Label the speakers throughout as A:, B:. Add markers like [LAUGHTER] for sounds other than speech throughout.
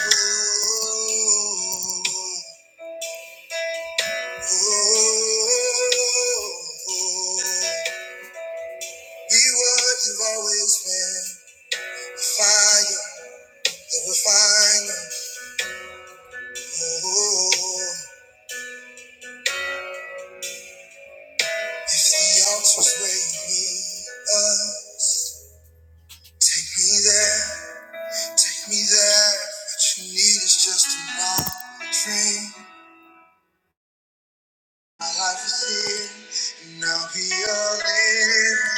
A: Be what you've always been. Fire, the refiner. Oh, if the altar's where you need us, take me there, take me there. What you need is just an offering. My life is here, and I'll be all in.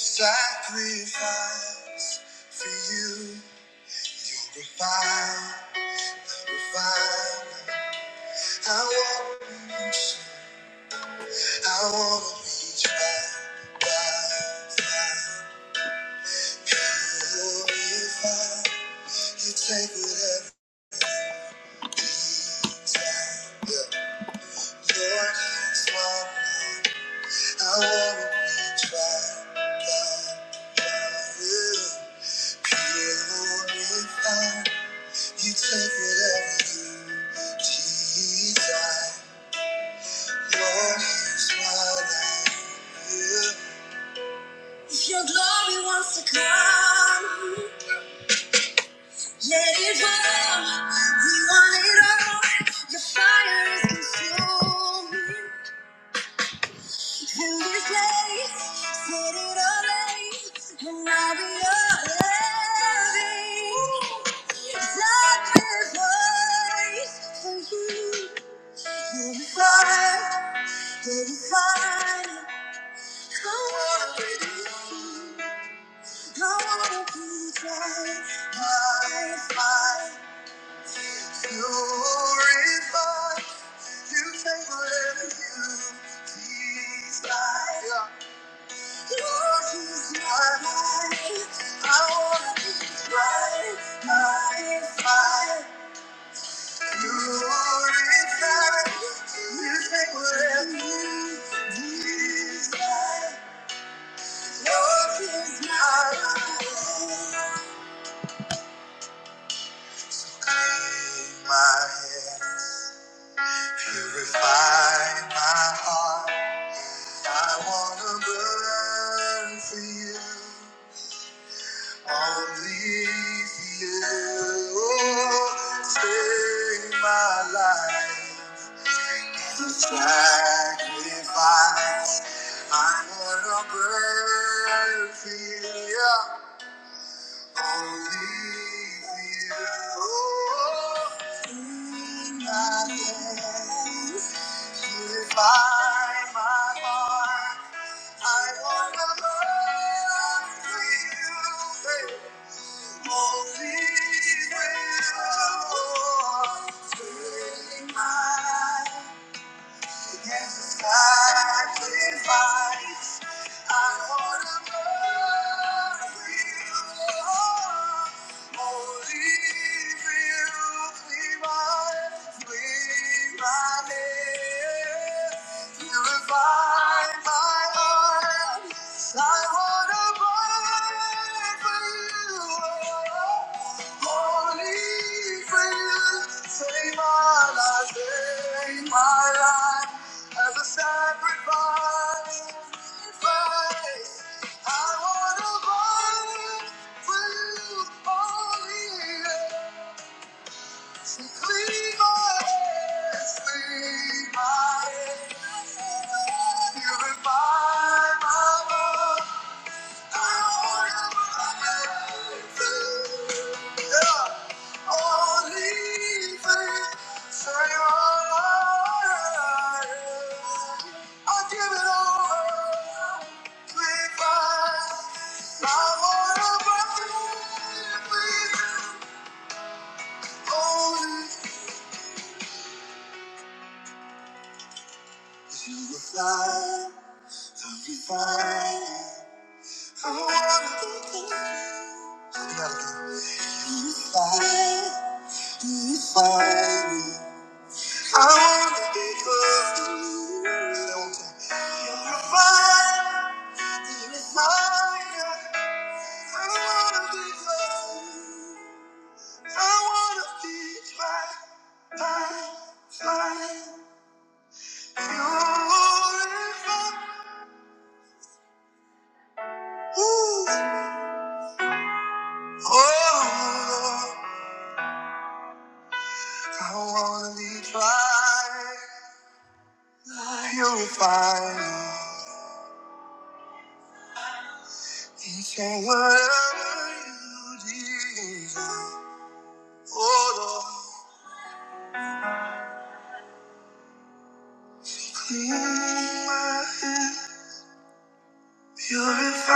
A: Sacrifice for you. You're a fire, a fire. I want you. I want to be tried by fire. Purify. You take whatever beats out. Yeah. Lord, it's my mind. I want to be tried by fire. Purify. You take whatever you desire. Lord, it's my life. Yeah. If your glory wants to come, let it roll. We want it all. Your fire is consuming. In this place, set it alight, and I'll be your loving. Darkest night for you. You'll you'll you're fire. I wanna be right, my life. I wanna be dry, high fire. You are inside. You take whatever you desire. Yours is my life. Clean my hands. Purify my heart. I wanna burn for you. Only for you take my life. Sacrifice. I wanna burn for you. only only for for for you. you, you. Oh, take my my my. to heart. I wanna burn for you. Only for you. Take my Against the sky with bodies, I wanna burn with you. Holy, real, clean my, clean my hands. Purify my heart, I wanna burn for you. Holy, real, save my life, save my life. As a sacrifice, praise. I want to burn for you only. So clean my hands, clean my hands. Purify my heart, Fire, you fire, I wanna be with you. Let me have it again. You fire. Purify me. I wanna be close to you. Say it one time. You're a fire, you're a fire. I wanna be close to you. I wanna be fly, fly, fly. You're a fire. Ooh, oh Lord, I wanna be fly. You're a fire. And say whatever you desire, oh Lord. Clean my hand, purify.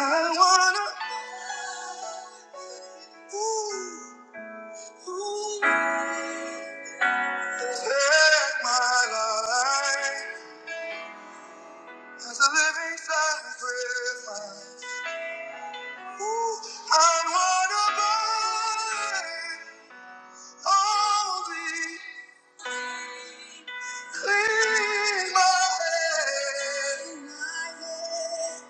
A: I wanna, ooh, ooh, take my life as a living sacrifice. Ooh, I wanna burn. Oh, be clean my head.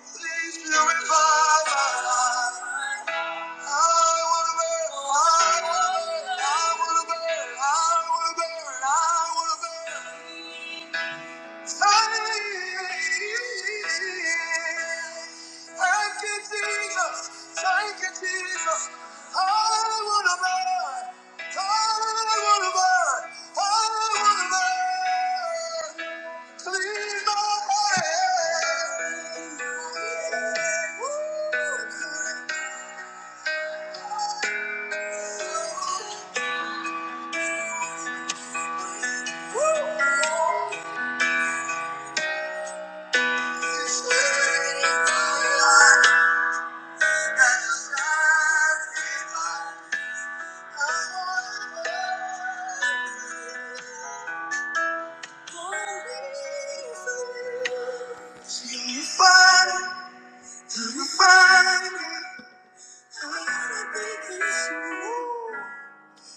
A: Please purify my life. I wanna burn, I wanna burn, I wanna burn, I wanna burn. Thank you, Jesus. Thank you, Jesus. I want to burn. I want to burn. I want to burn. Clean my head. Woo. Woo.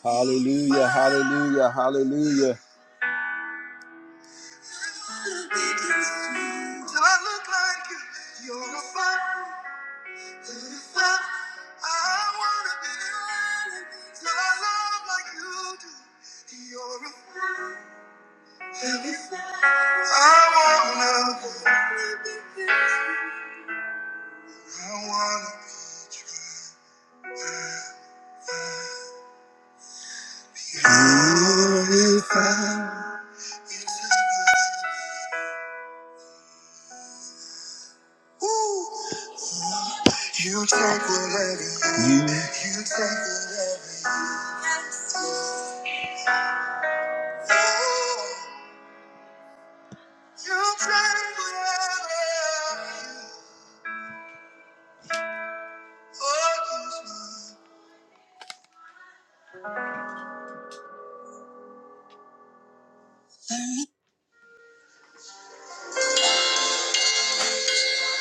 A: Hallelujah, hallelujah, hallelujah. I look like you're a fire. I wanna be running your love like you do. You're a I wanna I wanna glorify. Ooh, you take whatever you you take whatever. you. Oh, you take whatever. you. Oh,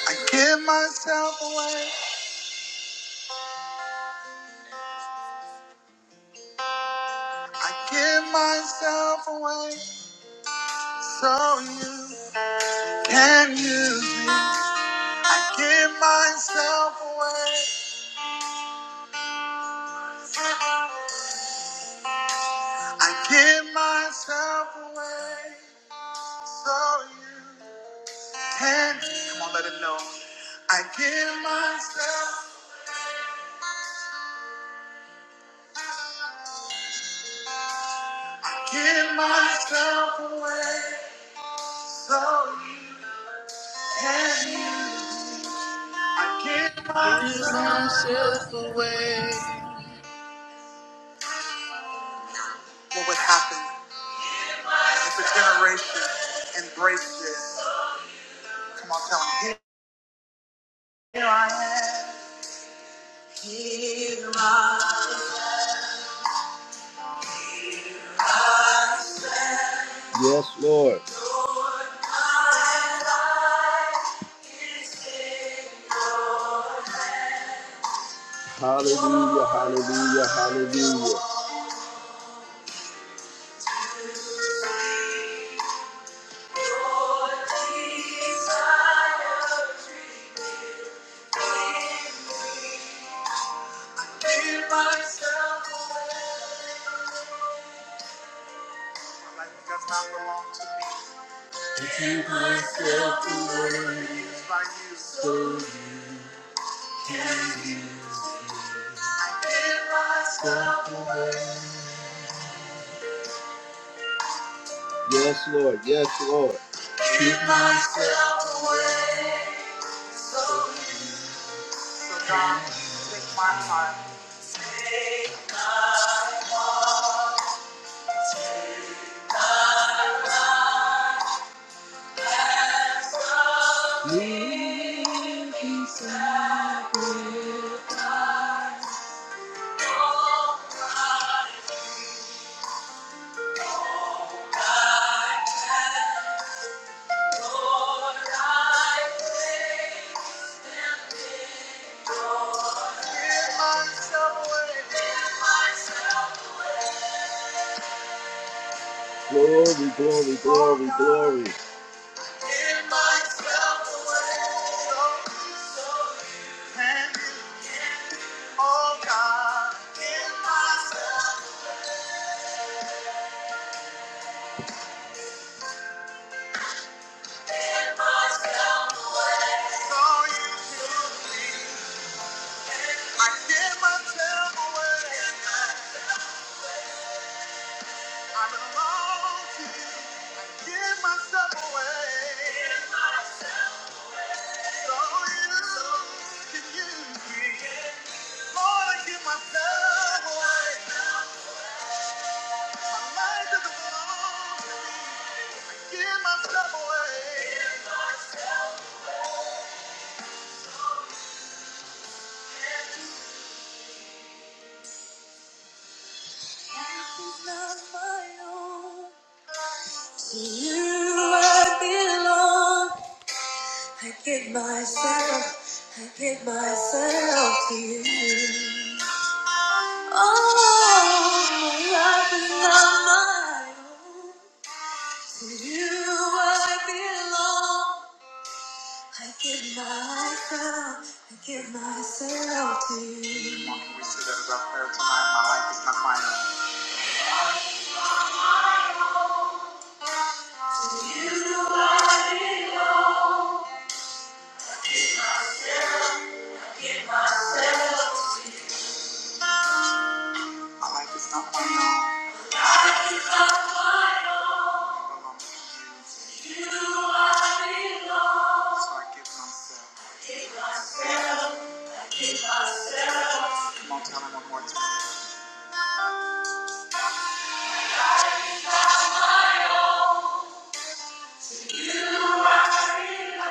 A: I give myself away. I give myself away. So you can use me. I give myself away. I give myself away. So you can. Come on, let it know. I give myself. I give myself away. So you can. use. I give
B: Give
A: myself.
B: myself away.
A: What would happen? If a generation embraces, come on, tell them, here I am. Here. Yes, Lord. Hallelujah, hallelujah, hallelujah. Give myself away. My life does not belong to me. Myself away. It's by you. So Give myself away. Yes, Lord. Yes, Lord. Myself away. So God, with my heart. Glory, glory, glory, glory. Give myself away. So can you, oh God, give myself so you can leave. I give myself away. I belong to you. I give myself away. So you can use me. Lord, I give myself away. My life doesn't belong to me. I give myself away. Life is not my own. To you I belong. I give myself, I give myself to you. Oh, my life is not my own. To you I belong. I give myself, I give myself to you. Come on, can we say that as our prayer tonight? My life is not my own. My life is not my own. It belongs to you. So I give myself. Come on, tell him one more time.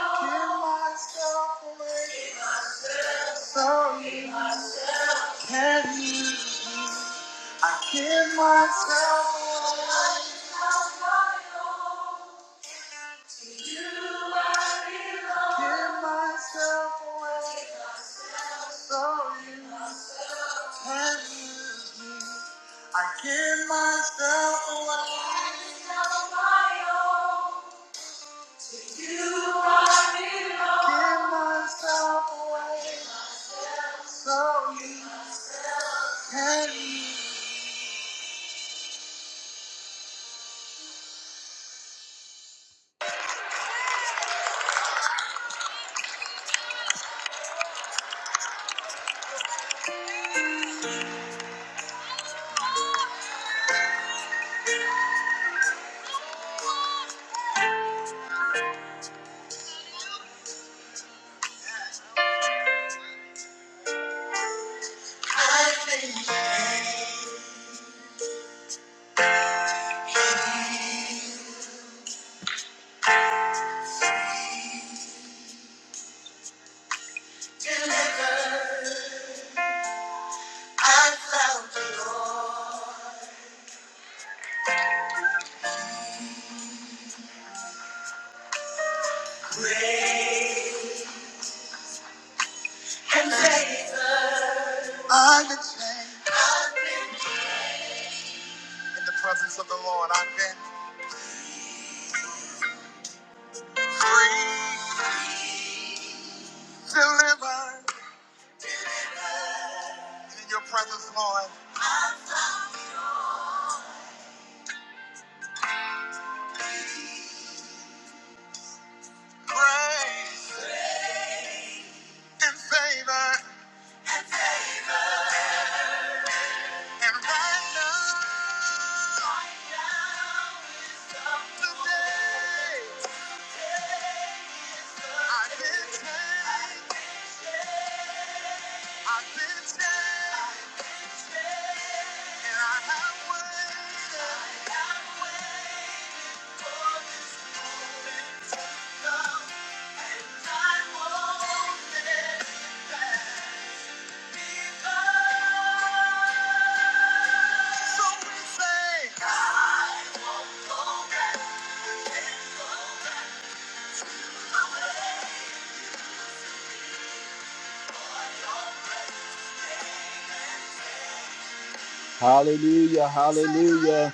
A: Give myself away. So Can you? I give myself, away. I give myself away. So you can use me. I give myself away, I give myself away. So you can use. me. I think I found you. I'm the chain in the presence of the Lord. I've been free, delivered And in your presence, Lord. Grace and favor. And right now, today, I've been changed. I've been changed. And I have waited. So we say, Hallelujah, hallelujah.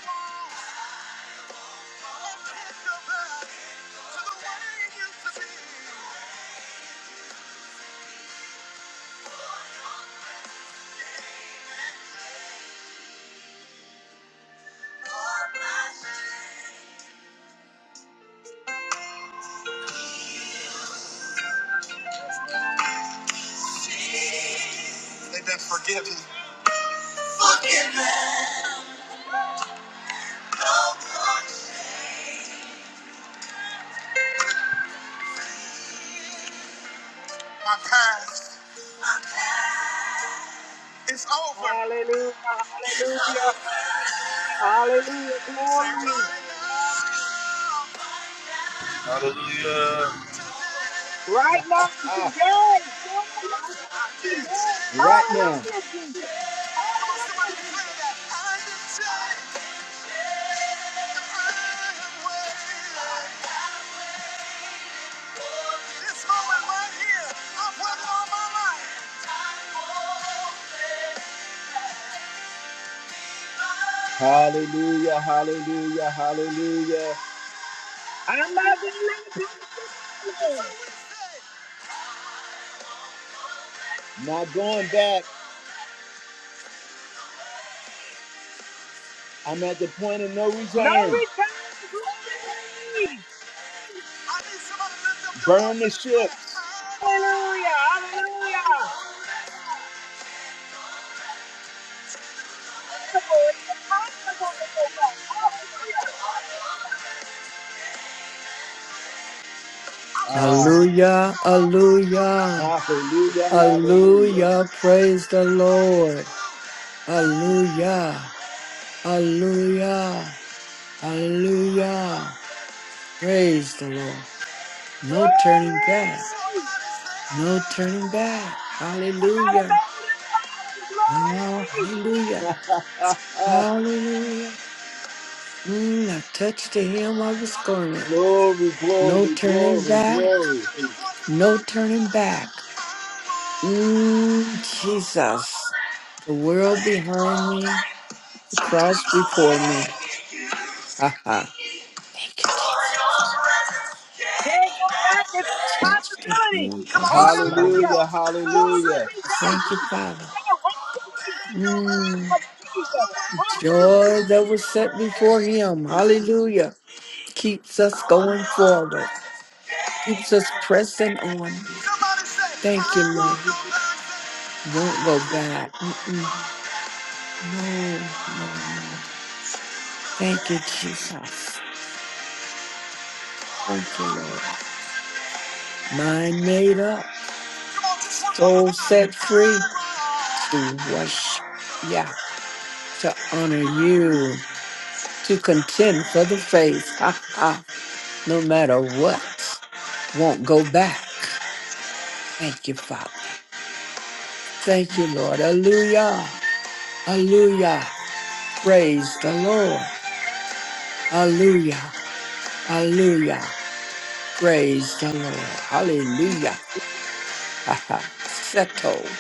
A: They've been forgiven. My past is over.
C: Hallelujah, hallelujah, hallelujah,
A: Say
C: glory.
A: right now.
B: Hallelujah.
C: Right now, today, glory.
A: Right now.
C: Hallelujah, Jesus.
A: well. This moment right here, I've won all my life. Hallelujah, hallelujah, hallelujah.
C: I'm not going to let this go. today.
A: Not going back. I'm at the point of no
C: No
A: return.
C: return, glory.
A: Burn the ship.
C: Hallelujah, hallelujah. Glory, glory, glory.
A: Ah,
D: Hallelujah, hallelujah,
A: hallelujah, hallelujah.
D: hallelujah, praise the Lord. Hallelujah, hallelujah, hallelujah, praise the Lord. No turning back,
C: Glory.
D: no turning back.
C: I got to
D: Hallelujah,
C: make it up, glory.
D: oh,
C: Can't
D: hallelujah,
A: Ah,
D: hallelujah. Mm, I touched the hem of his garment.
A: glory,
D: No
A: glory,
D: turning
A: glory,
D: back,
A: glory.
D: no turning back. Mm, Jesus, the world behind me, the cross before me. Ha ha. Thank you, Jesus.
C: go back, it's an
D: Touch the
C: impossibility.
D: hem of his
C: Hallelujah.
D: garment.
A: Hallelujah,
C: Forward
A: hallelujah.
C: we go,
D: Thank you,
C: forward we
D: Father.
C: go, onward we go in the name
D: Mm,
C: of Jesus. Hallelujah.
D: joy that was set before him. Hallelujah. Keeps us going forward, keeps us pressing on. Thank you, Lord. Won't go back. Mm-mm. No, no, no. Thank you, Jesus. Thank you, Lord. Mind made up.
A: Come on, just one more time.
D: soul set free to
A: I
D: worship, yeah, to honor you, to contend for the faith, ha, ha, no matter what. Won't go back. Thank you, Father. Thank you, Lord. Hallelujah. Hallelujah. Praise the Lord. Hallelujah. Hallelujah. Praise the Lord. Hallelujah. Ha ha. Settled,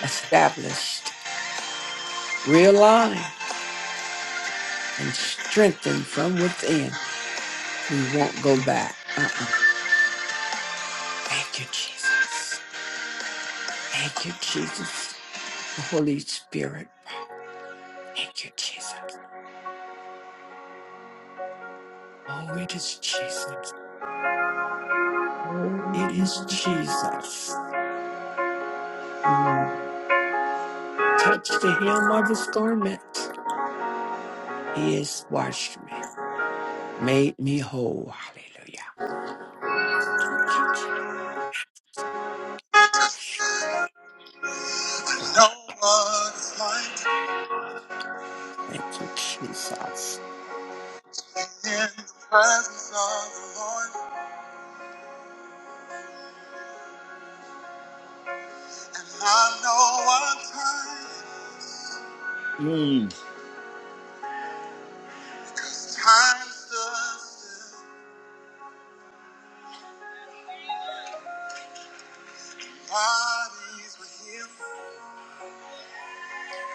D: established, realigned, and strengthened from within. We won't go back. Uh uh Thank you, Jesus. Thank you, Jesus. Holy Spirit. Thank you, Jesus. Oh, it is Jesus. Oh, it is Jesus. Mm. Touch the hem of his garment. He has washed me, made me whole. Hallelujah. Thank you, Jesus.
A: want to
D: God.
A: know what it's like
D: Thank you, Jesus.
A: in the presence of the Lord, and I know what time. Mm. Time stood still, bodies were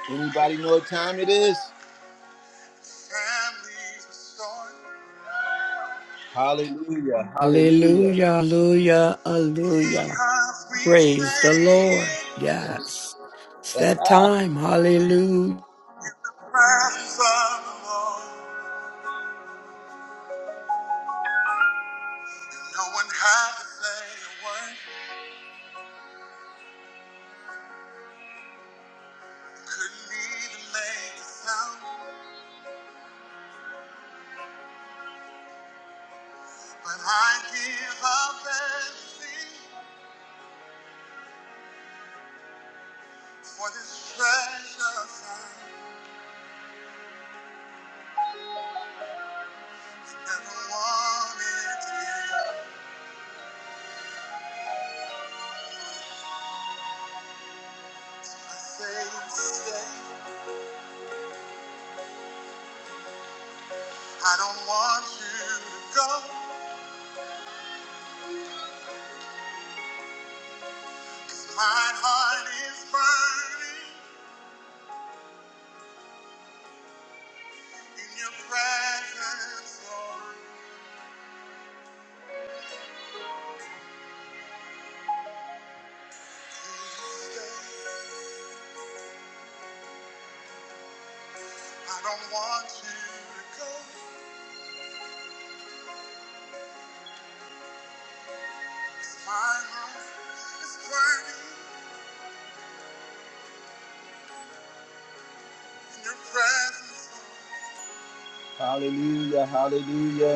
A: healed. Anybody know what time it is? Families restored. Hallelujah, hallelujah.
D: Hallelujah, hallelujah, hallelujah.
A: Because we
D: Praise
A: stay
D: the Lord.
A: here
D: Yes. It's that
A: Ah. in
D: time. Hallelujah.
A: the presence of the Lord. No one had to say a word, couldn't even make a sound. But I give up everything for this treasure found. Never wanted to give. I say stay. I don't want you to go. My heart is burning in your presence, Lord. Please stay. I don't want you to go. Hallelujah, hallelujah.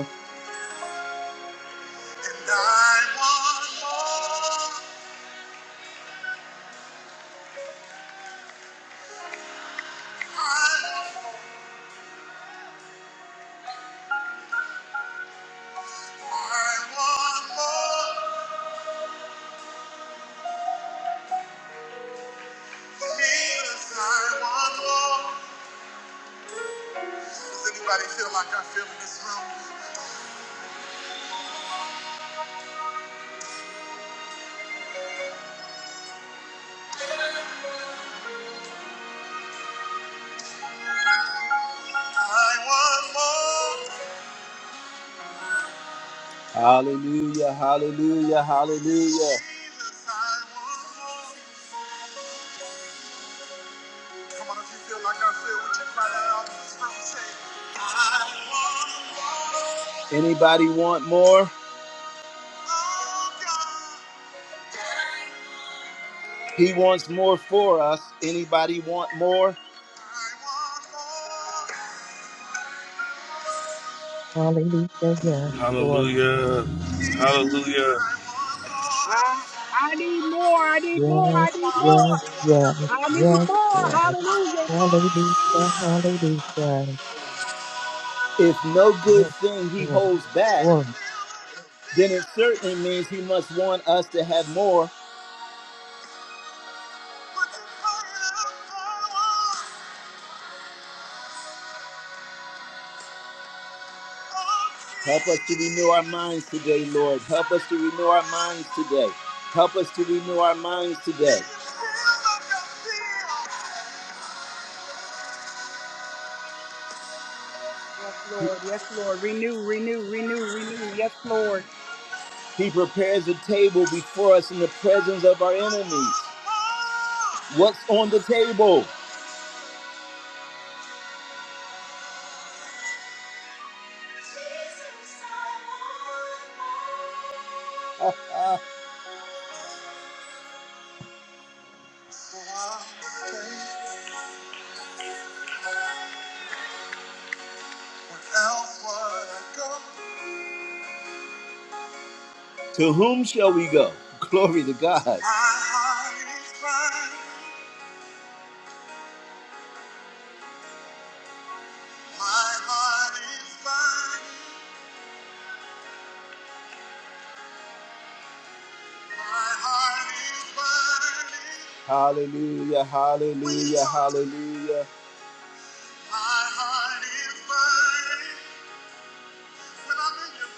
A: And I want more. I want more, I want more. Jesus, I want more. Does anybody feel like I feel in this room? I want more. Hallelujah, hallelujah, hallelujah. Jesus, I want more. Come on, if you feel like I feel, would you cry that out in this room? Say, I want more. Anybody want more? Oh, God. He wants more for us. Anybody want more? I want more.
E: Hallelujah. Yes, Lord.
B: Hallelujah.
A: Jesus, I
B: Hallelujah.
A: want more.
C: I, I need more, I need more, I
E: Yes,
A: Come
C: need
A: on, I'm an
C: more,
E: yes,
A: old woman,
E: yes,
A: that's a
C: I
A: burning
C: need
E: yes,
A: heart.
C: more.
E: Lord.
C: Hallelujah.
E: Hallelujah. Hallelujah.
A: Say, I want more. If no good
E: Yes,
A: thing he
E: Lord.
A: holds back,
E: Glory.
A: then it certainly means he must want us to have more Help us to renew our minds today, Lord. Help us to renew our minds today. Help us to renew our minds today.
C: Yes, Lord, yes, Lord. Renew, renew, renew, renew. Yes, Lord.
A: He prepares a table before us in the presence of our enemies. What's on the table? [LAUGHS] Without what I go. To whom shall we go? [LAUGHS] Glory to God. My heart is mine. My heart is mine. My heart is mine. Hallelujah, hallelujah, hallelujah. My heart is mine. When I'm in your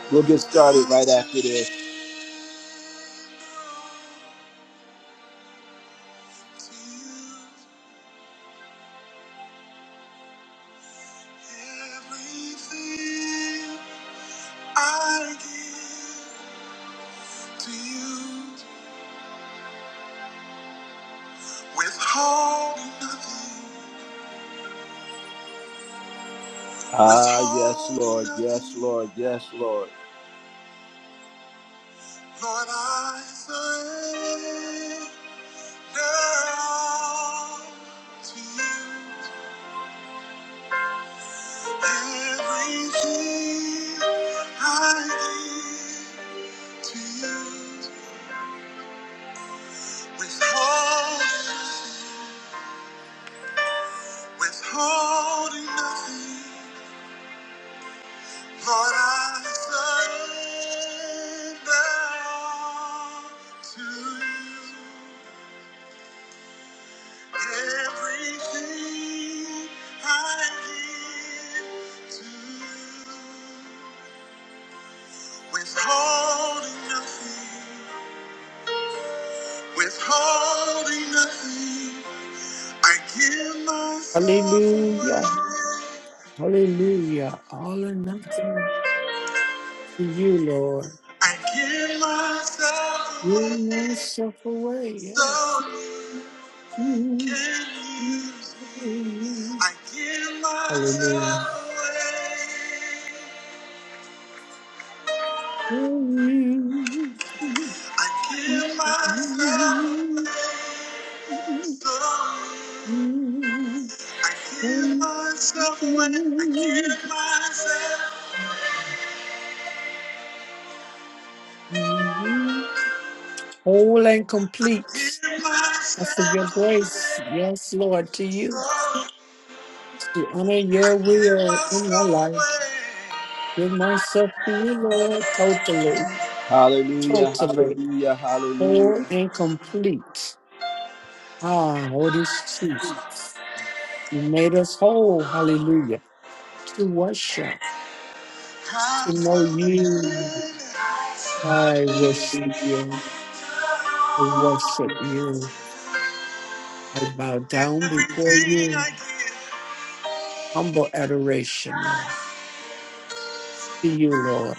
A: presence. We'll get started right after this. To you, everything I give to you. Withholding nothing. Ah, yes, Lord. Yes, Lord. Yes, Lord. Lord, I surrender to you. Everything I give to you. Withholding, withholding nothing. Lord, I surrender to you. Everything I give to you. Withholding nothing, withholding nothing. I give myself away.
D: Hallelujah. Hallelujah. All or nothing to you, Lord.
A: I give myself away.
D: You yourself away. Yes.
A: So can use me. I give
D: Hallelujah.
A: myself away. I give myself away. So I give myself away. I give myself.
D: whole and
A: I
D: complete.
A: give
D: That's of your
A: myself away.
D: grace. Yes, Lord, to
A: So
D: you to honor
A: I
D: your
A: give
D: will in my
A: myself
D: life.
A: away.
D: Give myself to you, Lord, totally,
A: Hallelujah,
D: totally,
A: hallelujah,
D: whole
A: hallelujah.
D: and complete. Ah, Holy Jesus. You made us whole, hallelujah, to worship, to know
A: Hallelujah.
D: you. I worship you. I worship you. I bow down before
A: Everything
D: you.
A: I give.
D: Humble adoration, Lord, to you, Lord.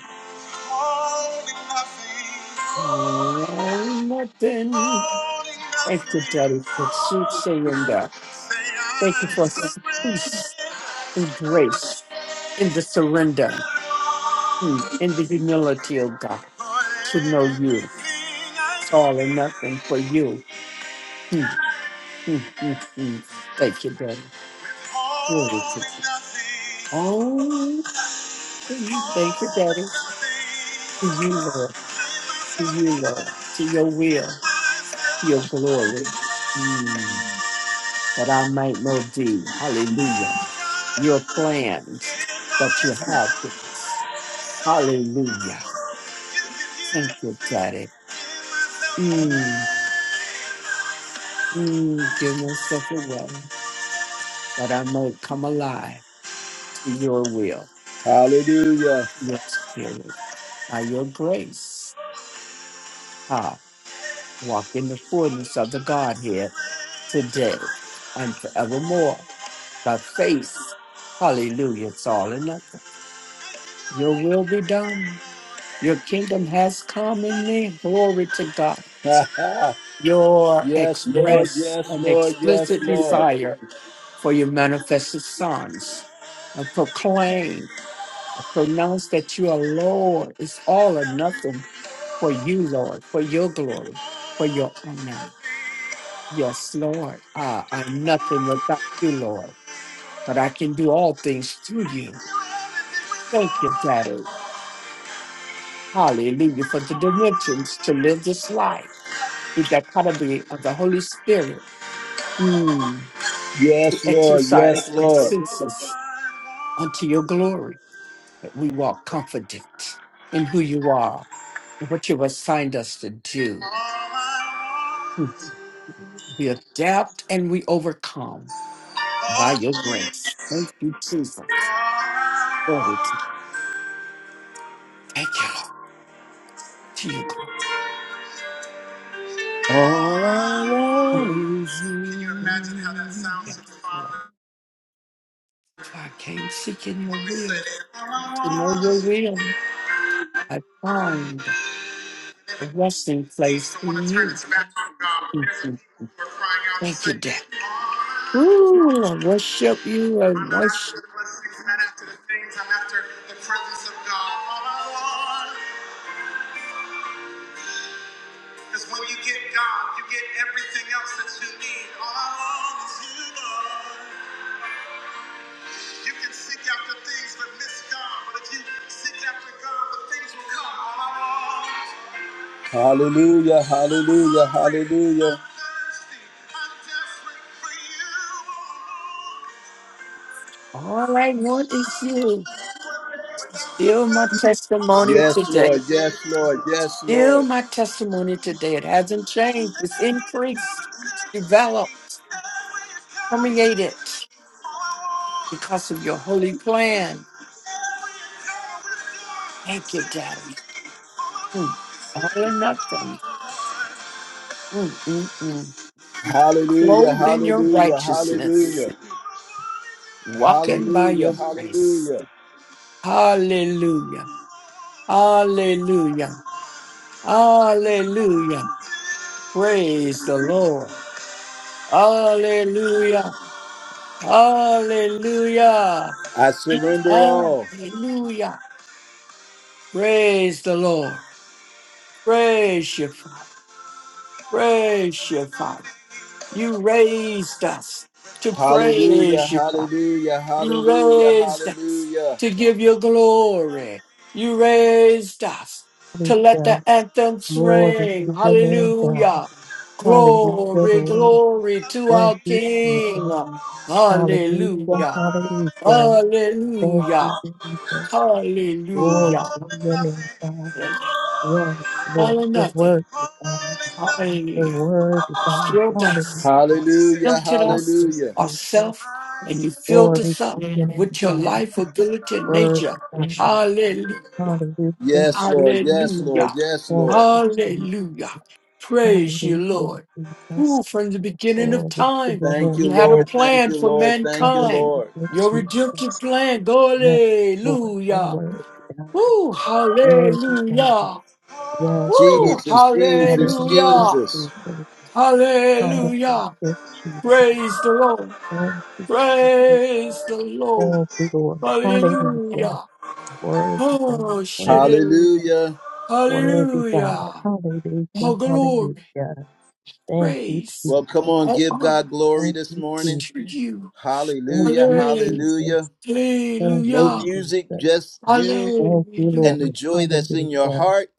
A: Holding nothing,
D: Oh, nothing.
A: holding
D: Thank you,
A: nothing.
D: Daddy, for sweet surrender.
A: Say
D: Thank you
A: I
D: for
A: surrender
D: peace and grace in the surrender, mm, in the humility, oh God,
A: for
D: to know you.
A: everything I
D: It's all or nothing
A: give.
D: for you. Mm, mm, mm, mm. Thank you, Daddy. Glory to
A: Holding nothing,
D: Oh, nothing. thank you,
A: holding
D: Daddy. To you,
A: nothing.
D: Lord.
A: Give
D: To
A: myself
D: you,
A: away,
D: Lord. To your
A: give
D: will, your
A: myself,
D: glory. Mm, That I might know thee. Hallelujah. your
A: oh God,
D: plans,
A: give
D: but you have
A: myself.
D: this. Hallelujah. Thank you, Daddy. Mm, mm, give myself away that I may come alive to your will,
A: Hallelujah.
D: your spirit, by your grace. I walk in the fullness of the Godhead today and forevermore by faith. Hallelujah. It's all enough. Your will be done. Your kingdom has come in me. Glory to God.
A: [LAUGHS]
D: your
A: yes, Lord.
D: express
A: Yes,
D: and
A: Lord. Yes,
D: explicit
A: Lord.
D: desire for your manifested sons. And proclaim, pronounce that you are Lord. It's all or nothing for you, Lord, for your glory, for your honor. Yes, Lord, I, I'm nothing without you, Lord, but I can do all things through you. Thank you, Daddy. Hallelujah for the dimensions to live this life with that part of the of the Holy Spirit. Mm. to
A: Yes, Lord. Yes,
D: exercise our senses unto your glory, that we walk confident in who you are and what you assigned us to do. We adapt and we overcome by your
A: Lord.
D: grace. Thank you,
A: All
D: Jesus. Glory to- Thank you, Lord, to your glory.
A: I want is you. Can you imagine how that sounds to
D: Yes,
A: the
D: Lord.
A: Father
D: For I came seeking your
A: when we say,
D: will,
A: All I
D: to know
A: want
D: your
A: is
D: will. I found
A: you?
D: a
A: Every nation
D: resting
A: seems
D: place
A: to want
D: in
A: to turn
D: you.
A: its back on God, but there's a
D: Thank
A: people who are crying out and
D: you,
A: saying,
D: Daddy.
A: All I
D: Ooh, I worship you. I
A: I'm not after
D: worship.
A: the blessings, not after the things, I'm after the presence of God. All I want is when you get God, you get everything else that you need. All I want is you, Lord. You can seek after things but miss God, but if you seek after God, the things will come Hallelujah, hallelujah, hallelujah.
D: All I want is you. Still my testimony
A: Yes, Lord,
D: today.
A: yes, Lord, yes,
D: Still
A: Lord.
D: my testimony today. It hasn't changed. It's increased, developed, permeated because of your holy plan. Thank you, Daddy. Mm. All or nothing. Mm, mm, mm.
A: Hallelujah,
D: Clothed in your
A: hallelujah,
D: righteousness,
A: hallelujah,
D: walking by
A: hallelujah,
D: your grace.
A: hallelujah.
D: Hallelujah. Hallelujah. Hallelujah. Praise the Lord. Hallelujah. Hallelujah.
A: I surrender all.
D: Hallelujah. Praise the Lord. Praise your Father. Praise your Father. You raised us to
A: Hallelujah,
D: praise you, Father.
A: hallelujah,
D: You
A: hallelujah,
D: raised us
A: hallelujah.
D: to give you glory. You raised us to let the
E: Hallelujah.
D: anthems
E: Glory
D: ring.
E: to your name, God.
D: Hallelujah.
E: Hallelujah,
D: Glory,
E: Lord.
D: glory to
E: Thank
D: our
E: you, Jesus.
D: King.
E: Hallelujah.
D: Hallelujah.
E: Hallelujah. Thank
D: Hallelujah.
E: you, Jesus. Glory to
D: Hallelujah.
E: your name, God. Yes,
D: All
E: Lord.
D: or
E: Your
D: nothing.
E: word, God. Your
D: Hallelujah.
E: word, God.
D: Still dust.
E: Hallelujah.
A: Hallelujah,
D: tempted
E: Thank
D: us
E: you,
A: hallelujah.
D: of
E: Jesus.
D: self, and you filled
E: Glory
D: us up
E: to your name,
D: with your
E: God.
D: life, ability, and
E: Word
D: nature.
E: of God.
D: Hallelujah.
E: Hallelujah,
A: Yes, Lord,
E: Jesus.
A: yes, Lord,
D: Hallelujah.
E: Thank
A: yes,
E: you,
A: Lord.
D: Hallelujah.
E: Jesus.
D: Praise you,
E: Hallelujah,
D: Lord.
E: Jesus.
D: Who from the beginning of
E: Glory to
D: time
E: your
A: Thank you,
D: you
E: name,
D: had a
A: Lord,
E: God.
A: thank
D: plan
A: you,
D: for
A: Lord, thank you,
D: mankind.
A: Lord.
E: Hallelujah,
D: Your redemptive
E: Jesus.
D: plan.
E: Yes, Lord, your
D: Hallelujah.
E: word, God.
D: Woo,
E: Word of God.
D: hallelujah.
E: Yes, Lord.
D: Woo,
A: Jesus, Jesus,
E: Hallelujah,
D: hallelujah.
A: Jesus.
E: Jesus.
D: Hallelujah.
E: Hallelujah, Jesus.
D: Praise the Lord.
E: Thank you, Jesus. Thank
D: Praise the Lord.
E: you, Lord. Hallelujah.
D: Hallelujah.
E: Word of God.
D: Oh,
E: Word. of
D: shit.
E: God.
A: Hallelujah.
E: Worthy God.
D: Hallelujah. Oh,
E: Hallelujah.
D: glory.
E: Hallelujah. Thank you,
D: Praise.
A: Well, come
E: Jesus.
A: on,
D: All
A: give
D: honor
A: God glory
E: Thank
A: this
E: you,
D: is
E: Jesus.
A: morning.
D: to you.
E: Thank
A: Hallelujah,
E: you,
D: Hallelujah.
A: hallelujah.
E: Jesus. Thank
A: No
E: you, Jesus.
A: music, just you
E: Thank you,
D: Hallelujah.
A: and the
E: Lord.
A: joy that's in your
E: Hallelujah.
A: heart.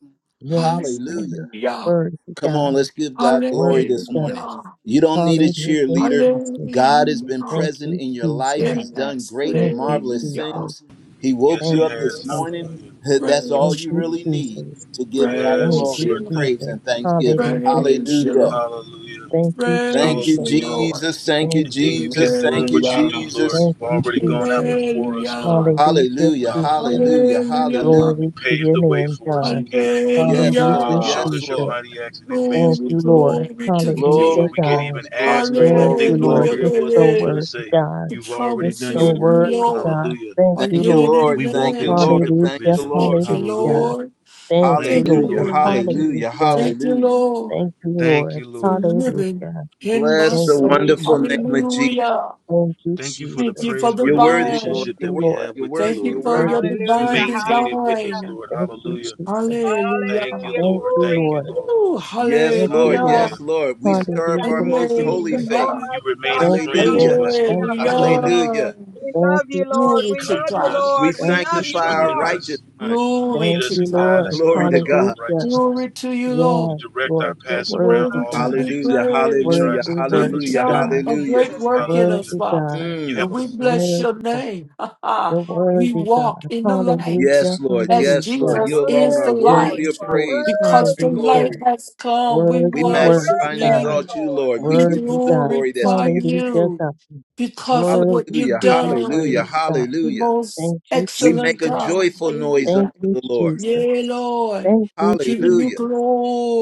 E: Yes,
A: Hallelujah.
E: Lord.
D: Hallelujah.
E: Worthy
A: Come on,
E: God.
A: let's give God
E: Worthy
A: glory this
E: God.
A: morning.
D: Hallelujah.
A: You don't need a
E: Hallelujah,
A: cheerleader.
E: Jesus.
A: God has been
D: Hallelujah.
E: Thank
A: present
E: you,
A: in your
E: Jesus.
A: life. He's done
D: Yes.
A: great and
E: Thank you,
A: marvelous
D: Hallelujah.
E: Jesus.
A: things. He woke
B: Yes, he
E: Thank
A: you up
E: you,
A: this
B: has.
D: Yes.
A: morning.
E: Jesus.
B: Hallelujah.
A: [LAUGHS] That's all
E: Thank
D: Praise
A: you
E: you,
D: you.
A: really need
E: Jesus.
A: to give God
E: Thank
B: Yes,
D: Praise
E: you,
A: glory
B: Lord.
A: and
D: you.
B: Thank
A: praise
B: you.
E: Jesus.
A: and
B: Thank you.
A: thanksgiving.
B: Thank you.
E: Hallelujah,
D: Praise you. Lord.
A: Hallelujah.
E: Jesus.
B: Hallelujah.
E: Thank you,
A: Thank
D: Praise
A: you,
D: the
E: Jesus.
B: Hallelujah.
D: Lord.
A: Jesus. Thank you,
E: Thank
B: And
E: you,
B: then you kept
A: Jesus.
E: Jesus.
A: Thank
B: doing
A: you,
B: what you do,
D: Hallelujah.
B: Lord.
A: Jesus.
E: Thank
B: You've
E: you,
B: already gone out
E: Jesus.
B: before us, Lord.
D: Hallelujah.
E: Hallelujah,
A: Hallelujah.
B: Hallelujah.
E: Jesus.
A: Hallelujah. Hallelujah.
D: Hallelujah.
B: You
E: Glory to
B: paved
E: your
B: the way
E: name,
B: for us
E: God.
B: again, Lord.
A: Yes,
E: Hallelujah,
B: Hallelujah.
A: Lord.
B: You
D: Hallelujah.
B: showed
A: Yes,
E: Jesus.
B: us your
A: Lord.
B: mighty acts in
E: Thank
B: advance,
D: Glory,
E: you,
B: Lord.
E: Lord.
D: glory to the
E: Hallelujah,
B: before
D: King.
A: Glory,
B: we could
E: God.
B: even
A: glory,
B: ask
A: glory,
B: or even
E: Thank
A: glory,
B: think
E: you,
D: Hallelujah.
E: Lord.
B: whatever
E: You're
B: it
A: glory.
B: was we
E: so
B: was gonna
D: hallelujah.
E: worthy,
B: say.
E: God.
D: The
B: You've
E: You're
B: already done
D: promises
B: your
E: so
D: of
B: work,
D: you,
B: Lord.
E: worthy,
D: Lord,
E: God.
B: Hallelujah.
E: Thank
D: are
E: you,
A: Thank you,
D: yea and
E: Lord.
A: Lord.
B: We walked
A: Thank you,
B: into
D: amen.
A: Lord.
B: the
A: Thank
E: Hallelujah,
A: you,
B: provision, Lord.
A: Lord.
D: Thank you,
B: Hallelujah.
E: hallelujah.
D: Lord.
E: Thank you,
B: Thank
D: Thank
B: you,
D: you,
A: Hallelujah.
E: Lord.
B: Lord. Thank
D: Lord.
B: you.
A: Hallelujah.
E: Hallelujah.
D: Thank you,
A: Hallelujah.
D: Lord,
E: Thank you,
B: Thank
E: Lord.
B: you,
D: for
B: Lord.
D: living
E: Hallelujah.
D: in my
A: Bless
E: Thank
A: the
E: you,
D: soul.
A: wonderful name
E: Jesus.
A: of Jesus.
D: Hallelujah.
E: Thank you,
B: Thank you
E: Jesus.
B: for the
D: Thank you for the
A: You're
B: praiseworthy
A: worthy,
E: Thank
A: Lord.
D: vine.
B: relationship
A: You're
B: that
E: you,
A: worthy.
B: we
E: Lord.
B: have
A: You're
B: with you,
D: Thank
A: worthy.
D: you
A: You're
B: Lord.
D: for
E: Thank
D: your
A: worthy.
E: you,
B: You
C: Hallelujah,
D: divine
E: Jesus.
B: maintain it with
C: hallelujah,
B: us,
D: design.
B: Lord.
E: Thank you,
B: Hallelujah.
E: Jesus.
D: Hallelujah.
B: Thank you,
C: hallelujah.
E: Thank
B: Lord.
E: you,
C: Glory.
B: Thank you,
E: Lord.
B: Lord.
D: Ooh,
A: Yes,
E: Thank you,
A: Lord.
D: hallelujah.
B: Hallelujah.
E: Lord.
A: Yes, Lord. We
C: Jesus,
A: stir up
C: thank
A: our
E: Hallelujah,
C: you,
A: most holy
C: Jesus.
E: Jesus.
D: Hallelujah.
A: faith.
B: You
C: Almighty
B: remain a
C: God.
E: Thank you,
B: friend
A: Hallelujah.
B: to
E: Lord.
B: us,
E: Thank
C: Hallelujah.
B: Lord.
A: [LAUGHS]
E: you, Lord.
B: Hallelujah.
D: Hallelujah.
A: Hallelujah.
C: We
E: Thank
C: love you,
E: you,
C: Lord.
E: Jesus.
D: Glory
C: We
D: to
C: love
B: Comfort
C: you,
D: God.
B: us.
A: We
C: Lord. We
E: Thank
B: You
E: you,
C: love you,
A: sanctify our
B: strengthen
E: Jesus.
C: Lord.
A: righteous
B: us.
A: mind.
B: You
D: Glory
B: lead
E: Thank
D: to
B: us
E: you,
B: and guide
D: God.
E: Lord.
B: us,
A: Glory
B: Lord,
A: to
B: to all
A: God.
E: Hallelujah.
B: righteousness.
D: Glory to you, Lord.
B: You
E: Yes,
B: direct our
E: Lord, you're
B: paths around
E: worthy,
D: worthy
B: all of
D: to
B: the
C: Hallelujah.
E: God.
D: be
B: things that
A: Hallelujah.
B: the enemy
D: praised.
E: Worthy,
A: Hallelujah.
B: tries to stop
D: You've
B: us
E: worthy,
A: Hallelujah.
B: from
D: done
B: doing,
E: God.
D: a
B: Lord.
A: Hallelujah.
D: great
C: Jesus,
D: work
C: thank
D: in us,
B: Hallelujah.
C: you.
E: Worthy,
D: Father,
E: God.
B: You
A: Mm.
D: and
B: have a
D: we bless
E: Worthy,
D: your
E: God.
D: name. [LAUGHS] Ha,
C: Glory,
D: ha.
E: You're
C: glory,
D: we
E: worthy,
C: glory,
E: God.
D: walk in
C: glory.
D: the light
E: Hallelujah,
A: Yes, Lord.
D: as
A: Yes,
C: You
A: Lord.
C: are
E: hallelujah.
A: You
D: Jesus
A: alone
D: is
A: are
D: the
C: worthy,
E: Yes,
C: Lord.
A: worthy
D: light.
C: You
A: of
C: are
E: Lord.
A: praise, honor,
D: Because the
C: worthy,
A: and
C: Lord.
E: Hallelujah.
D: light
A: glory.
D: has come, we
C: You
A: We
E: Worthy,
C: are
D: worship
E: worthy,
A: magnify and
E: God.
C: worthy,
D: you.
A: exalt you,
C: Lord.
A: Lord. We
D: We
A: give you
E: Worthy
A: the
E: God.
A: glory that's
D: glorify
A: due your name.
E: Hallelujah,
D: you
E: God.
D: because of what
E: Worthy
D: you've
A: Hallelujah.
E: to be
A: Hallelujah.
E: praised,
D: done.
E: God.
D: The
A: Hallelujah.
D: most
E: Thank you,
A: We
E: Jesus.
D: excellent
A: make a
D: God.
A: joyful noise
E: Thank
D: Hallelujah.
A: unto
E: you,
A: the Lord.
E: Jesus.
D: Yeah, Lord.
E: Thank you,
D: Giving you
A: Hallelujah.
E: Jesus.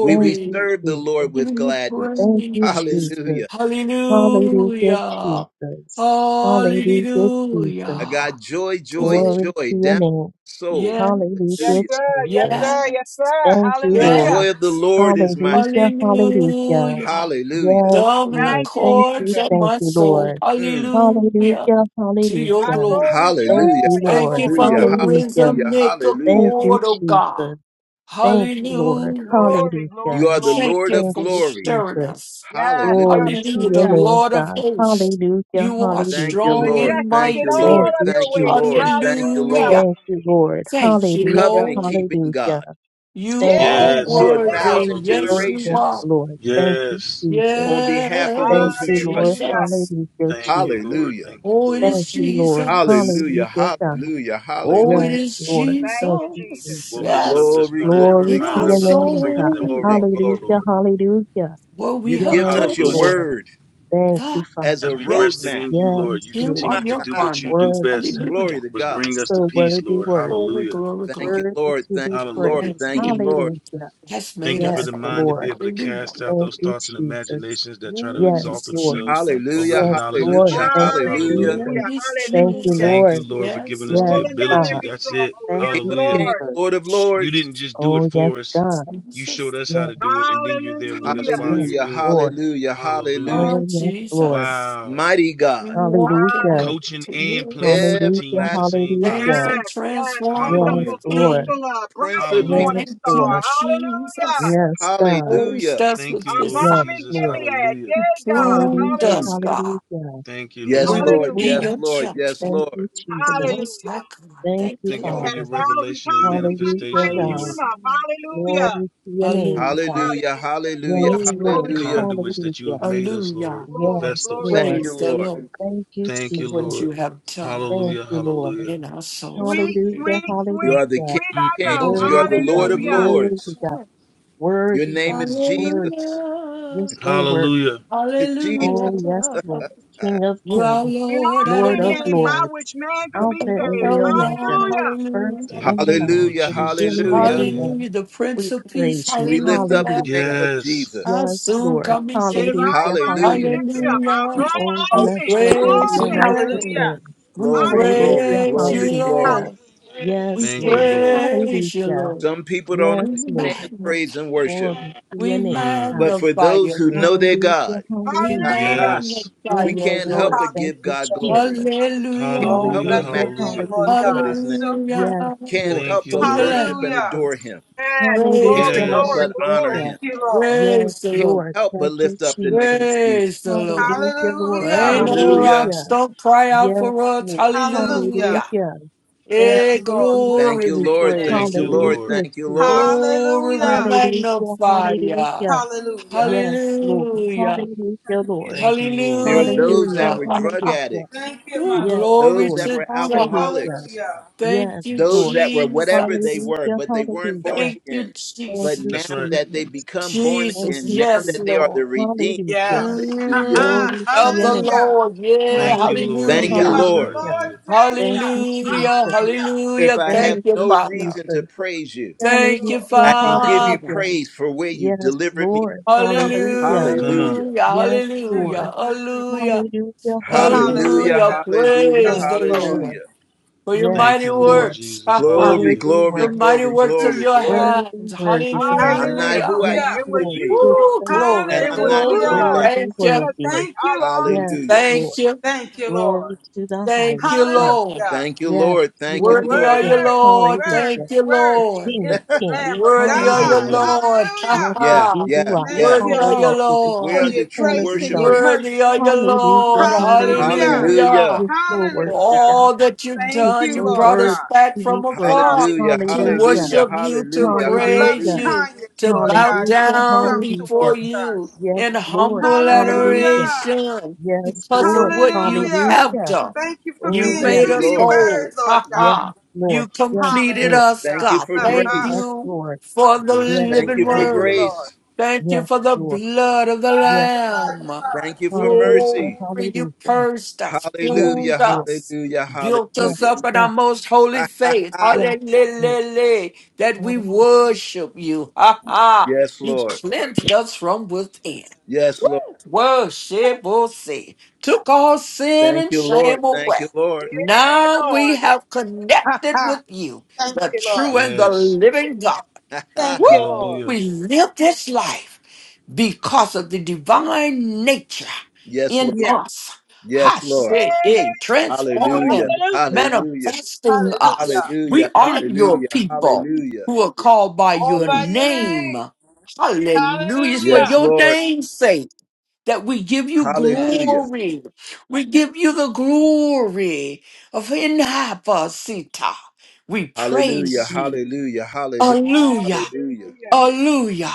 A: We,
E: Thank
A: we
E: you,
A: serve the Lord
E: Jesus.
A: with
D: giving you
A: gladness.
E: Thank
A: [LAUGHS]
E: you,
D: praise.
E: Jesus.
A: Hallelujah.
E: Hallelujah,
D: Hallelujah.
E: Jesus. Hallelujah,
A: I
E: Jesus.
D: Hallelujah.
A: got joy,
D: To
A: joy,
D: the-
E: Glory
A: joy
E: to your
A: down in
E: name.
A: my soul.
E: Hallelujah,
C: Yes,
D: Yes.
A: Hallelujah.
C: sir. Yes,
E: Jesus.
C: sir. Yes,
D: Yes.
C: sir.
E: Thank you,
A: The
C: Hallelujah.
E: Lord.
A: joy of the
D: Yes.
A: Lord is my
E: Hallelujah,
A: strength.
E: hallelujah.
D: Hallelujah.
A: Hallelujah.
E: Yes,
D: Down in the
E: Lord.
C: Thank you,
E: Thank you,
D: courts
C: Jesus.
D: of
E: thank
D: my
E: you,
D: soul.
E: Lord.
A: Mm.
D: Hallelujah.
E: Hallelujah,
D: To your
C: My
E: hallelujah.
D: glory.
C: soul
E: Thank
A: Hallelujah,
E: you,
C: rejoice.
D: Thank
E: Lord.
D: you
C: Glory,
D: for
A: hallelujah,
D: the
C: glory, glory.
E: Hallelujah.
D: rhythm,
A: hallelujah,
D: Nickel
A: hallelujah.
E: Thank you,
D: Port, oh God.
E: Jesus. Thank you, Lord.
D: Hallelujah.
C: Glory,
A: You
C: glory,
A: are
E: Hallelujah.
A: the
C: glory.
D: Thank
A: Lord
D: you
A: of
E: Thank
D: for
E: you,
A: glory.
D: stirring
E: Jesus.
D: us.
C: Yes,
A: Hallelujah.
E: Glory to
D: Hallelujah,
E: your
D: the
C: hallelujah.
E: name,
D: Lord of
E: God.
D: hosts.
E: Hallelujah,
D: You are
A: Thank you,
E: hallelujah,
D: strong
E: Lord.
A: Lord.
D: and
C: Majestic
A: Thank
C: in
A: you,
D: mighty.
C: all
E: Thank
A: Lord.
C: of
E: you,
C: your
A: Thank you,
C: ways.
E: Jesus.
A: Lord. Thank you,
C: Hallelujah.
D: Hallelujah.
A: Lord.
E: Thank you, Lord.
D: Thank you,
E: Hallelujah,
A: Covenant
D: Lord.
A: keeping
E: hallelujah.
A: God
D: You
E: Thank
C: Yeah,
D: are
E: you,
C: yeah,
B: yes,
E: God.
C: yeah,
A: to a
B: Lord.
C: yeah.
D: worthy.
A: thousand
D: Yes,
E: Oh,
B: Hallelujah.
D: you
E: yes,
D: are.
A: generations
E: Lord. Thank you,
B: Yes.
E: Jesus.
A: on behalf of those
E: Thank
D: Yes,
A: who
E: you, Lord.
A: trust you.
C: Hallelujah.
D: Jesus.
E: Hallelujah,
B: Thank you,
E: Jesus.
B: Lord.
A: Hallelujah,
B: Thank you,
D: Oh, it
B: Lord.
E: Thank
D: is
E: you, Lord.
D: Jesus.
A: hallelujah,
E: Hallelujah, God.
A: hallelujah,
D: Oh,
A: hallelujah.
D: it
E: Yes,
D: is
E: Lord.
C: Thank
E: Thank
C: you,
E: you,
C: Jesus.
D: Jesus.
B: Woke
E: Jesus.
B: us up
D: Yes,
B: this
A: Glory,
B: morning and
E: Glory
D: in
A: glory,
E: to
D: our
B: reminded
E: your
B: of us
A: glory,
B: the
E: name,
A: glory,
B: freedom
E: God.
B: that we
A: glory,
D: soul,
B: walk in,
A: glory.
E: Hallelujah,
B: Lord.
E: hallelujah.
D: where we
A: You've
D: have
A: given
E: Yes,
A: us your
B: Hallelujah.
D: touched
E: Lord.
A: word
E: Thank you,
D: the,
A: as a
B: As
E: Father.
B: we rested
D: yes,
A: roadmap.
B: in you, Lord,
E: Yes,
B: you
D: him
E: Lord.
B: continue
D: on
B: to
D: your
B: do
A: [LAUGHS]
B: what you
D: garment.
B: do
E: Worthy,
B: best,
E: God.
A: glory
D: Hallelujah.
A: to
B: was
A: God.
B: bring us to
E: So
B: peace,
E: worthy,
B: Lord.
E: worthy.
D: Glory,
B: Hallelujah.
D: glory,
A: Thank
D: glory.
A: you,
E: Worthy
A: Lord.
E: to be
A: Thank you,
B: Hallelujah.
A: Lord.
D: and
E: praised.
A: Thank you,
D: He
A: Lord.
E: Hallelujah.
D: has
B: Thank
D: made
B: you for
E: Yes,
D: us
B: the mind
D: whole.
B: to be
E: Lord.
B: able to
D: Hallelujah.
B: cast out
E: Thank
B: those
E: you,
B: thoughts and
E: Jesus.
B: imaginations that try to
D: Oh,
E: Yes,
D: it
B: exalt
D: is
E: Lord.
B: themselves over
D: Jesus.
A: Hallelujah.
B: the
E: Yes,
B: knowledge of the
E: Lord.
A: Hallelujah.
B: truth,
E: Thank
B: Lord.
E: you,
A: Hallelujah.
B: Hallelujah.
D: Oh,
E: Jesus.
C: Hallelujah.
D: it is
E: Thank you,
C: Hallelujah.
B: Thank
D: Jesus.
E: Lord.
B: you, Lord, for
D: Yes,
B: giving us the
D: Lord.
E: Yes,
C: pulling down
B: ability.
E: God.
C: every
B: That's it.
C: stronghold.
E: Thank
C: Yes,
A: King
E: you,
A: of
B: Hallelujah.
A: kings,
C: Lord.
E: Jesus.
A: Lord of
B: You
A: lords.
B: didn't just do it
E: Oh, yes,
B: for us,
E: God.
B: you
D: Jesus,
B: showed us how
E: Yes,
B: to do it, and then you're there with us
C: Hallelujah.
B: while
E: yes.
B: you're
D: Jesus.
A: Hallelujah.
B: doing it.
E: Lord.
A: Hallelujah.
B: Hallelujah.
A: Hallelujah.
D: Oh,
E: Oh, yes, Lord.
D: Jesus.
B: Wow.
A: Mighty
D: We
A: God,
D: walk in
E: Hallelujah.
D: Him
C: Hallelujah.
B: Coaching
D: to
B: and playing
D: mix,
B: for the team
E: Hallelujah.
B: at the
A: everlasting
B: same
A: Father,
B: time.
D: change,
E: Hallelujah.
C: Yes,
D: and
C: yes.
D: transform from
E: Yes,
C: Wonderful
B: Hallelujah.
E: Lord.
D: within.
C: counselor, bright
A: Prince
C: and
A: of
B: Hallelujah.
E: Yes,
C: morning
A: Peace.
D: Thank
C: star.
D: you,
E: Lord.
C: Hallelujah.
D: Jesus.
E: Yes, God.
D: Purged
A: Hallelujah.
D: us
B: Thank
D: with
B: you,
C: Our
D: His
B: Lord
D: Son.
C: bomb
E: Yes,
C: in
B: Jesus.
E: Lord.
C: Gilead.
B: Hallelujah.
C: Yay, God.
D: Pruned
E: Hallelujah.
A: Mm.
D: us,
C: Hallelujah.
D: God.
E: Hallelujah.
B: Thank you,
D: that
A: Yes,
D: We
B: Lord.
E: Yes,
D: will
A: Lord.
D: be
C: Hallelujah.
A: Yes,
E: Lord.
D: your
A: Lord. Yes,
D: children.
E: Thank
A: Lord.
E: you,
D: The
E: Jesus.
D: Most High
C: Hallelujah.
D: God.
E: Thank
D: Thank
E: you,
D: you,
B: Thank you
C: We
B: for
D: Lord.
C: had a
B: your
E: Father.
C: thousand
B: revelation and
C: times we couldn't
E: Hallelujah,
B: manifestation,
C: praise you
E: God.
B: Lord.
D: Praise.
C: enough. Hallelujah.
E: Glory to your name,
D: Hallelujah.
E: God.
A: Hallelujah.
C: Hallelujah.
A: Hallelujah.
E: Yes,
C: Glory,
D: Hallelujah.
C: glory,
E: Lord.
A: Hallelujah.
C: glory.
B: Conduits that you
E: Hallelujah.
B: have made us,
D: Hallelujah.
B: Lord, the
C: Glory,
E: Yes,
C: glory,
B: vestals.
A: Thank
E: Lord.
A: you,
D: Praise
C: glory.
D: the
A: Lord.
D: Lord
E: Thank you,
B: Thank
D: for
B: you,
E: Jesus.
D: what you
B: Lord.
D: have done
E: Thank
B: Hallelujah,
E: you, Lord.
B: hallelujah.
D: in our souls.
C: Sweet,
D: Hallelujah.
E: Hallelujah.
C: sweet,
A: You
C: sweet,
A: are the
E: Hallelujah.
A: King
C: sweet, I
A: of
C: know.
A: kings.
B: Mm-mm-mm.
A: You are the
E: Worthy God,
A: Lord of
C: Hallelujah.
E: worthy
A: lords.
E: God,
D: Hallelujah.
A: Your
E: worthy
A: name
E: God,
A: is
E: worthy.
D: Hallelujah.
A: Jesus.
E: You're so worthy.
B: Hallelujah.
A: [LAUGHS]
D: Hallelujah.
E: Oh,
A: Jesus.
E: yes, Lord. King of
D: You are
E: kings,
C: The
D: Lord
E: Lord
C: only
E: of
D: Adonai.
C: name by
E: lords,
C: which man can
D: You
E: Alpha
C: be
D: are
E: and
C: saved.
E: the
D: Elyon.
E: Omega,
C: Hallelujah.
E: first
D: Hallelujah.
E: and
B: Thank
E: the
B: you,
E: last,
B: Lord
A: Hallelujah.
E: the
B: Jesus.
E: beginning and
A: Hallelujah.
E: the
B: Hallelujah.
E: end.
D: Hallelujah. The
E: We
D: Prince of Peace.
E: praise you.
A: We lift up
D: Hallelujah.
A: the name
E: Hallelujah.
A: of
B: Yes.
A: Jesus.
D: Our
E: Yes,
D: soon
E: Lord.
C: He
D: coming
C: said, if
D: King.
C: I, if
E: Hallelujah.
C: I be
A: Hallelujah.
C: lifted
E: Hallelujah.
C: up, I'll
D: Hallelujah.
C: draw
E: Oh,
C: all
D: We
E: bless
C: men,
E: your holy
C: all
D: praise your
E: and
C: men
E: righteous
C: unto
D: name.
C: me.
F: Hallelujah.
E: name.
D: We
A: Glory,
C: Hallelujah.
A: glory,
E: Hallelujah.
D: praise you,
A: glory,
E: Hallelujah.
A: glory.
D: Lord.
F: Hallelujah.
D: We
E: Yes,
B: Thank
E: Lord.
B: you, Lord.
D: praise you,
E: Hallelujah.
D: Lord.
A: Some people don't
D: We
E: Yes, Lord.
A: understand
D: magnify,
A: praise and worship,
E: Glory to your
D: we
E: name.
B: Mm.
A: but for
D: magnify
A: those
D: you,
A: who know
D: Lord.
A: their
E: Hallelujah,
A: God,
D: We
E: hallelujah.
A: [LAUGHS]
C: Hallelujah.
B: Yes.
D: magnify
A: we
E: Yes,
D: you,
A: can't
E: Lord,
A: help
D: Lord.
A: but
E: thank
A: give
E: you,
A: God
F: Hallelujah.
A: glory.
E: Jesus.
D: Hallelujah.
A: Can't
F: Oh,
A: help
B: Hallelujah,
A: but
F: bless
A: magnify
E: Hallelujah,
F: your
A: and
B: hallelujah.
F: name, Lord
A: exalt
E: hallelujah.
A: his
F: God.
A: name.
F: So
D: Hallelujah.
F: true.
E: Yes,
A: Can't
E: Lord,
B: Thank
A: help
B: you,
A: but
E: thank
D: Sing
E: you,
B: Lord.
A: worship
D: the
A: and
F: Hallelujah.
E: Jesus.
A: adore him.
C: Yes.
D: Praise
A: Can't
D: the
C: Glory,
E: Hallelujah,
A: help
D: Lord.
C: glory,
B: Yes.
A: but honor
C: glory.
F: Thank
E: hallelujah.
A: him.
F: you, Lord.
E: Yes,
D: Praise the
A: Can't
D: Lord.
E: Lord,
A: help
E: thank
A: but
E: you,
A: lift up the name of
E: Jesus.
A: Jesus.
D: Praise the Lord.
E: Hallelujah, Lord,
D: When
F: Hallelujah.
D: the
A: Hallelujah.
E: hallelujah.
D: rocks don't cry out
E: Yes,
D: for us,
E: Lord,
F: Hallelujah.
D: hallelujah.
E: hallelujah. Thank
D: Hey,
F: Yes,
E: you,
F: Lord.
E: Jesus.
A: Thank
D: glory,
F: Glory
A: you,
F: to
D: we
F: your
A: Lord. Thank
D: praise
F: name.
B: Thank
A: you,
B: you,
D: you.
A: Lord.
B: Lord.
E: Hallelujah,
A: Thank you, Lord.
E: Jesus.
D: Glory, we
F: Hallelujah.
E: Hallelujah,
D: magnify you.
E: hallelujah.
F: Hallelujah.
E: Yes, Lord.
D: Hallelujah.
E: Hallelujah,
F: Thank you.
E: Lord.
B: Thank you, Lord.
A: There are
F: Thank you, my
A: those that
E: Hallelujah,
D: Hallelujah.
A: were
F: Lord.
A: drug
E: hallelujah.
A: addicts,
F: Thank
D: [LAUGHS]
F: you,
D: Ooh,
F: my
E: Yes,
F: Lord.
D: glory
A: those that
E: Lord.
A: were
D: to God.
E: Hallelujah.
A: alcoholics,
F: Hallelujah.
D: Thank
E: Yes,
D: you,
A: those
E: Lord.
A: that were whatever they
D: Jesus.
A: were,
E: Hallelujah,
A: but they weren't born
E: hallelujah.
D: Thank you,
A: again.
E: Thank
A: But
E: you,
B: That's
A: now
D: Jesus.
B: right.
A: that they
E: Jesus.
A: become born
E: Thank
D: Jesus.
A: again,
E: you,
A: now
D: Yes,
A: that they are
E: Jesus.
D: Lord.
A: the redeemed,
E: Hallelujah.
F: Yes. [LAUGHS]
A: hallelujah.
D: Mm,
E: Glory to
D: of
E: your
D: the
E: name.
F: Hallelujah.
D: Lord. Yeah.
F: Let
B: Thank
F: the
B: you,
E: Hallelujah,
B: Lord
A: Thank you,
F: redeem
D: Hallelujah.
B: Jesus.
F: of the
A: Lord.
E: hallelujah.
F: Lord
B: Hallelujah.
F: say
E: Thank you,
F: so.
D: Hallelujah,
E: Jesus.
F: Hallelujah.
A: If
D: hallelujah.
A: I have
D: Thank
E: Thank
D: you,
E: you,
A: no
D: Father.
A: reason to
E: Jesus.
A: praise you,
F: Yes,
D: Thank you,
F: Lord.
E: Hallelujah,
A: I can give you
D: Father.
E: hallelujah.
A: praise for where you've
E: Yes,
A: delivered me.
E: Lord. Hallelujah.
F: Hallelujah.
B: Come on.
A: Hallelujah.
D: Hallelujah,
E: Yes,
D: hallelujah,
E: Lord.
F: Mm, mm.
D: hallelujah,
E: Hallelujah,
A: Hallelujah.
D: hallelujah.
E: hallelujah.
F: Hallelujah.
A: Hallelujah.
D: Praise
E: Yes,
F: Thank
D: the
F: you, Lord.
D: Lord
E: Lord.
A: Hallelujah.
D: for your
E: Yes,
B: Thank
D: mighty
B: you, Lord
E: Lord.
D: works, [LAUGHS]
B: Jesus.
D: the
A: Glory,
B: Hallelujah.
E: Worthy,
A: glory,
D: mighty
A: glory,
E: worthy.
D: works of
A: glory,
F: Mm.
D: your
A: glory.
D: hands.
E: Worthy, worthy, God.
A: I'm not
C: Hallelujah.
D: Hallelujah.
A: who I
E: Yes,
A: used
F: Hallelujah.
C: It was
A: to
E: Lord.
C: you,
A: be.
E: Just
D: Woo,
C: Lord.
E: so
D: glory,
A: and
C: It
E: worthy.
A: I'm
C: was
A: not
C: you,
D: glory.
A: going
C: Lord,
A: back.
F: Hallelujah.
C: that
D: Thank
E: Worthy,
C: set
D: you,
C: us
E: worthy.
C: free.
F: Thank you, Lord.
E: Yes,
A: Hallelujah.
C: Hallelujah.
D: thank
E: Lord.
D: you,
F: Thank you, Lord.
E: Glory to the
D: thank
E: highest
D: you,
E: God.
D: Lord.
F: Hallelujah.
A: Thank you,
E: Yes,
A: Lord. Thank
E: you
A: you,
E: are the
D: Worthy are
A: Lord.
D: you,
E: King.
F: Worthy,
D: Lord. Thank
E: Hallelujah.
F: worthy,
D: you,
E: The
D: Lord.
F: worthy
E: King
F: is
E: of
A: [LAUGHS]
F: the
E: Kings.
F: Lamb of
D: Worthy are you,
F: God.
E: Hallelujah.
B: Hallelujah.
D: Lord. Ha
F: Hallelujah.
E: Blessed
A: yeah,
D: ha.
E: be the
A: yeah,
E: rock.
F: Thank
A: yeah.
D: Worthy
F: you,
D: are
E: Hallelujah.
D: you,
F: Lord,
E: The
A: We
F: for
A: are
E: chief
D: Lord.
F: your
A: the true
F: grace and your
A: worshiper.
E: cornerstone.
D: Worthy are
F: mercy.
D: you, Lord.
E: Hallelujah. Hallelujah.
F: Hallelujah.
D: Hallelujah
A: Hallelujah.
E: You're so
D: for
E: worthy,
F: Hallelujah.
E: God.
D: all that you've
E: You're
F: Thank
D: done.
F: you,
D: You
E: so
F: Lord
D: brought
E: worthy
D: us
F: God.
D: back
E: to be
D: from
E: praised.
D: afar
A: Hallelujah.
D: to
E: Hallelujah.
F: Hallelujah.
A: Hallelujah.
D: worship you, to
F: for
A: Hallelujah.
F: your loving
D: praise
E: Hallelujah.
A: Hallelujah.
D: you,
F: kindness,
D: to
F: Lord
D: bow
F: God, that
E: Hallelujah.
F: you
D: down
F: show
D: before
E: Hallelujah.
F: towards
D: you
F: us.
E: Yes,
D: in
E: Lord.
D: humble
E: Hallelujah.
F: Hallelujah.
D: adoration
E: Yes,
D: because of
E: Lord.
D: what you
F: Hallelujah.
D: have
E: Hallelujah.
D: done.
F: Thank you for
D: You
E: Oh,
F: being
A: Thank
E: yes,
D: made
A: you,
F: true to
D: us
F: your
A: Lord.
E: Lord.
D: whole.
F: word, Lord
D: Ha
E: Yes,
F: God.
D: ha. You
E: Lord. Yes,
D: completed
E: Lord.
D: us,
A: Thank
F: Hallelujah. [LAUGHS]
A: you
D: God.
A: for
F: Ha,
D: Thank
E: Oh,
F: ha.
E: yes,
A: grace.
D: you
E: Lord.
D: for the
B: Yes,
E: Yes,
A: Thank
B: Lord.
D: living
A: you for
E: Lord.
F: Thank you,
D: word.
B: Hallelujah.
F: Lord.
A: grace.
D: Thank you
E: Yes,
D: for the
E: Lord.
D: blood of the
E: Yes.
F: Blood, the blood, the
D: Lamb.
A: Thank
F: blood.
A: you for
E: Hallelujah,
A: mercy.
D: Glory, you
E: hallelujah.
D: purged us,
E: Yes,
A: Hallelujah.
D: pruned
E: Lord.
D: us,
A: Hallelujah.
D: built
E: Yes,
D: us
A: Hallelujah.
D: up in our
E: God.
D: most holy faith.
A: [LAUGHS]
E: Yes, Lord.
D: Hallelujah. That we
E: Hallelujah.
D: worship you. Ha ha.
A: yes,
D: You
A: Lord.
D: cleansed us from within.
A: Yes,
D: Woo.
A: Lord.
D: Worship, we'll see. Took all sin
A: Thank
D: and
A: you, Lord.
D: shame
A: Thank
D: away.
A: you, Lord.
C: Yeah,
D: Now we
C: Lord.
D: have
F: Ha,
D: connected
F: ha.
D: with you,
F: [LAUGHS] Thank
D: the
F: you, Lord.
D: true and the
B: Yes.
D: living God.
F: Thank
D: Woo!
A: [LAUGHS]
F: you, Lord.
B: Hallelujah.
D: We live this life because of the divine nature
A: yes, Lord.
D: in
F: Yeah.
D: us.
A: Yes, Lord.
C: Yeah,
D: Hashede,
C: Lord.
A: Hallelujah.
D: transforming,
C: Hallelujah.
A: Hallelujah.
D: manifesting us.
F: Hallelujah.
D: We
A: Hallelujah.
D: are your
A: Hallelujah.
D: people
A: Hallelujah.
D: who are called by
F: All
D: your
F: by
A: Mm.
F: your
D: name.
F: name.
D: Hallelujah. It's for
A: Yes,
F: Hallelujah.
D: your
A: Lord.
D: name's sake that we give you
A: Hallelujah.
D: glory. We give you the glory of Inhapa Sita. We
A: Hallelujah.
D: praise you.
A: Hallelujah. Hallelujah.
D: Hallelujah.
A: Hallelujah.
C: Hallelujah.
D: Hallelujah.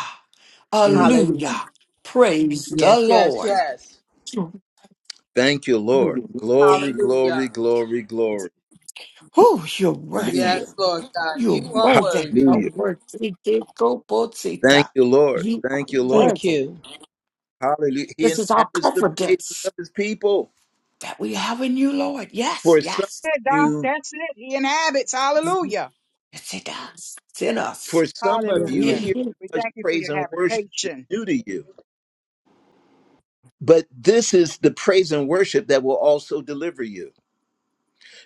A: Mm.
F: Hallelujah.
D: Hallelujah. Praise the
F: Yes, yes,
D: Lord.
F: yes.
D: You-
A: Thank you,
D: You're
A: Lord. Glory,
D: worthy.
A: glory,
F: Hallelujah.
A: glory, glory.
D: Oh, you're worthy.
A: Hallelujah.
F: Yes, Lord God,
D: You're
F: you are
D: worthy. You're
F: worthy.
A: Hallelujah.
D: worthy.
A: Thank
D: Kikobosita.
A: you, Lord.
D: You are
A: Thank you, Lord.
F: Thank
D: worthy.
F: you.
A: Hallelujah. He
D: This is our
A: inhabits the praises
D: confidence
A: of his people.
D: that we have in you, Lord. Yes,
A: For some
D: yes.
C: Yeah,
A: of
C: Doc,
A: you,
C: that's it. He inhabits. Hallelujah.
D: It's in us. It's in
A: for
D: us.
A: some of you,
D: We in
C: Hallelujah.
A: hearing
D: you.
C: We
A: such
C: thank you for your
A: praise and worship is
C: habitation.
A: new to you. But this is the praise and worship that will also deliver you.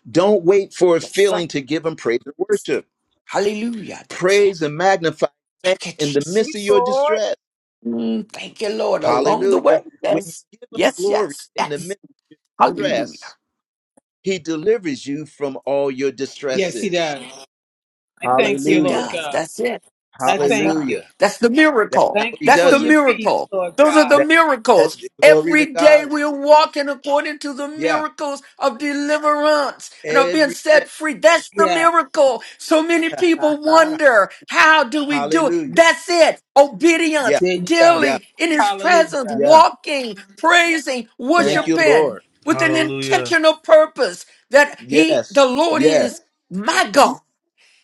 A: Don't wait for a
D: Yes, sir.
A: feeling to give him praise and worship.
D: Hallelujah. That's it.
A: Praise and magnify his name
D: Thank you,
A: in the midst
C: Speak,
A: of
D: Jesus.
A: your
C: Lord.
A: distress.
D: Mm, thank you, Lord. Along the way,
A: Hallelujah. When you
D: yes,
A: give him
D: yes,
A: glory
D: yes,
A: in the
D: yes.
A: midst of your
D: Hallelujah.
A: distress, he delivers you from all your
F: Yes, he
D: Yes.
A: distresses.
F: does. I
D: Yes,
F: thank
D: he
F: you, Lord
A: Hallelujah.
D: does.
F: God.
D: That's it.
F: I
D: Besides
F: thank
D: God.
F: you.
A: Hallelujah.
D: That's the
A: That's
D: miracle.
A: how
F: Thank
A: he
F: you
D: That's
F: for
D: the
A: does
F: your
A: it.
F: peace,
D: miracle.
F: Lord
D: Those are the
F: God.
A: That, that
D: miracles.
A: glory to
D: Every day
A: God.
D: we're walking according to the
A: Yeah.
D: miracles of deliverance and are being
A: Every day.
D: set free. That's the
F: Yes.
D: miracle. So many people wonder, how do
A: [LAUGHS]
D: we do it?
A: Hallelujah.
D: That's it.
A: Yeah.
D: Obedience,
F: There you go.
A: Yeah.
D: daily in his presence,
F: Hallelujah.
A: Yeah.
D: walking, praising,
A: Thank
F: Yes.
A: you,
D: worshiping
A: Lord.
D: with an
B: Hallelujah.
D: intentional purpose that he,
A: Yes.
D: the Lord
A: Yes.
D: is my God.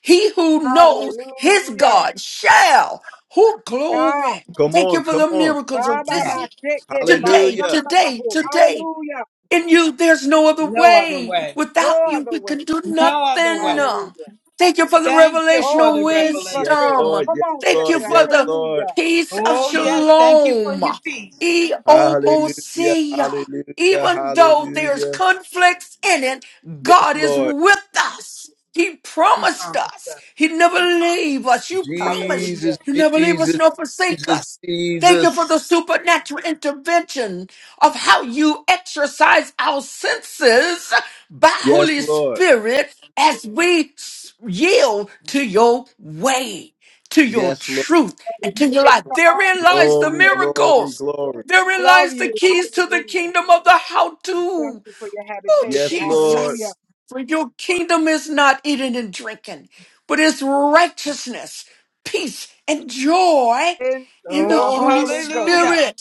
D: He who knows his
C: Hallelujah.
D: God shall. Who
C: Ah,
D: glory.
A: Come
D: Thank you
A: on.
D: for
A: Come
D: the
A: on.
D: miracles
C: ah,
D: of
C: ba,
D: this
C: ba,
F: Yes.
C: shake, hey, de, ba,
D: today,
A: Hallelujah.
C: son, ba, ba,
D: today,
C: ho.
D: today.
C: Hallelujah.
D: In you, there's no other
F: No other
D: way.
F: way.
C: No
D: Without you,
C: other
D: we
C: way.
D: can do
F: No other way.
D: nothing.
C: Hallelujah.
D: Thank you for the
F: Thank you for
C: All
F: the
D: revelational
C: things but
F: revelation.
A: Yes,
C: fail.
D: wisdom.
A: Lord.
C: Come
A: Yes,
C: on,
D: Thank you
A: Lord.
C: sister.
D: for
A: Yes,
D: the
A: Lord.
C: Hallelujah.
D: peace of
F: Oh, yes. Thank you for
D: shalom.
F: your peace.
A: Hallelujah.
D: E-O-M-O-C-A.
A: Hallelujah.
D: Even though there's
A: Hallelujah.
D: conflicts in it,
A: Yes,
D: God is
A: Lord.
D: with us. He
F: You
D: promised
F: promised
D: us.
F: us.
D: He never leave us. You promised
F: Hallelujah.
A: Jesus,
D: you never leave us
A: Jesus,
D: nor forsake
A: Jesus,
D: us. Thank you for
A: Jesus.
D: the supernatural intervention of how you exercise our senses by
A: Yes,
D: Holy
A: Lord.
D: Spirit as we s- yield to your way, to your
A: Yes, Lord.
D: truth, and to your
C: Hey,
D: life.
C: Come on.
D: Therein
C: Lord.
D: lies the
A: Glory, glory,
D: miracles.
A: glory.
D: Therein
C: Love
D: lies the
C: you.
D: keys to the
C: Hallelujah.
D: kingdom of the how
C: Thank
D: to.
C: you for your
D: Oh,
C: habitation.
A: Yes, Lord.
C: Hallelujah.
D: Jesus. For your kingdom is not eating and drinking, but it's righteousness, peace, and joy
C: In
D: in the
C: the
F: Oh,
D: Holy
C: Holy Ghost.
F: hallelujah.
D: Spirit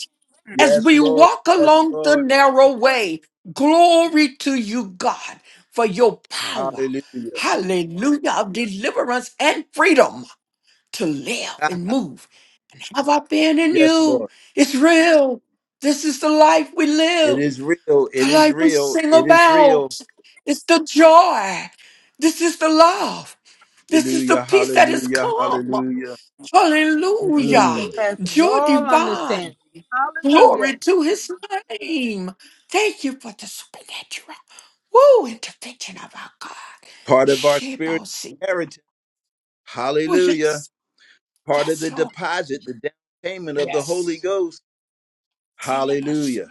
D: as
A: Yes,
D: we
A: Lord.
D: walk
A: Yes,
D: along the
A: Lord.
D: narrow way. Glory to you, God, for your power.
A: Hallelujah.
D: Hallelujah of deliverance and freedom to live and move. Have I been in
A: Yes,
D: you?
A: Lord.
D: It's real. This is the life we
A: It
D: live,
A: is real. It
D: the
A: is
D: life we
A: real.
D: sing
A: It is
D: about.
A: real.
D: It's the joy. This is the love. This is the
A: Hallelujah,
D: peace that has
A: hallelujah,
D: come.
A: hallelujah.
F: The peace
D: Hallelujah.
F: that
A: Mm.
F: passes
D: Joy
F: all
D: divine.
F: understanding. Hallelujah.
D: Glory to his name. Thank you for the supernatural. Woo, intervention of our God.
A: Part of our spiritual
D: Shebosi.
A: heritage.
D: Oh,
A: Hallelujah.
D: yes.
A: Part of
D: Yes,
A: the
D: Lord.
A: deposit, the down payment of the
D: Yes.
A: Holy
F: Yes.
A: Ghost.
D: celebrate, Yes,
A: Hallelujah.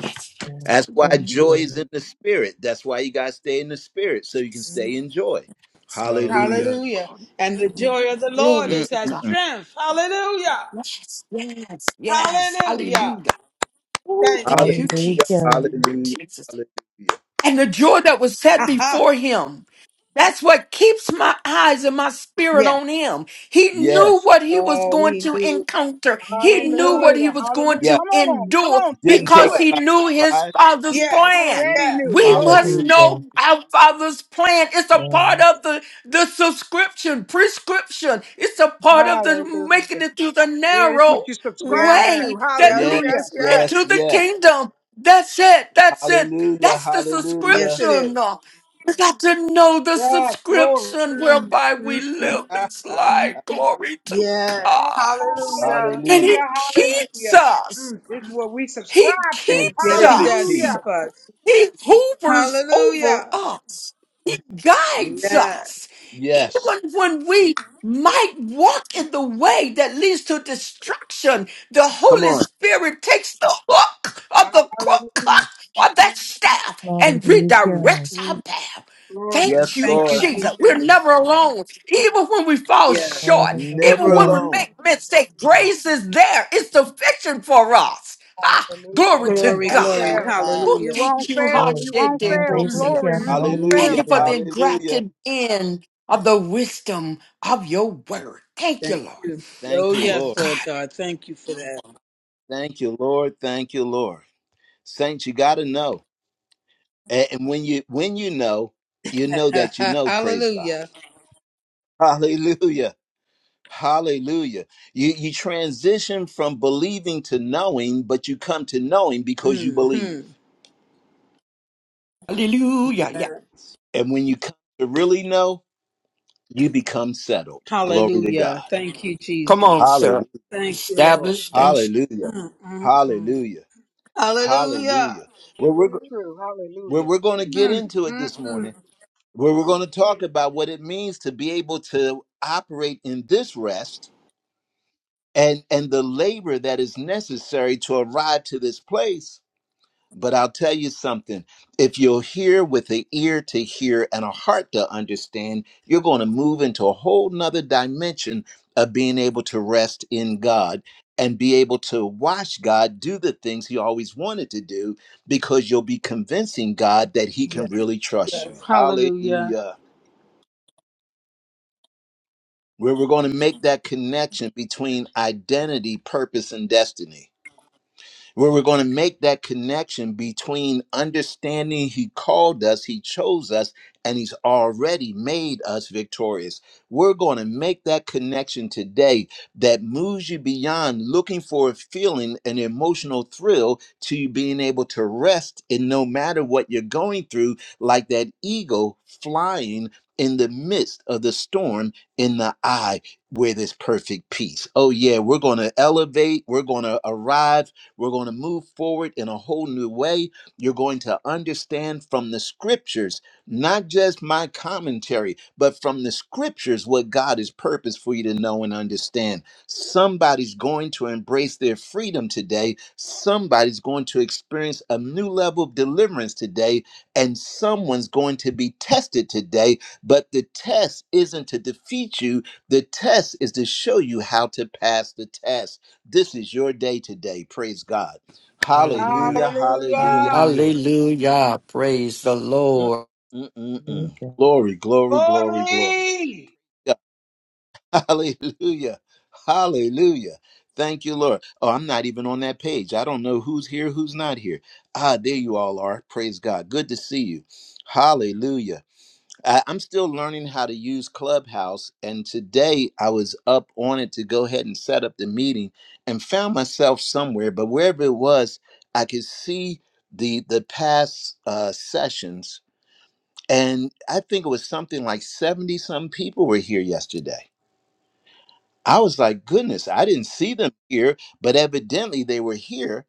D: yes.
A: That's why
E: Yes,
D: Hallelujah.
A: joy is in
E: Lord.
A: the spirit. That's why you got to stay in the spirit so you can
D: Yes.
A: stay in joy. Hallelujah.
B: Hallelujah.
F: Hallelujah.
D: Glory
F: And the joy of the Lord
D: glory
A: Mm,
F: is
D: to
F: our
A: mm.
D: God.
F: strength. Hallelujah.
D: Yes, yes, yes.
F: Hallelujah.
D: Hallelujah. Oh,
F: Thank
D: thank
F: you.
D: you,
A: Hallelujah,
D: Jesus.
E: Hallelujah,
D: Thank you,
A: hallelujah,
D: Jesus.
A: hallelujah.
D: and the joy that was
F: [LAUGHS]
D: set
F: Aha.
D: before him. That's what keeps my eyes and my spirit
F: Yeah.
D: on him. He knew
A: Yes,
D: what he was
F: Oh,
D: going
F: he
D: to
F: knew it.
D: encounter. He
F: He
D: knew
F: knew
D: what
F: it.
C: Hallelujah.
D: he was going
C: Hallelujah.
A: yeah.
D: to
C: Come on. Come
D: endure
C: on. Say
F: He
A: Didn't
F: knew
A: take
D: because
A: them
C: so.
D: he
F: it.
A: by
D: knew his
A: surprise.
D: father's
C: You
F: Yes.
D: plan.
C: already
F: Yes.
C: knew.
D: We
C: Glory.
D: must
A: Hallelujah.
D: know
E: hallelujah.
D: our father's plan. It's a part
E: Yes,
D: of the, the subscription, prescription. It's a part of the
C: Hallelujah.
D: making it through the
C: Yeah, that's what
D: narrow
C: you subscribe
F: Yes.
C: to.
D: way that
F: Yes.
A: Yes,
C: Hallelujah.
F: Yes.
D: leads
A: yes,
D: into the
F: Yes.
A: yes.
D: kingdom. That's it. That's it.
A: Hallelujah,
D: That's the
A: hallelujah.
F: Yes, it
D: subscription.
F: is.
D: We got to know the
C: Yes, glory.
D: subscription
F: Mm,
D: whereby we
F: mm, mm.
D: live this
A: [LAUGHS]
D: life. Glory to
F: Yes.
D: God.
F: Hallelujah.
D: And
A: Hallelujah.
D: He
C: Hallelujah.
D: keeps
C: Hallelujah.
D: us.
F: Mm.
C: This is what we
D: He
C: subscribe to.
A: In
D: keeps
F: Yes, he
A: perfect
F: does
D: us.
A: peace.
C: Hallelujah.
F: keep us.
D: He hovers over
F: Hallelujah.
D: us. He guides
F: Yes.
D: us.
A: Yes.
D: Even when we might walk in the way that leads to destruction, the
A: Come
D: Holy
A: on.
D: Spirit takes the hook of the crook [LAUGHS]
C: Hallelujah.
D: of that staff and
E: hallelujah,
D: redirects our
F: Mm.
D: path.
C: Glory to
D: Thank
A: Yes,
D: you,
F: Thank you,
A: Lord.
C: God.
D: Jesus. We're
F: Jesus.
D: never alone. Even when we fall
F: Yes.
D: short, even
A: Never
D: when we
E: hallelujah.
A: alone.
D: make mistakes, grace is there. It's sufficient for us. Ah,
C: Hallelujah.
D: glory to
C: We
F: Glory,
C: won't
D: God.
F: glory.
C: fail.
D: Woo,
A: [LAUGHS]
C: We
F: Hallelujah.
C: won't
D: thank you,
C: fail.
E: Glory.
C: We won't fail.
D: Hashedebosia.
C: Glory.
E: Hallelujah,
C: We won't
D: Thank
A: Hallelujah.
D: you
C: fail.
D: for
E: hallelujah.
D: the
A: Hallelujah.
D: engrafted in of the wisdom of your word. Thank you,
F: Thank
D: Lord.
F: you.
A: Thank
F: Oh,
A: you,
D: My
F: yes,
A: Lord.
F: Lord
D: God.
F: God. Thank you for
A: Thank you, Lord. Thank you, Lord. Saints, you got to know. A- And when you when you know, you know that you
F: that. [LAUGHS]
A: know, praise God.
F: Hallelujah.
A: [LAUGHS] Hallelujah. Hallelujah. You you transition from believing to knowing, but you come to knowing because you
F: hmm
A: believe.
D: Hallelujah. Yeah.
F: Yeah.
A: And when you come to really know, You become settled. Glory to God.
F: Hallelujah. Thank you,
D: Come
F: Jesus.
D: on,
A: Hallelujah.
D: sir.
F: Thank you, Lord.
D: Established and
A: Hallelujah.
F: Mm, mm, mm.
A: Hallelujah.
F: Hallelujah.
A: Hallelujah.
C: This
A: Well, we're,
C: is true.
A: well,
C: Hallelujah.
A: we're going to get
C: Amen.
F: Mm,
A: into it
F: mm,
A: this
F: mm.
A: morning, where we're going to talk about what it means to be able to operate in this rest and, and the labor that is necessary to arrive to this place But I'll tell you something if you'll hear with an ear to hear and a heart to understand, you're going to move into a whole nother dimension of being able to rest in God and be able to watch God do the things He always wanted to do because you'll be convincing God that He
F: Yes.
A: can really trust you.
F: yes. Hallelujah.
A: Hallelujah. Where we're going to make that connection between identity, purpose, and destiny. where we're going to make that connection between understanding he called us, he chose us, and he's already made us victorious. We're going to make that connection today that moves you beyond looking for a feeling, an emotional thrill, to you being able to rest in no matter what you're going through, like that eagle flying. In the midst of the storm, in the eye, where there's perfect peace. Oh, yeah, we're going to elevate. We're going to arrive we're going to move forward in a whole new way. You're going to understand from the scriptures, not just my commentary, but from the scriptures what God has purposed for you to know and understand. Somebody's going to embrace their freedom today. Somebody's going to experience a new level of deliverance today. And someone's going to be tested today. But the test isn't to defeat you, the test is to show you how to pass the test. This is your day today. Praise God.
B: Hallelujah.
A: Hallelujah. Hallelujah.
C: Hallelujah.
B: Hallelujah.
D: hallelujah. Praise the
A: Mm,
D: Lord.
A: mm, mm, mm.
E: Hallelujah.
A: Glory, glory, glory, glory.
C: Glory.
A: [LAUGHS] Hallelujah. Hallelujah. Thank you, Lord. Oh, I'm not even on that page. I don't know who's here, who's not here. Ah, there you all are. Praise God. Good to see you. Hallelujah. I- I'm still learning how to use Clubhouse. And today I was up on it to go ahead and set up the meeting and found myself somewhere, but wherever it was, I could see the the past uh, sessions. And I think it was something like 70 some people were here yesterday. I was like, goodness, I didn't see them here, but evidently they were here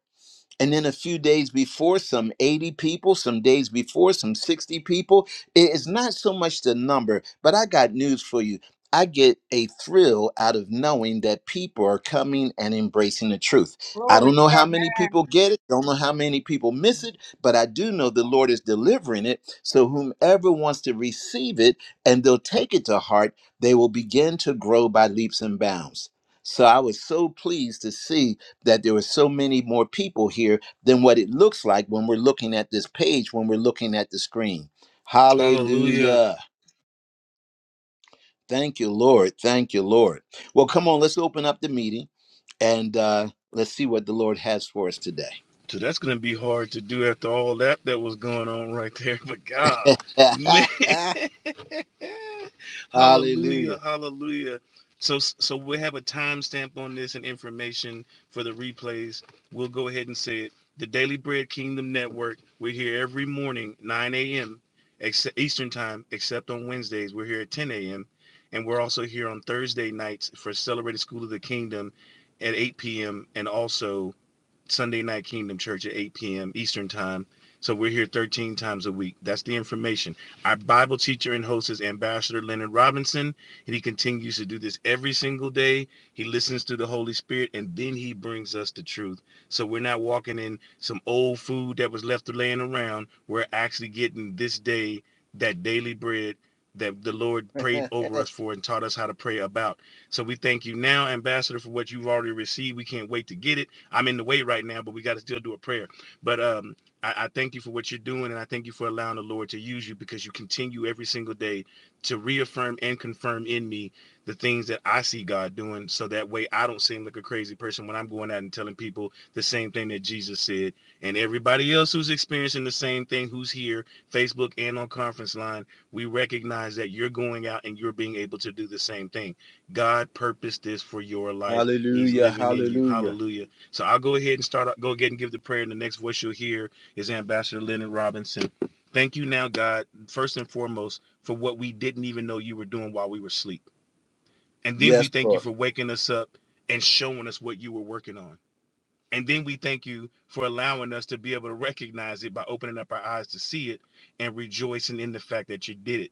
A: and then a few days before some 80 people some days before some 60 people it's not so much the number but i got news for you I get a thrill out of knowing that people are coming and embracing the truth. I
C: Glory
A: don't
C: to
A: know how
C: God.
A: many people get it, don't know how many people miss it, but I do know the Lord is delivering it. So, whomever wants to receive it and they'll take it to heart, they will begin to grow by leaps and bounds. So, I was so pleased to see that there were so many more people here than what it looks like when we're looking at this page, when we're looking at the screen.
B: Hallelujah.
A: Hallelujah. Thank you, Lord. Thank you, Lord. Well, come on, let's open up the meeting and uh, let's see what the Lord has for us today.
B: So that's going to be hard to do after all that that was going on right there. [LAUGHS] But God, man. [LAUGHS]
A: [LAUGHS] hallelujah.
B: hallelujah, hallelujah. So, so we'll have a timestamp on this and information for the replays. We'll go ahead and say it. The Daily Bread Kingdom Network. We're here every morning, 9 a.m. Eastern Time, except on Wednesdays. We're here at 10 a.m. And we're also here on Thursday nights for Celebrated School of the Kingdom at 8 p.m. and also Sunday Night Kingdom Church at 8 p.m. Eastern Time. So we're here 13 times a week. That's the information. Our Bible teacher and host is Ambassador Leonard Robinson, and he continues to do this every single day. He listens to the Holy Spirit, and then he brings us the truth. So we're not walking in some old food that was left laying around. We're actually getting this day that daily bread that the Lord prayed
A: [LAUGHS]
B: over us for and taught us how to pray about. So we thank you now, Ambassador, for what you've already received. We can't wait to get it. I'm in the way right now, but we got to still do a prayer. But um, I, I thank you for what you're doing, and I thank you for allowing the Lord to use you because you continue every single day to reaffirm and confirm in me the things that I see God doing, so that way I don't seem like a crazy person when I'm going out and telling people the same thing that Jesus said, and everybody else who's experiencing the same thing, who's here, Facebook and on conference line, we recognize that you're going out and you're being able to do the same thing. God purposed this for your life. He's
A: Hallelujah.
B: living in you.
A: Hallelujah.
B: Hallelujah. So I'll go ahead and start. Go ahead and give the prayer. And the next voice you'll hear is Ambassador Leonard Robinson. Thank you now, God, first and foremost, for what we didn't even know you were doing while we were asleep. And then we
A: Yes,
B: thank you
A: Lord.
B: for waking us up and showing us what you were working on. And then we thank you for allowing us to be able to recognize it by opening up our eyes to see it and rejoicing in the fact that you did it.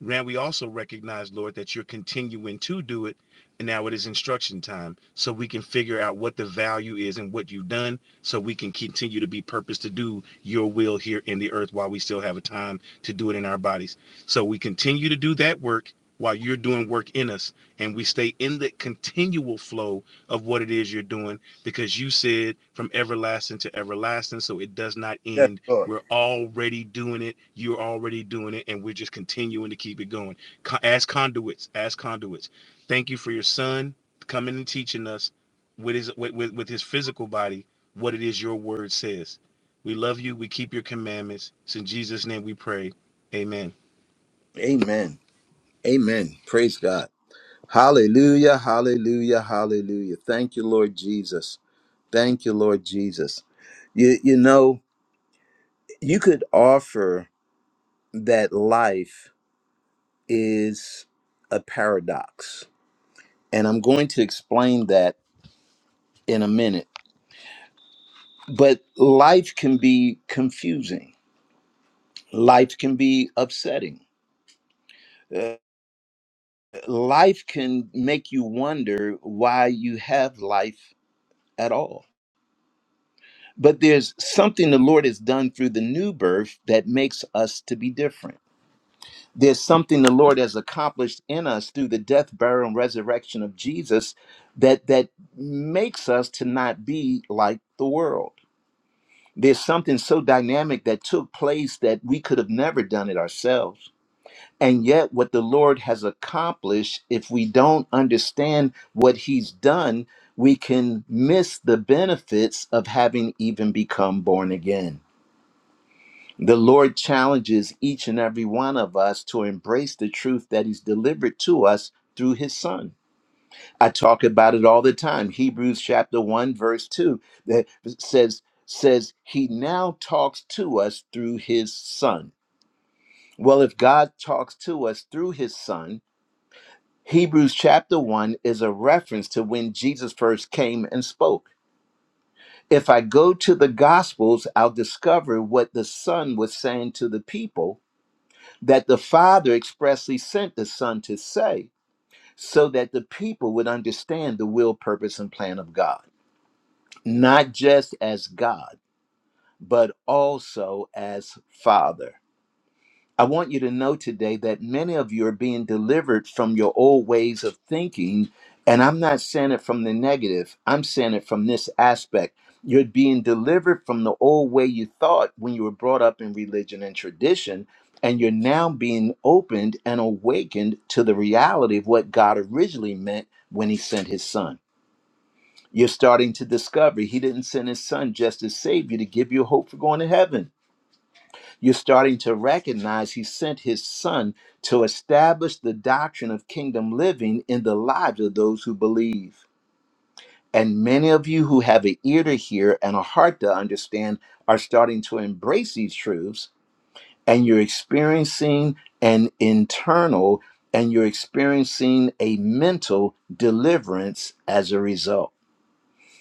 B: Now we also recognize, Lord, that you're continuing to do it. And now it is instruction time. So we can figure out what the value is and what you've done. So we can continue to be purpose to do your will here in the earth while we still have a time to do it in our bodies. So we continue to do that work while you're doing work in us. And we stay in the continual flow of what it is you're doing because you said from everlasting to everlasting. So it does not end we're already doing it. You're already doing it. And we're just continuing to keep it going. As conduits, as conduits. Thank you for your son coming and teaching us with his with, with, with his physical body what it is your word says. We love you. We keep your commandments. It's in Jesus' name we pray. Amen.
A: Amen. Amen. Praise God. Hallelujah. Hallelujah. Hallelujah. Thank you, Lord Jesus. Thank you, Lord Jesus. You you know, you could offer that life is a paradox. And I'm going to explain that in a minute. But life can be confusing. Life can be upsetting. Uh, life can make you wonder why you have life at all. But there's something the Lord has done through the new birth that makes us to be different there's something the Lord has accomplished in us through the death, burial, and resurrection of Jesus that that makes us to not be like the world. There's something so dynamic that took place that we could have never done it ourselves. And yet, what the Lord has accomplished, if we don't understand what He's done, we can miss the benefits of having even become born again. The Lord challenges each and every one of us to embrace the truth that He's delivered to us through His Son. I talk about it all the time. Hebrews chapter 1, verse 2 that says, says He now talks to us through His Son. Well, if God talks to us through His Son, Hebrews chapter 1 is a reference to when Jesus first came and spoke. If I go to the Gospels, I'll discover what the Son was saying to the people that the Father expressly sent the Son to say, so that the people would understand the will, purpose, and plan of God, not just as God, but also as Father. I want you to know today that many of you are being delivered from your old ways of thinking. And I'm not saying it from the negative, I'm saying it from this aspect. You're being delivered from the old way you thought when you were brought up in religion and tradition. And you're now being opened and awakened to the reality of what God originally meant when He sent His Son. You're starting to discover He didn't send His Son just to save you, to give you hope for going to heaven. You're starting to recognize he sent his son to establish the doctrine of kingdom living in the lives of those who believe. And many of you who have an ear to hear and a heart to understand are starting to embrace these truths, and you're experiencing an internal and you're experiencing a mental deliverance as a result.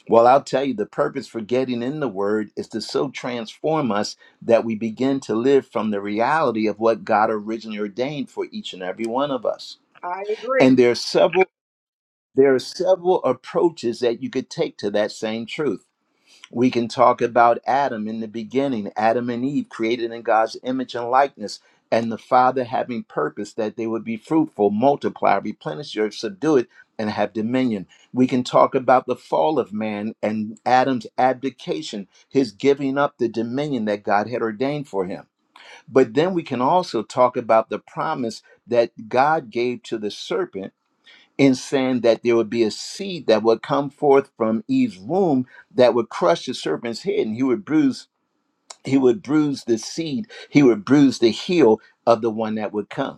A: Well, I'll tell you, the purpose for getting in the Word is to so transform us that we begin to live from the reality of what God originally ordained for each and every one of us.
C: I agree.
A: And there are several there are several approaches that you could take to that same truth. We can talk about Adam in the beginning, Adam and Eve created in God's image and likeness, and the Father having purpose that they would be fruitful, multiply, replenish the earth, subdue it, and have dominion. We can talk about the fall of man and Adam's abdication, his giving up the dominion that God had ordained for him. But then we can also talk about the promise that God gave to the serpent in saying that there would be a seed that would come forth from Eve's womb that would crush the serpent's head, and he would bruise, he would bruise the seed, he would bruise the heel of the one that would come.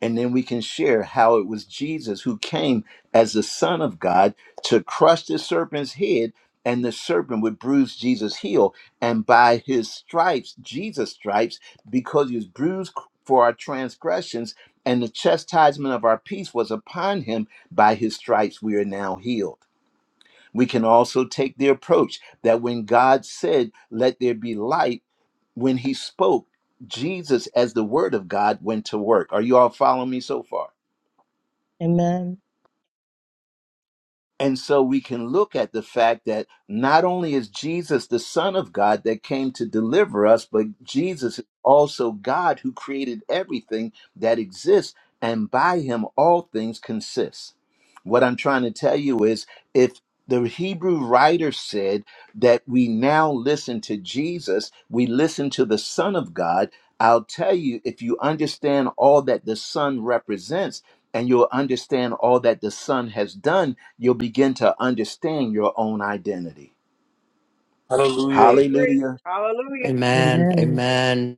A: And then we can share how it was Jesus who came as the Son of God to crush the serpent's head, and the serpent would bruise Jesus' heel. And by his stripes, Jesus' stripes, because he was bruised for our transgressions, and the chastisement of our peace was upon him, by his stripes we are now healed. We can also take the approach that when God said, Let there be light, when he spoke, Jesus, as the word of God, went to work. Are you all following me so far?
E: Amen.
A: And so we can look at the fact that not only is Jesus the Son of God that came to deliver us, but Jesus is also God who created everything that exists, and by him all things consist. What I'm trying to tell you is if the Hebrew writer said that we now listen to Jesus, we listen to the Son of God. I'll tell you, if you understand all that the Son represents, and you'll understand all that the Son has done you'll begin to understand your own identity.
C: I
B: Hallelujah.
C: agree.
A: Hallelujah.
C: Hallelujah.
D: Amen.
E: Amen.
D: Amen.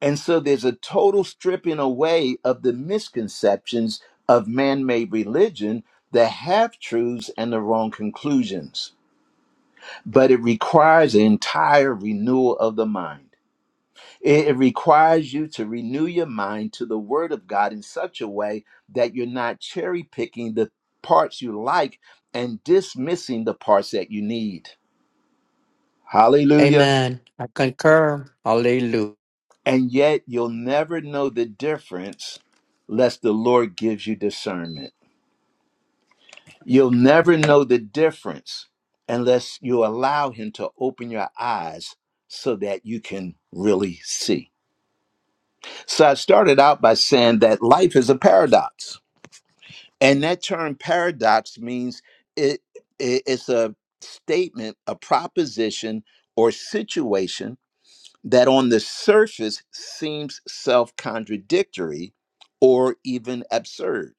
A: And so there's a total stripping away of the misconceptions of man made religion, the half truths, and the wrong conclusions. But it requires an entire renewal of the mind. It it requires you to renew your mind to the Word of God in such a way that you're not cherry picking the parts you like and dismissing the parts that you need. Hallelujah.
D: Amen. I concur. Hallelujah.
A: And yet you'll never know the difference unless the Lord gives you discernment. You'll never know the difference unless you allow Him to open your eyes so that you can really see. So I started out by saying that life is a paradox. And that term paradox means it, it- it's a statement, a proposition, or situation that on the surface seems self contradictory or even absurd,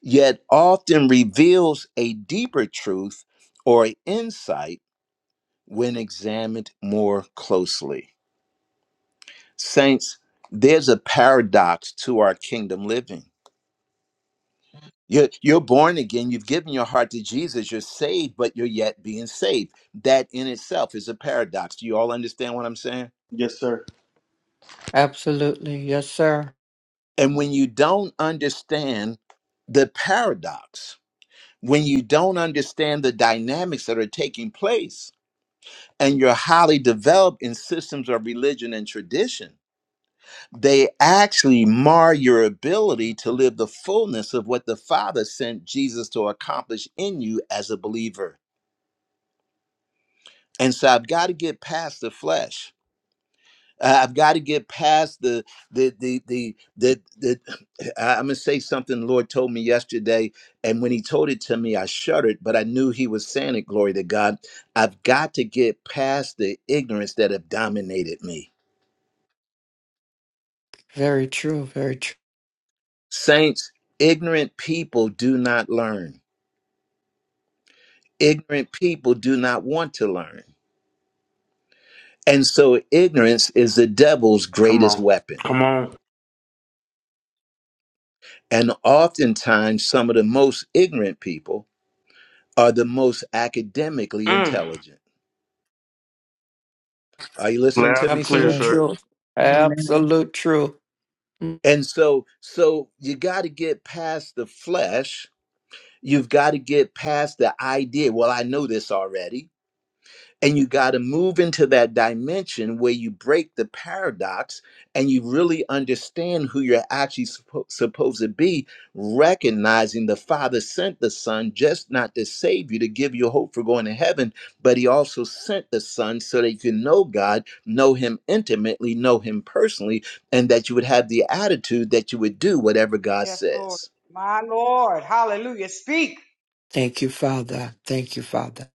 A: yet often reveals a deeper truth or insight when examined more closely. Saints, there's a paradox to our kingdom living. You're, you're born again, you've given your heart to Jesus, you're saved, but you're yet being saved. That in itself is a paradox. Do you all understand what I'm saying?
B: Yes, sir.
D: Absolutely. Yes, sir.
A: And when you don't understand the paradox, when you don't understand the dynamics that are taking place, and you're highly developed in systems of religion and tradition, they actually mar your ability to live the fullness of what the Father sent Jesus to accomplish in you as a believer. And so I've got to get past the flesh Uh, I've got to get past the the the the the. the [SIGHS] I- I'm gonna say something the Lord told me yesterday, and when He told it to me, I shuddered, but I knew He was saying it. Glory to God! I've got to get past the ignorance that have dominated me.
D: Very true. Very true.
A: Saints, ignorant people do not learn. Ignorant people do not want to learn, and so ignorance is the devil's
B: Come
A: greatest
B: on.
A: weapon.
B: Come on.
A: And oftentimes, some of the most ignorant people are the most academically
B: Mm.
A: intelligent. Are you listening to
B: Loud
A: me,
B: and
A: son?
B: clear,
D: Absolute
E: Sure.
B: sir.
D: truth.
E: Amen.
D: Absolute truth.
A: And so, so you got to get past the flesh. You've got to get past the idea. Well, I know this already And you got to move into that dimension where you break the paradox and you really understand who you're actually suppo- supposed to be, recognizing the Father sent the Son just not to save you, to give you hope for going to heaven, but He also sent the Son so that you can know God, know Him intimately, know Him personally, and that you would have the attitude that you would do whatever God
C: Yes, Lord.
A: says.
C: My Lord. Hallelujah. Speak.
D: Thank you, Father. Thank you, Father.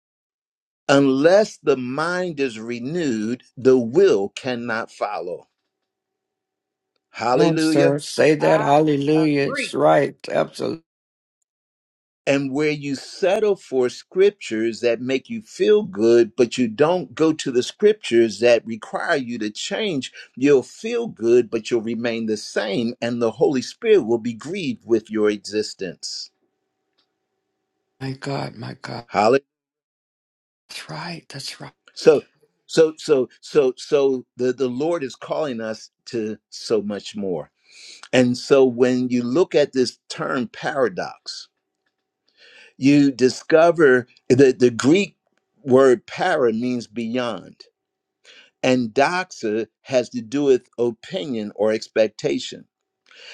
A: Unless the mind is renewed, the will cannot follow.
D: Come on,
A: Hallelujah.
D: sir. Say that.
C: I
D: Hallelujah.
C: agree.
D: It's right. Absolutely.
A: and where you settle for scriptures that make you feel good, but you don't go to the scriptures that require you to change, you'll feel good, but you'll remain the same, and the Holy Spirit will be grieved with your existence.
D: My God, my God.
A: Hallelujah.
D: That's right. That's right.
A: So, so, so, so, so the, the Lord is calling us to so much more. And so when you look at this term paradox, you discover that the Greek word para means beyond and doxa has to do with opinion or expectation.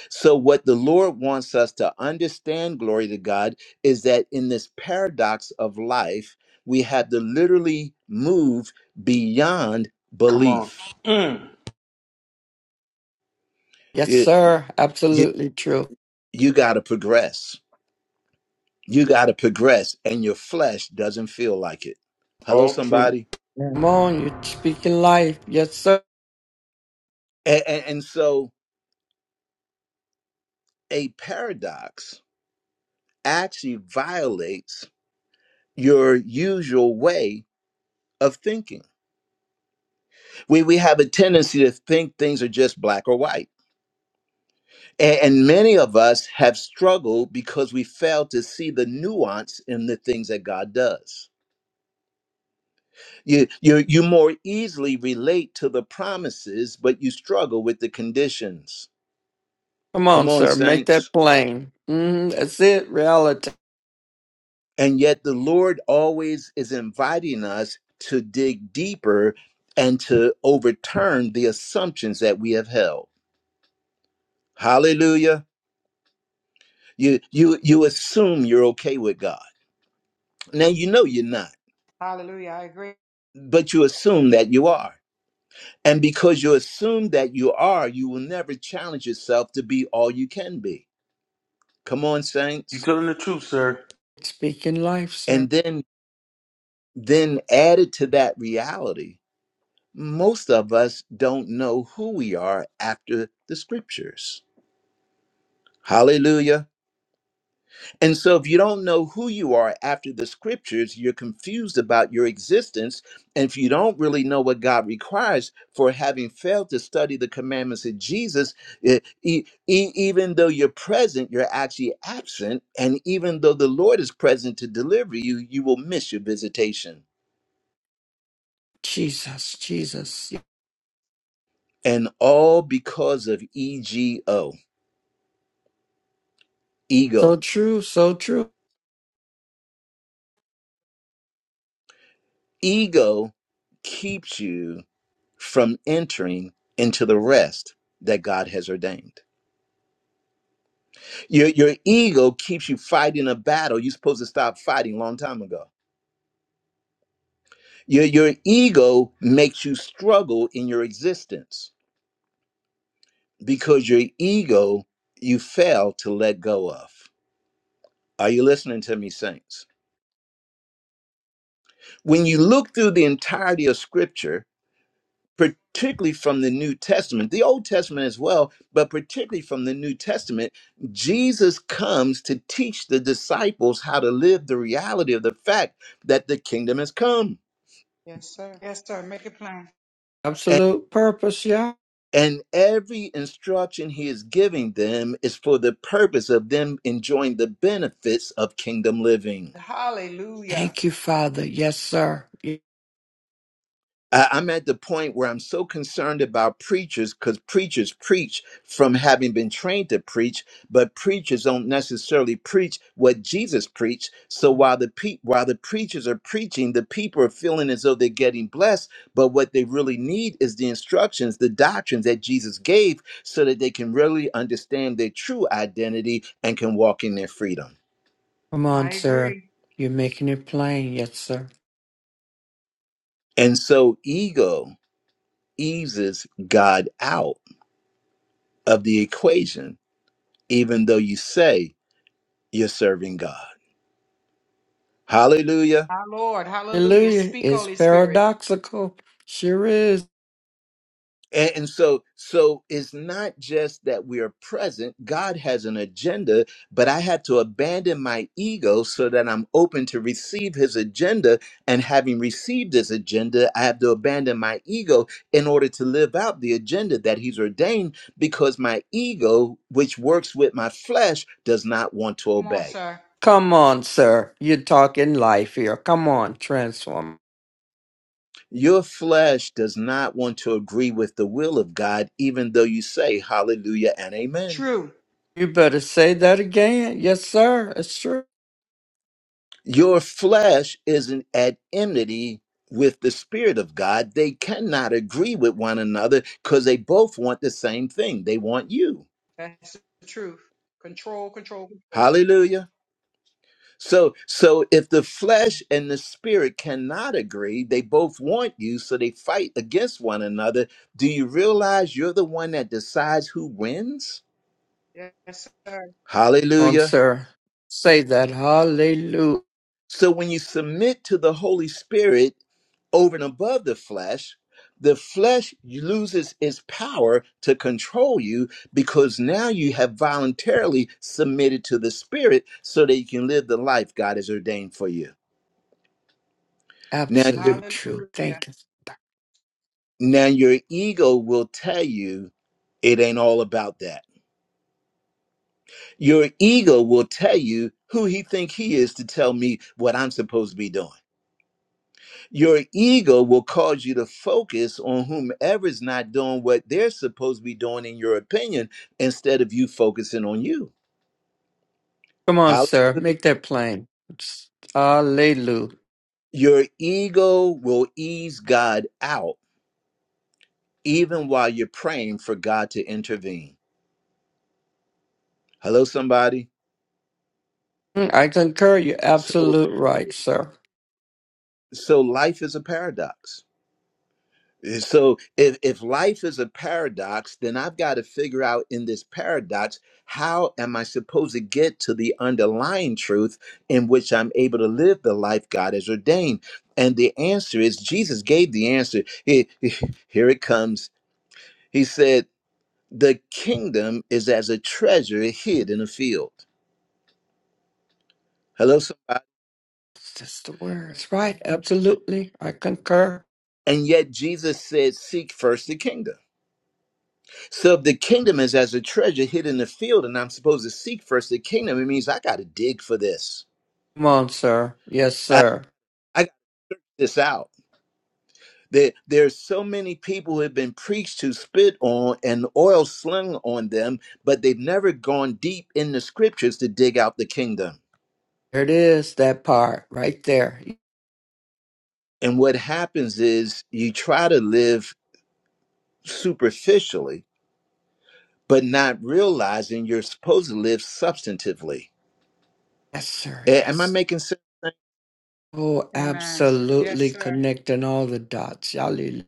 A: So, what the Lord wants us to understand, glory to God, is that in this paradox of life, we have to literally move beyond
B: Come on.
A: belief.
B: Mm.
D: Yes,
A: You,
D: sir.
A: you,
D: Absolutely true.
A: you got to progress. You got to progress, and your flesh doesn't feel like it. Hello,
B: All true.
A: somebody.
D: Come
E: Amen.
D: on. You're speaking life. Yes, sir.
A: A- a- and so, a paradox actually violates your usual way of thinking. We we have a tendency to think things are just black or white. A- and many of us have struggled because we fail to see the nuance in the things that God does. You you you more easily relate to the promises, but you struggle with the conditions.
D: Come
A: Come
D: on,
A: on,
D: sir. Make
A: saints.
D: that plain. Mm, that's it. Reality.
A: And yet the Lord always is inviting us to dig deeper and to overturn the assumptions that we have held. Hallelujah. You you you assume you're okay with God. Now you know you're not,
C: Hallelujah. I agree.
A: but you assume that you are. And because you assume that you are, you will never challenge yourself to be all you can be. Come on,
B: You
A: saints.
B: telling the truth, sir.
D: Speaking life,
A: And
D: sir.
A: then then added to that reality, most of us don't know who we are after the scriptures. Hallelujah. And so, if you don't know who you are after the scriptures, you're confused about your existence. And if you don't really know what God requires for having failed to study the commandments of Jesus, e- e- e- even though you're present, you're actually absent. And even though the Lord is present to deliver you, you will miss your visitation.
D: Jesus, Jesus. Yes.
A: And all because of EGO,
D: So
A: ego.
D: true. So true.
A: Ego keeps you from entering into the rest that God has ordained. Your your ego keeps you fighting a battle you're supposed to stop fighting long time ago. Your your ego makes you struggle in your existence because your ego you fail to let go of. Are you listening to me, saints? When you look through the entirety of Scripture, particularly from the New Testament, the Old Testament as well, but particularly from the New Testament, Jesus comes to teach the disciples how to live the reality of the fact that the kingdom has come
C: Yes, sir. Yes, sir. Make it plain.
D: Absolute purpose. Yeah.
A: And every instruction he is giving them is for the purpose of them enjoying the benefits of kingdom living.
C: Hallelujah.
D: Thank you, Father. Yes, sir.
A: I- I'm at the point where I'm so concerned about preachers because preachers preach from having been trained to preach, but preachers don't necessarily preach what Jesus preached. So while the pe- while the preachers are preaching, the people are feeling as though they're getting blessed, but what they really need is the instructions, the doctrines that Jesus gave, so that they can really understand their true identity and can walk in their freedom.
D: Come
C: I
D: on, sir.
C: agree.
D: You're making it plain. Yes, sir.
A: And so ego eases God out of the equation even though you say you're serving God. Hallelujah.
C: My Lord. Hallelujah.
D: Hallelujah
C: Speak,
D: is
C: Holy Spirit.
D: paradoxical. Sure is.
A: And, and so so it's not just that we are present, God has an agenda, but I had to abandon my ego so that I'm open to receive his agenda. And having received his agenda, I have to abandon my ego in order to live out the agenda that he's ordained because my ego, which works with my flesh, does not want to
C: Come on,
A: obey.
C: sir.
D: Come on, sir. You're talking life here. Come on, transform.
A: Your flesh does not want to agree with the will of God, even though you say hallelujah and amen.
C: True.
D: You better say that again. Yes, sir. It's true.
A: Your flesh isn't at enmity with the Spirit of God. They cannot agree with one another because they both want the same thing. They want you.
C: That's the truth. Control, control, control.
A: Hallelujah. So, so if the flesh and the spirit cannot agree, they both want you, so they fight against one another. Do you realize you're the one that decides who wins?
C: Yes, sir.
D: Come on,
A: Hallelujah.
D: sir. Say that. Hallelujah.
A: So when you submit to the Holy Spirit over and above the flesh, the flesh loses its power to control you because now you have voluntarily submitted to the Spirit so that you can live the life God has ordained for you. Now, your-
D: Absolute truth.
C: Hallelujah.
D: Thank you.
A: now your ego will tell you it ain't all about that. Your ego will tell you who he think he is to tell me what I'm supposed to be doing. Your ego will cause you to focus on whomever's not doing what they're supposed to be doing, in your opinion, instead of you focusing on you.
D: Come on,
A: Hall-
D: sir. Make that plain. It's- Hallelujah.
A: Your ego will ease God out even while you're praying for God to intervene. Hello, somebody.
D: Mm, I concur. You're
A: So,
D: absolute right, sir.
A: so life is a paradox. So if, if life is a paradox, then I've got to figure out in this paradox, how am I supposed to get to the underlying truth in which I'm able to live the life God has ordained? And the answer is Jesus gave the answer. He- he- here it comes. He said, The kingdom is as a treasure hid in a field. Hello, somebody.
D: That's the words, right? Absolutely. I concur.
A: And yet Jesus said, Seek first the kingdom. So if the kingdom is as a treasure hid in the field, and I'm supposed to seek first the kingdom, it means I got to dig for this.
D: Come on, sir. Yes,
A: I,
D: sir.
A: I got this out. There, there's so many people who have been preached to spit on and oil slung on them, but they've never gone deep in the scriptures to dig out the kingdom.
D: There it is, that part right there.
A: And what happens is you try to live superficially, but not realizing you're supposed to live substantively.
D: Yes, sir.
A: A- Am I
D: Yes.
A: making sense?
D: Oh,
C: Amen. Yes,
D: absolutely
C: sir.
D: connecting all the dots. Hallelujah.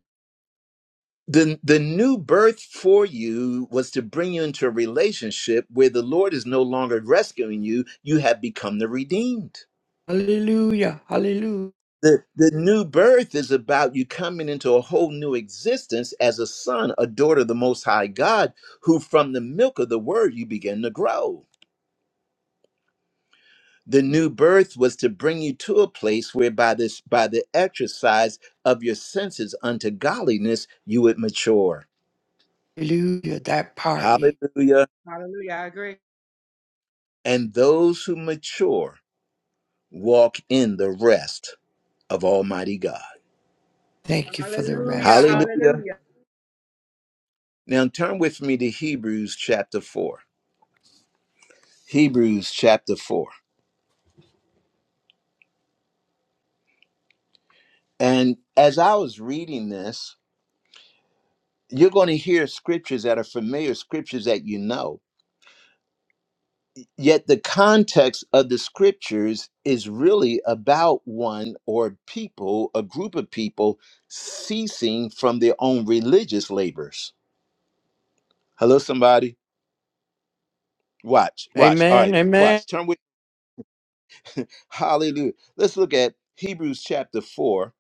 A: the the new birth for you was to bring you into a relationship where the Lord is no longer rescuing you, you have become the redeemed.
D: Hallelujah. Hallelujah.
A: The the new birth is about you coming into a whole new existence as a son, a daughter of the most high God, who from the milk of the word you begin to grow. The new birth was to bring you to a place where by this by the exercise of your senses unto godliness you would mature.
D: Hallelujah. That part.
A: Hallelujah.
C: Hallelujah. I agree.
A: And those who mature walk in the rest of Almighty God.
D: Thank you for the
C: Hallelujah.
D: rest, Lord.
A: Hallelujah.
C: Hallelujah.
A: Now turn with me to Hebrews chapter 4. Hebrews chapter 4. And as I was reading this, you're going to hear scriptures that are familiar, scriptures that you know. Yet the context of the scriptures is really about one or people, a group of people ceasing from their own religious labors. Hello, somebody. Watch, watch. All
D: Amen.
A: right,
D: Amen.
A: watch. Turn with. Hallelujah. Let's look at Hebrews chapter 4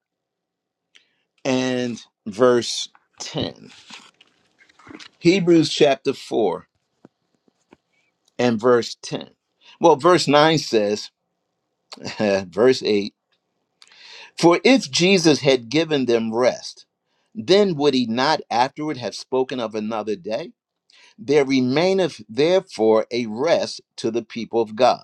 A: and verse 10. Hebrews chapter 4 and verse 10. Well, verse 9 says, [LAUGHS] verse 8, for if Jesus had given them rest, then would he not afterward have spoken of another day? There remaineth therefore a rest to the people of God.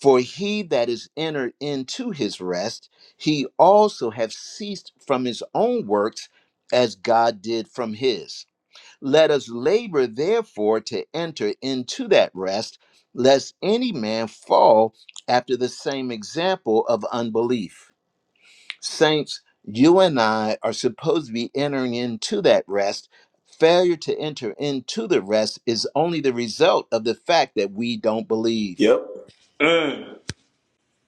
A: For he that is entered into his rest, he also have ceased from his own works, as God did from his. Let us labor therefore to enter into that rest, lest any man fall after the same example of unbelief. Saints, you and I are supposed to be entering into that rest. Failure to enter into the rest is only the result of the fact that we don't believe.
B: Yep. Mm.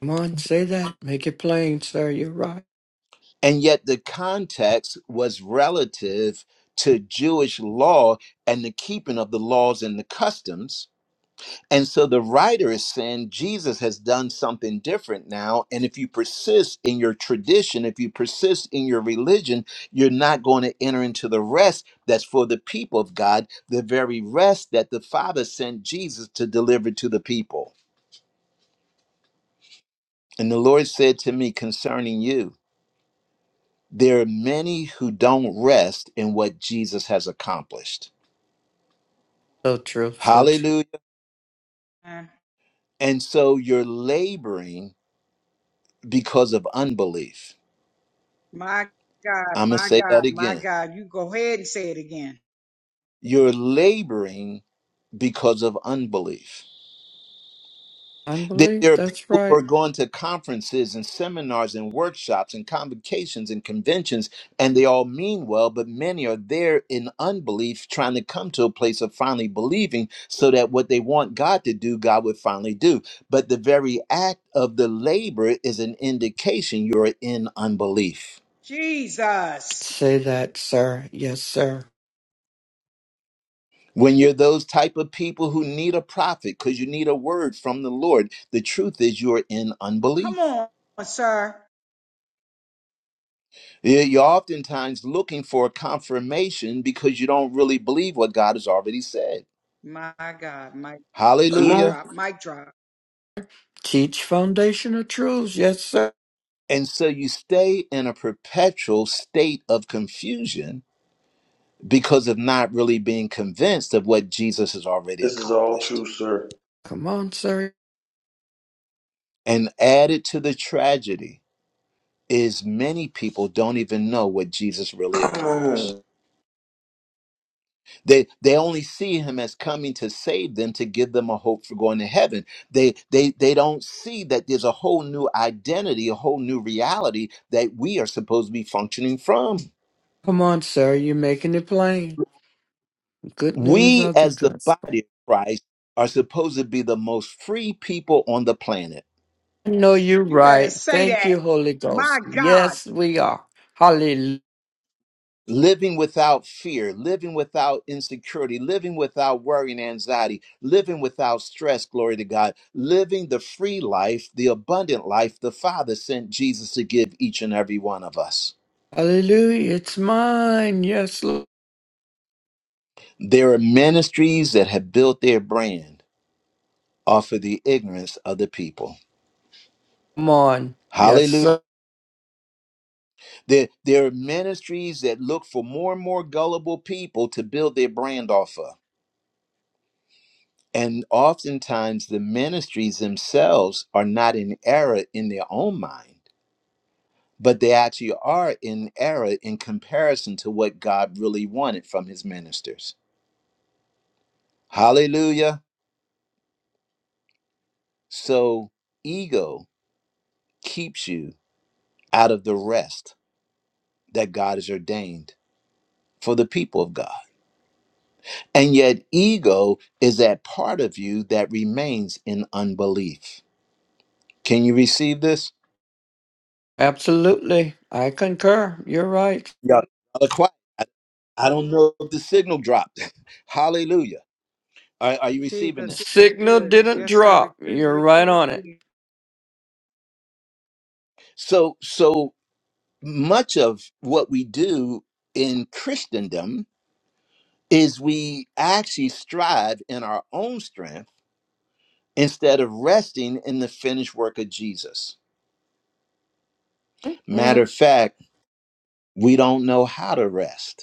D: Come on, say that. Make it plain, sir. You're right.
A: And yet the context was relative to Jewish law and the keeping of the laws and the customs. And so the writer is saying Jesus has done something different now. And if you persist in your tradition, if you persist in your religion, you're not going to enter into the rest that's for the people of God, the very rest that the Father sent Jesus to deliver to the people. And the Lord said to me concerning you, There are many who don't rest in what Jesus has accomplished.
D: So true. So true.
A: Hallelujah.
C: Amen.
A: And so you're laboring because of unbelief.
C: My God,
A: I'm going to
C: my
A: say
C: God,
A: that
C: my
A: again.
C: God. You go ahead and say it again.
A: You're laboring because of unbelief. That
D: Unbelief.
A: there are
D: That's
A: people who
D: right.
A: are going to conferences and seminars and workshops and convocations and conventions, and they all mean well, but many are there in unbelief, trying to come to a place of finally believing so that what they want God to do, God would finally do. But the very act of the labor is an indication you're in unbelief.
C: Jesus.
D: Say that, sir. Yes, sir.
A: When you're those type of people who need a prophet because you need a word from the Lord, the truth is you're in
C: Come
A: unbelief.
C: on, sir.
A: Yeah, You're oftentimes looking for a confirmation because you don't really believe what God has already said.
C: My God, mic drop,
B: Come
C: mic
B: on.
A: Hallelujah.
C: drop, mic drop.
D: Teach foundational truths. Yes, sir.
A: And so you stay in a perpetual state of confusion because of not really being convinced of what Jesus has already
B: This is all
A: accomplished.
B: true, sir.
D: Come on, sir.
A: And added to the tragedy is many people don't even know what Jesus really
B: Come on.
A: accomplished. They they only see him as coming to save them to give them a hope for going to heaven. They they they don't see that there's a whole new identity, a whole new reality that we are supposed to be functioning from.
D: Come on, sir. You're making it plain. Good news
A: We
D: of the
A: as the
D: just.
A: body of Christ are supposed to be the most free people on the planet.
D: No, you're
C: You better
D: right.
C: say
D: Thank
C: that.
D: you, Holy
C: My
D: Ghost.
C: God.
D: Yes, we are. Hallelujah.
A: living without fear, living without insecurity, living without worry and anxiety, living without stress, glory to God, living the free life, the abundant life the Father sent Jesus to give each and every one of us.
D: Hallelujah. It's mine. Yes, Lord.
A: There are ministries that have built their brand off of the ignorance of the people.
D: Come on. Yes,
A: Hallelujah.
D: sir.
A: There, there are ministries that look for more and more gullible people to build their brand off of. And oftentimes the ministries themselves are not in error in their own mind, but they actually are in error in comparison to what God really wanted from his ministers. Hallelujah. So ego keeps you out of the rest that God has ordained for the people of God. And yet ego is that part of you that remains in unbelief. Can you receive this?
D: Absolutely. I concur. You're right.
A: Y'all, y'all are quiet. I, I don't know if the signal dropped. [LAUGHS] Hallelujah. Are, are you
C: Jesus,
A: receiving
C: this
A: this?
C: is
D: Signal
C: good.
D: didn't
C: Yes, sir.
D: drop.
C: Receive,
D: You're
C: receive,
D: right on it.
C: receive.
A: So, so much of what we do in Christendom is we actually strive in our own strength instead of resting in the finished work of Jesus.
D: Mhm.
A: Matter of fact, we don't know how to rest.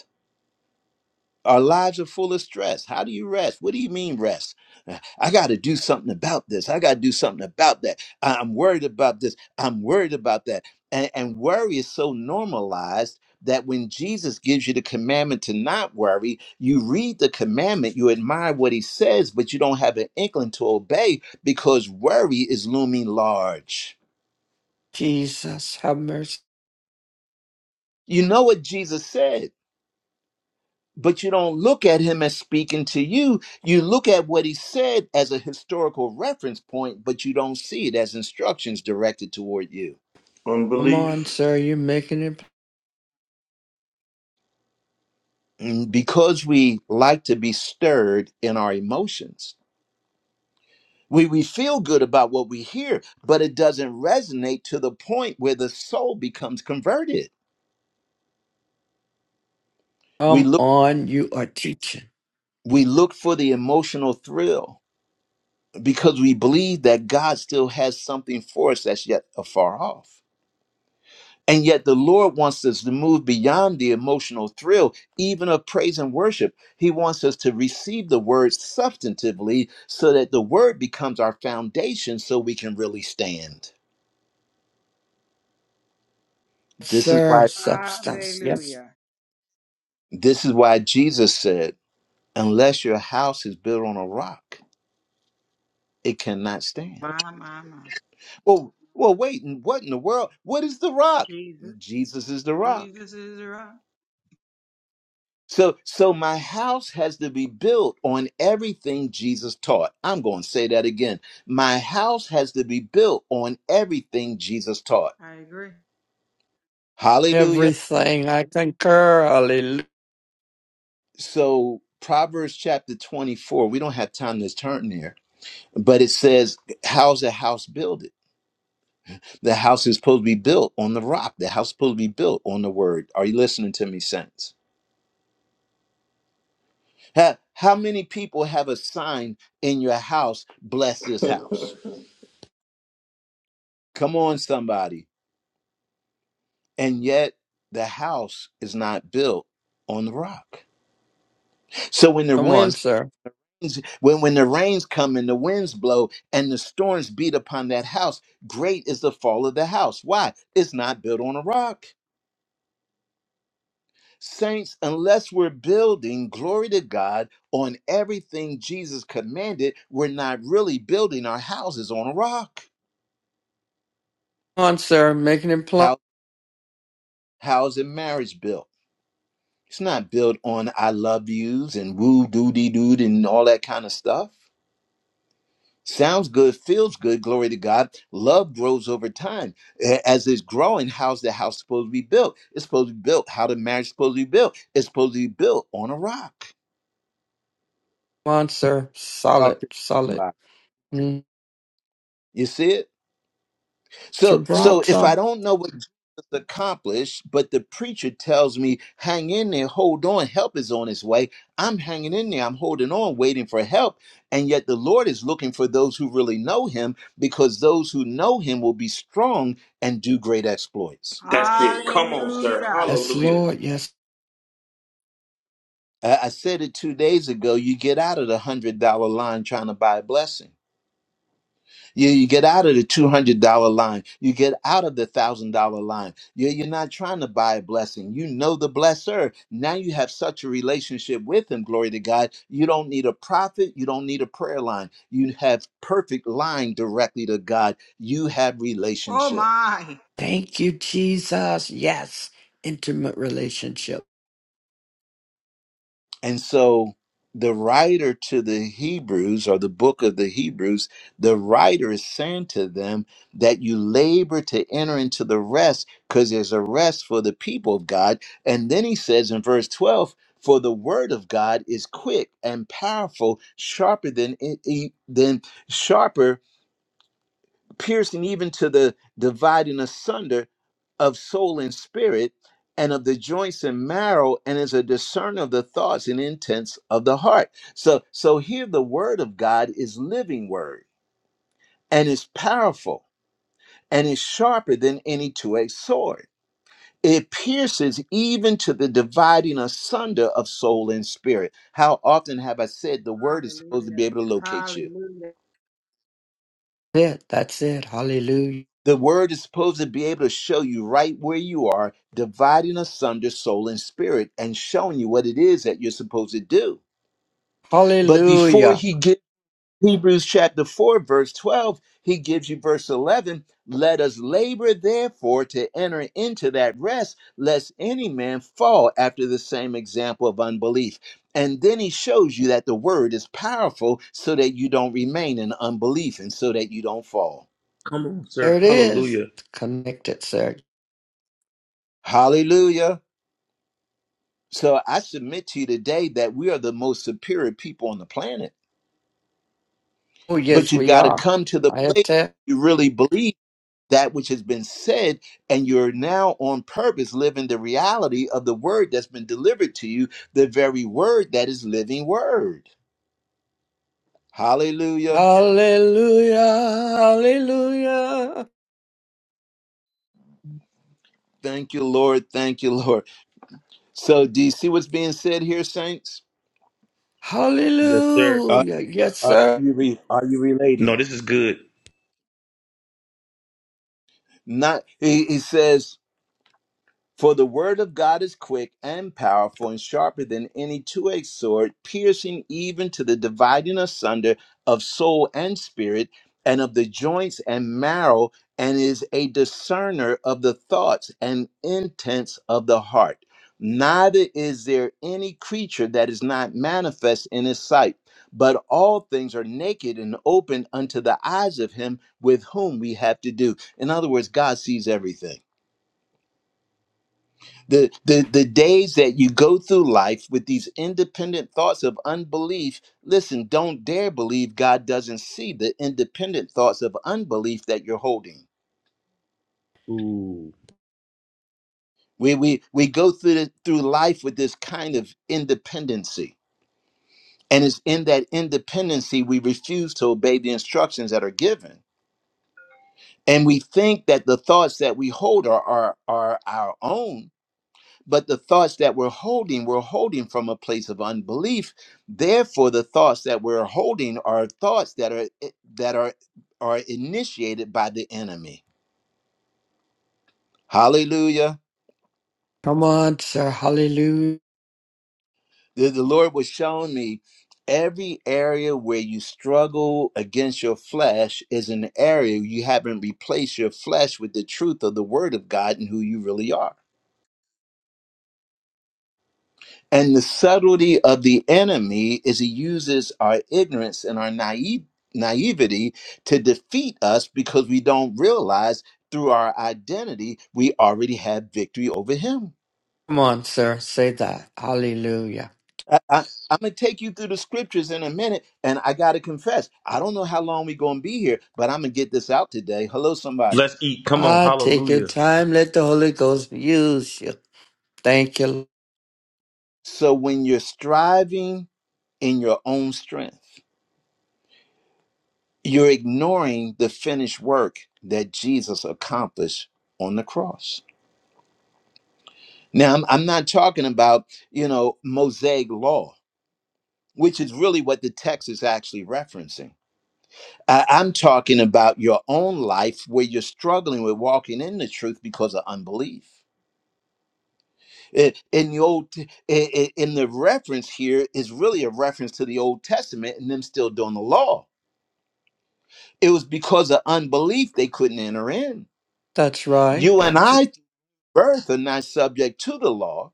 A: Our lives are full of stress. How do you rest? What do you mean rest? Uh, I got to do something about this. I got to do something about that. I- I'm worried about this. I'm worried about that. And, and worry is so normalized that when Jesus gives you the commandment to not worry, you read the commandment, you admire what he says, but you don't have an inkling to obey because worry is looming large.
D: Jesus, have mercy.
A: You know what Jesus said. but you don't look at him as speaking to you. You look at what he said as a historical reference point, but you don't see it as instructions directed toward you.
D: Come on,
B: Unbelief.
D: sir. You're making it.
A: Mm, Because we like to be stirred in our emotions. We, we feel good about what we hear, but it doesn't resonate to the point where the soul becomes converted. We
D: Come
A: look
D: on. You are teaching.
A: we look for the emotional thrill because we believe that God still has something for us that's yet afar off. And yet, the Lord wants us to move beyond the emotional thrill, even of praise and worship. He wants us to receive the word substantively so that the word becomes our foundation so we can really stand.
D: Yes,
A: This is
D: Sir,
A: why,
D: substance. Yes.
C: Hallelujah.
A: this is why Jesus said, unless your house is built on a rock, it cannot stand.
C: My, my, my.
A: Well, well, wait, and what in the world? What is the rock?
C: Jesus.
A: Jesus is the rock.
C: Jesus is right.
A: So so my house has to be built on everything Jesus taught. I'm going to say that again. My house has to be built on everything Jesus taught.
C: I agree.
A: Hallelujah.
D: Everything. I concur. Hallelujah.
A: So Proverbs chapter 24, we don't have time to turn there, but it says how's a house builded? The house is supposed to be built on the rock. The house is supposed to be built on the word. Are you listening to me saints? Ha- How many people have a sign in your house, bless this house? Come on somebody and yet the house is not built on the rock. So when the
D: Come on,
A: winds
D: sir.
A: when when the rains come and the winds blow and the storms beat upon that house, great is the fall of the house. Why? It's not built on a rock. Saints, unless we're building glory to God on everything Jesus commanded, we're not really building our houses on a rock.
D: on, sir. Making it plumb
A: How how's a marriage built? It's not built on I love yous and woo doo dee doo and all that kind of stuff. Sounds good, feels good, glory to God. Love grows over time. A- As it's growing, how's the house supposed to be built? It's supposed to be built. How the marriage supposed to be built? It's supposed to be built on a rock.
D: on, sir.
A: Talk
D: Solid,
A: to
D: solid.
A: somebody.
D: Mm.
A: You see it? So so if
D: Gibraltar.
A: I don't know what Jesus accomplished, but the preacher tells me, hang in there, hold on, help is on its way. I'm hanging in there, I'm holding on, waiting for help. And yet the Lord is looking for those who really know him, because those who know him will be strong and do great exploits.
B: That's it. Come on,
C: Hallelujah.
B: sir.
D: Yes,
B: Hallelujah.
D: Lord. Yes.
A: I I said it two days ago. You get out of the one hundred dollar line trying to buy a blessing. You, you get out of the $200 line. You get out of the $1,000 line. You, you're not trying to buy a blessing. You know the blesser. Now you have such a relationship with him, glory to God. You don't need a prophet. You don't need a prayer line. You have perfect line directly to God. You have
C: Oh,
A: relationship.
C: my.
D: Thank you, Jesus. Yes. Intimate relationship.
A: And so the writer to the Hebrews or the book of the Hebrews, the writer is saying to them that you labor to enter into the rest because there's a rest for the people of God. And then he says in verse 12, for the word of God is quick and powerful, sharper than e- e- than sharper piercing even to the dividing asunder of soul and spirit and of the joints and marrow and is a discerner of the thoughts and intents of the heart so so here the word of god is living word and is powerful and is sharper than any two-edged sword it pierces even to the dividing asunder of soul and spirit how often have i said the word is supposed to be
C: Hallelujah.
A: able to locate you
C: Hallelujah.
D: That's it. That's it. Hallelujah.
A: The word is supposed to be able to show you right where you are, dividing asunder soul and spirit and showing you what it is that you're supposed to do. But before
D: Hallelujah.
A: he gives Hebrews chapter 4, verse 12, he gives you verse 11 let us labor therefore to enter into that rest, lest any man fall after the same example of unbelief. And then he shows you that the word is powerful so that you don't remain in unbelief and so that you don't fall.
B: Come on,
D: There
B: sir.
D: it is.
B: Hallelujah.
D: Connected, sir.
A: Hallelujah. So I submit to you today that we are the most superior people on the planet.
D: Oh,
A: But
D: yes,
A: you've
D: we
A: got to
D: are.
A: come to the
D: I
A: place
D: attest.
A: you really believe that which has been said, and you're now on purpose living the reality of the word that's been delivered to you, the very word that is living word. Hallelujah.
D: Hallelujah. Hallelujah.
A: Thank you, Lord. Thank you, Lord. So, do you see what's being said here, saints?
B: Yes, sir.
A: Uh,
D: Hallelujah. Yes,
A: uh,
D: sir.
A: are you re- are you
B: No,
A: relating?
B: this is good.
A: Not he, he says For the word of God is quick and powerful and sharper than any two edged sword, piercing even to the dividing asunder of soul and spirit, and of the joints and marrow, and is a discerner of the thoughts and intents of the heart. Neither is there any creature that is not manifest in his sight, but all things are naked and open unto the eyes of him with whom we have to do. In other words, God sees everything the the the days that you go through life with these independent thoughts of unbelief listen don't dare believe god doesn't see the independent thoughts of unbelief that you're holding we we we go through the, through life with this kind of independency and it's in that independency we refuse to obey the instructions that are given and we think that the thoughts that we hold are are, are our own But the thoughts that we're holding, we're holding from a place of unbelief. Therefore, the thoughts that we're holding are thoughts that are eh, that are are initiated by the enemy. Hallelujah.
D: Come on, sir. Hallelujah.
A: The, the Lord was showing me every area where you struggle against your flesh is an area you haven't replaced your flesh with the truth of the word of God and who you really are. And the subtlety of the enemy is he uses our ignorance and our naive, naivety to defeat us because we don't realize through our identity we already have victory over him.
D: Come on, sir. Say that. Hallelujah.
A: I, am going to take you through the scriptures in a minute, and I got to confess, I don't know how long we're going to be here, but I'm going to get this out today. Hello, somebody.
B: Let's eat. Come on.
D: Ah, take your
B: Hallelujah.
D: time. Let the Holy Ghost use you. Thank you.
A: So when you're striving in your own strength, You're ignoring the finished work that Jesus accomplished on the cross. Now, I'm, I'm not talking about, you know, Mosaic law, which is really what the text is actually referencing. I- I'm talking about your own life where you're struggling with walking in the truth because of unbelief. I- In the old, t- i- i- in the reference here is really a reference to the Old Testament and them still doing the law. It was because of unbelief they couldn't enter in.
D: That's right.
A: You and
D: Absolute,
A: I birth are not subject to the law,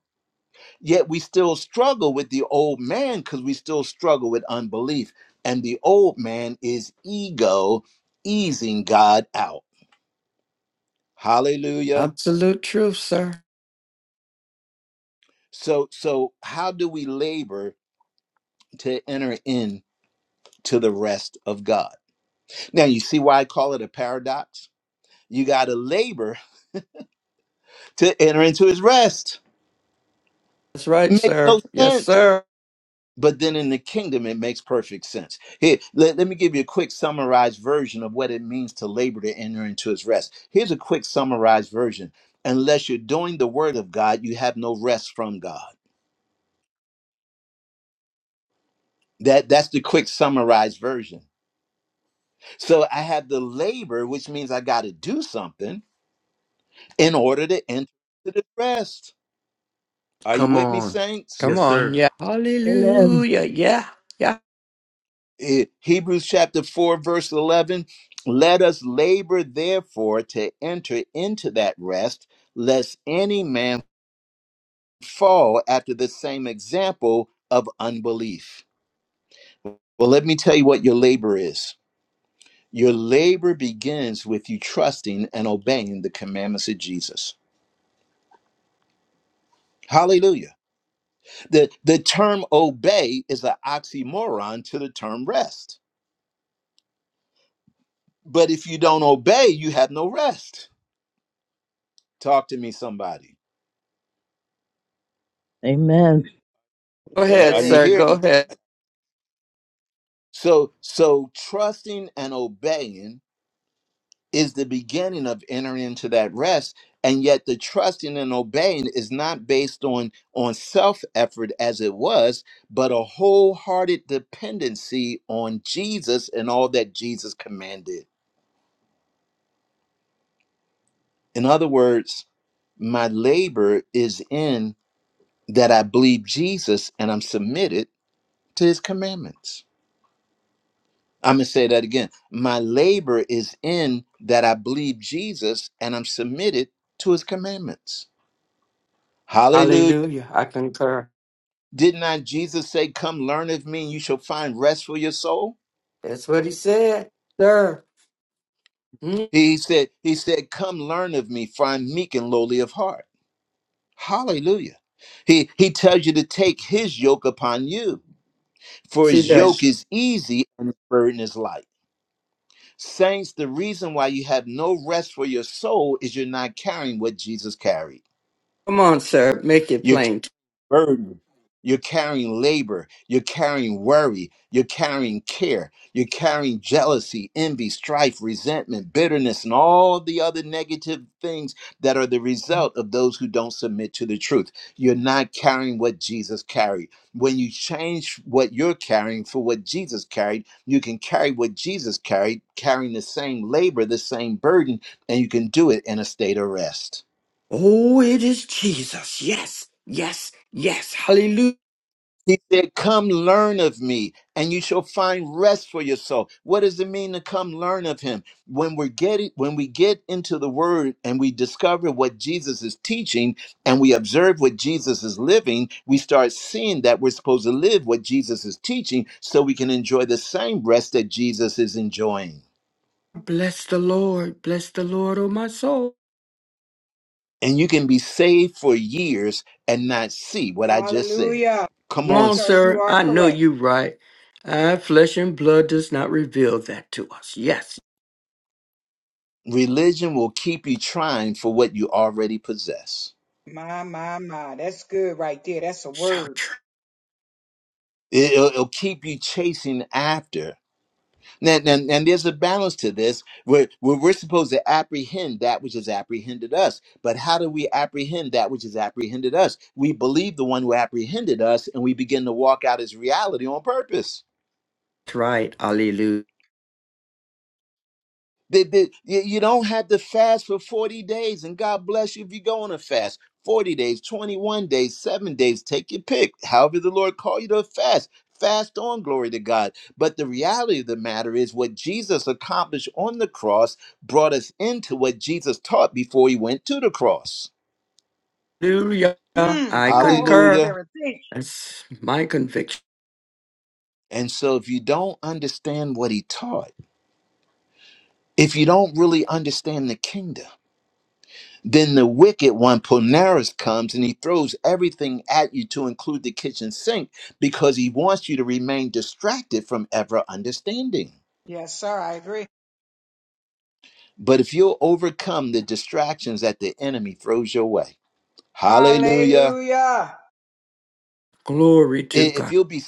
A: yet we still struggle with the old man because we still struggle with unbelief. And the old man is ego easing God out. Hallelujah.
D: absolute truth, sir.
A: So so how do we labor to enter in to the rest of God? Now you see why I call it a paradox? You gotta labor to enter into his rest.
D: That's right,
A: Makes
D: sir.
A: no
D: Yes,
A: sense
D: sir.
A: But then in the kingdom, it makes perfect sense. Here, let, let me give you a quick summarized version of what it means to labor to enter into his rest. Here's a quick summarized version. Unless you're doing the word of God, you have no rest from God. That that's the quick summarized version. So I have the labor, which means I got to do something in order to enter the rest. Are you
B: Come
A: with me,
B: on.
A: saints?
D: Come
B: Yes,
D: on.
B: sir.
D: Yeah. Hallelujah. Yeah. Yeah.
A: Eh, Hebrews chapter 4, verse 11. Let us labor, therefore, to enter into that rest, lest any man fall after the same example of unbelief. Well, let me tell you what your labor is. Your labor begins with you trusting and obeying the commandments of Jesus. Hallelujah. The, the term obey is an oxymoron to the term rest. But if you don't obey, you have no rest. Talk to me, somebody.
E: Amen.
D: Go
A: Uh,
D: ahead,
A: Are you
G: Amen.
D: sir.
A: here?
D: Go ahead.
A: So so trusting and obeying is the beginning of entering into that rest and yet the trusting and obeying is not based on on self effort as it was but a wholehearted dependency on Jesus and all that Jesus commanded. In other words, my labor is in that I believe Jesus and I'm submitted to his commandments. I'm going to say that again. My labor is in that I believe Jesus and I'm submitted to his commandments. Hallelujah.
D: Hallelujah. I concur.
A: Did not Jesus say, Come learn of me and you shall find rest for your soul?
D: That's what he said, sir. Mm,
A: He said, He said, Come learn of me, for I'm meek and lowly of heart. Hallelujah. He he tells you to take his yoke upon you, for
D: Yes, he
A: his yoke
D: does.
A: is easy and his burden is light. Saints, the reason why you have no rest for your soul is you're not carrying what Jesus carried.
D: Come on, sir. Make it plain.
A: burden. You're carrying labor. You're carrying worry. You're carrying care. You're carrying jealousy, envy, strife, resentment, bitterness, and all the other negative things that are the result of those who don't submit to the truth. You're not carrying what Jesus carried. When you change what you're carrying for what Jesus carried, you can carry what Jesus carried, carrying the same labor, the same burden, and you can do it in a state of rest.
D: Oh, it is Jesus. Yes. Yes. Yes. Hallelujah.
A: He said, Come learn of me, and you shall find rest for your soul. What does it mean to come learn of him? When we're getting when we get into the word and we discover what Jesus is teaching and we observe what Jesus is living, we start seeing that we're supposed to live what Jesus is teaching so we can enjoy the same rest that Jesus is enjoying.
D: Bless the Lord. Bless the Lord, oh my soul.
A: And you can be saved for years and not see what I just said.
C: Hallelujah.
A: Come
D: Come
C: Yes,
A: on,
D: on,
C: sir. You
D: sir.
C: are
D: I know
C: correct.
D: you right. Ah, flesh and blood does not reveal that to us. Yes.
A: religion will keep you trying for what you already possess.
C: My, my, my. That's good right there. That's a
D: So
C: word.
D: true.
A: It- will it'll keep you chasing after. Now, now, now there's a balance to this where, where we're supposed to apprehend that which has apprehended us. But how do we apprehend that which has apprehended us? We believe the one who apprehended us and we begin to walk out his reality on purpose.
D: That's right. Hallelujah.
A: That that- you you don't have to fast for 40 days, and God bless you if you go on a fast. 40 days, 21 days, seven days, take your pick. However, the Lord call you to fast. Fast on, glory to God. But the reality of the matter is what Jesus accomplished on the cross brought us into what Jesus taught before he went to the cross.
C: Mm,
D: I
C: come on, Holy
D: concur.
A: Hallelujah.
C: Spirit. Teach.
D: That's my conviction.
A: And so if you don't understand what he taught, if you don't really understand the kingdom, Then the wicked one, Ponaris, comes and he throws everything at you to include the kitchen sink because he wants you to remain distracted from ever understanding.
C: Yes, sir. I agree.
A: But if you'll overcome the distractions that the enemy throws your way, hallelujah.
C: Hallelujah.
D: Glory
A: I-
D: to
A: If
D: God.
A: you'll be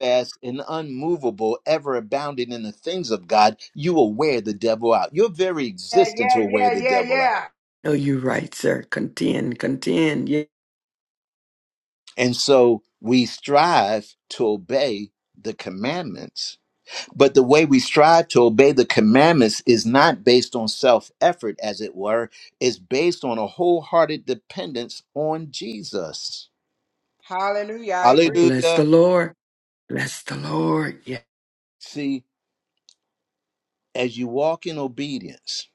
A: steadfast and unmovable, ever abounding in the things of God, you will wear the devil out. Your very
C: Yeah,
A: existence
C: yeah,
A: will wear
C: yeah,
A: the
C: yeah,
A: devil out.
C: yeah.
D: I know you right, sir. Contend, contend. Yeah.
A: And so we strive to obey the commandments But the way we strive to obey the commandments is not based on self effort, as it were, it's based on a wholehearted dependence on Jesus.
C: Hallelujah. I agree.
D: Bless the
A: Hallelujah.
D: Lord. Bless the Lord. Yeah.
A: See, as you walk in obedience,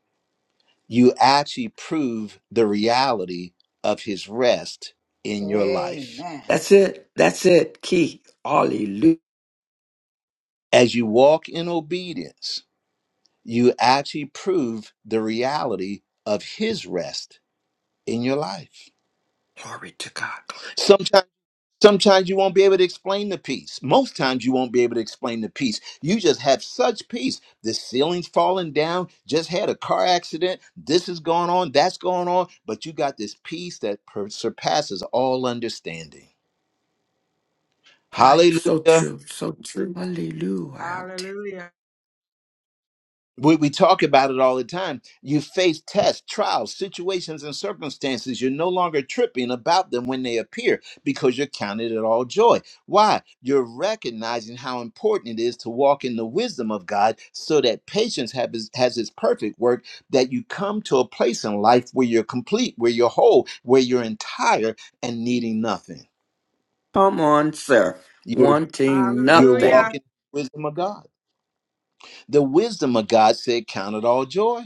A: you actually prove the reality of his rest in your life.
C: Amen.
D: That's it. That's it. Key. Hallelujah.
A: As you walk in obedience, you actually prove the reality of his rest in your life.
D: Glory to God. Glory.
A: Sometimes. Sometimes you won't be able to explain the peace. Most times you won't be able to explain the peace. You just have such peace. The ceiling's falling down, just had a car accident, this is going on, that's going on, but you got this peace that per- surpasses all understanding.
D: Right. So
A: Hallelujah.
D: true. So true. Hallelujah.
C: Hallelujah.
A: we, we talk about it all the time. You face tests, trials, situations, and circumstances. You're no longer tripping about them when they appear because you're counted it all joy. Why? You're recognizing how important it is to walk in the wisdom of God so that patience have his, has its perfect work, that you come to a place in life where you're complete, where you're whole, where you're entire and needing nothing.
D: Come on, sir.
A: You're,
D: Wanting
A: you're
C: Hallelujah.
D: nothing.
A: walking in the wisdom of God. The wisdom of God said, Count it all joy.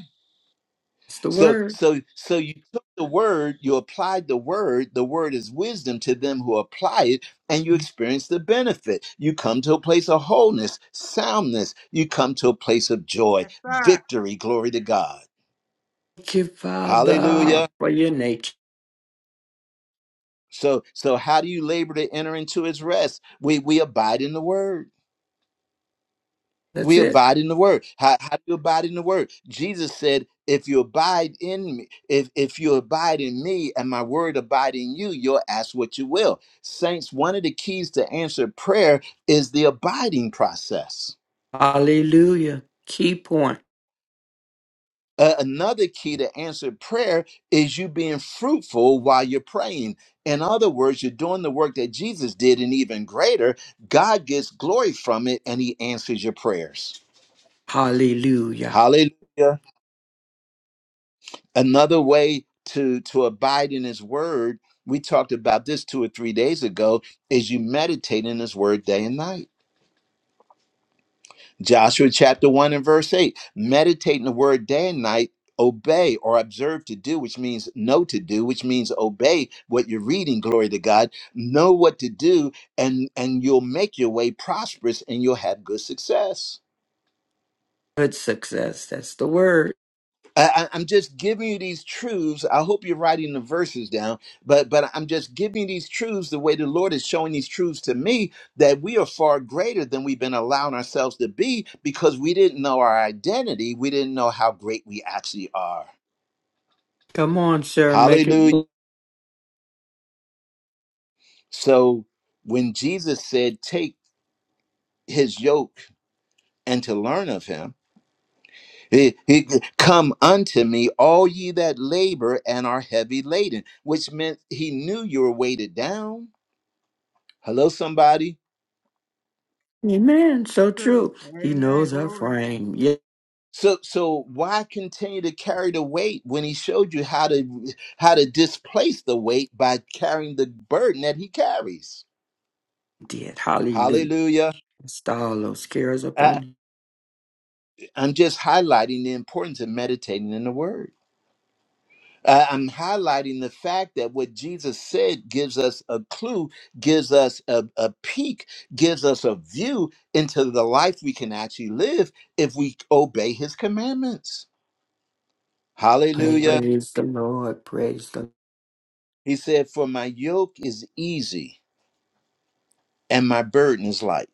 D: It's the
A: So
D: word.
A: so so you took the word, you applied the word, the word is wisdom to them who apply it, and you experience the benefit. You come to a place of wholeness, soundness, you come to a place of joy,
C: Yes, sir.
A: victory, glory to God.
D: Thank you, Father,
A: Hallelujah.
D: for your nature.
A: So so how do you labor to enter into his rest? We we abide in the word.
D: That's
A: We
D: it.
A: abide in the word. How, how do you abide in the word? Jesus said, if you abide in me, if, if you abide in me and my word abide in you, you'll ask what you will. Saints, one of the keys to answer prayer is the abiding process.
D: Hallelujah. Key point.
A: A- another key to answer prayer is you being fruitful while you're praying. In other words, you're doing the work that Jesus did and even greater. God gets glory from it and he answers your prayers.
D: Hallelujah.
A: Hallelujah. another way to to abide in his word we talked about this two or three days ago is you meditate in his word day and night joshua chapter 1 and verse 8 meditate in the word day and night obey or observe to do which means know to do which means obey what you're reading glory to god know what to do and and you'll make your way prosperous and you'll have good success
D: Good success. That's the word.
A: I, I- I'm just giving you these truths. I hope you're writing the verses down, but but I'm just giving you these truths the way the Lord is showing these truths to me that we are far greater than we've been allowing ourselves to be because we didn't know our identity. We didn't know how great we actually are.
D: Come on, sir. Make it.
A: Hallelujah. So when Jesus said, "Take His yoke." And to learn of him, he, he come unto me, all ye that labor and are heavy laden, which meant he knew you were weighted down. Hello, somebody.
D: Amen. So
C: True.
D: true. He
C: Amen.
D: knows our
C: Glory.
D: frame. Yeah,
A: So so why continue to carry the weight when he showed you how to how to displace the weight by carrying the burden that he carries?
D: he did. Hallelujah.
A: Hallelujah.
D: Cast all those cares upon
A: I,
D: him.
A: I'm just highlighting the importance of meditating in the word. I- I'm highlighting the fact that what Jesus said gives us a clue, gives us a, a peek, gives us a view into the life we can actually live if we obey his commandments. Hallelujah.
D: Praise the Lord. Praise the
A: He said, For my yoke is easy and my burden is light.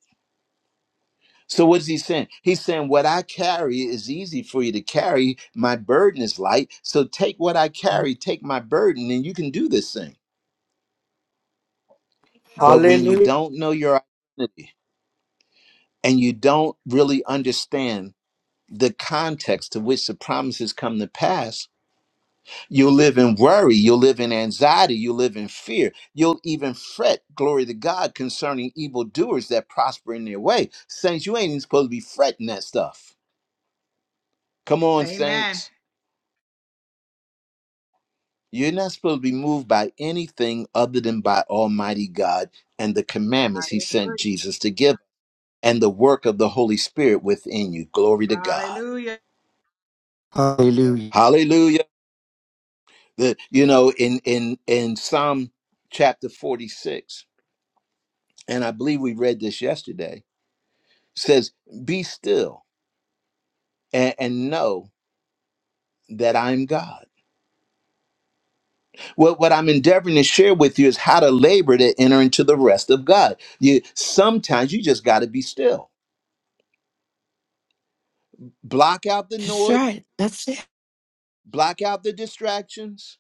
A: So, what is he saying? He's saying, What I carry is easy for you to carry. My burden is light. So, take what I carry, take my burden, and you can do this thing. But when you
D: Hallelujah.
A: don't know your identity and you don't really understand the context to which the promises come to pass, You'll live in worry. You'll live in anxiety. You'll live in fear. You'll even fret, glory to God, concerning evildoers that prosper in their way. Saints, you ain't even supposed to be fretting that stuff. Come on,
C: Amen.
A: saints. You're not supposed to be moved by anything other than by Almighty God and the
C: I
A: commandments He sent
C: agree.
A: Jesus to give and the work of the Holy Spirit within you. Glory to God.
C: Hallelujah.
D: Hallelujah.
A: Hallelujah. The, you know, in, in, in Psalm chapter 46, and I believe we read this yesterday says, Be still and, and know that I'm God. What, what I'm endeavoring to share with you is how to labor to enter into the rest of God. You sometimes you just gotta be still. Block out the
D: That's
A: noise,
D: right. That's it.
A: block out the distractions.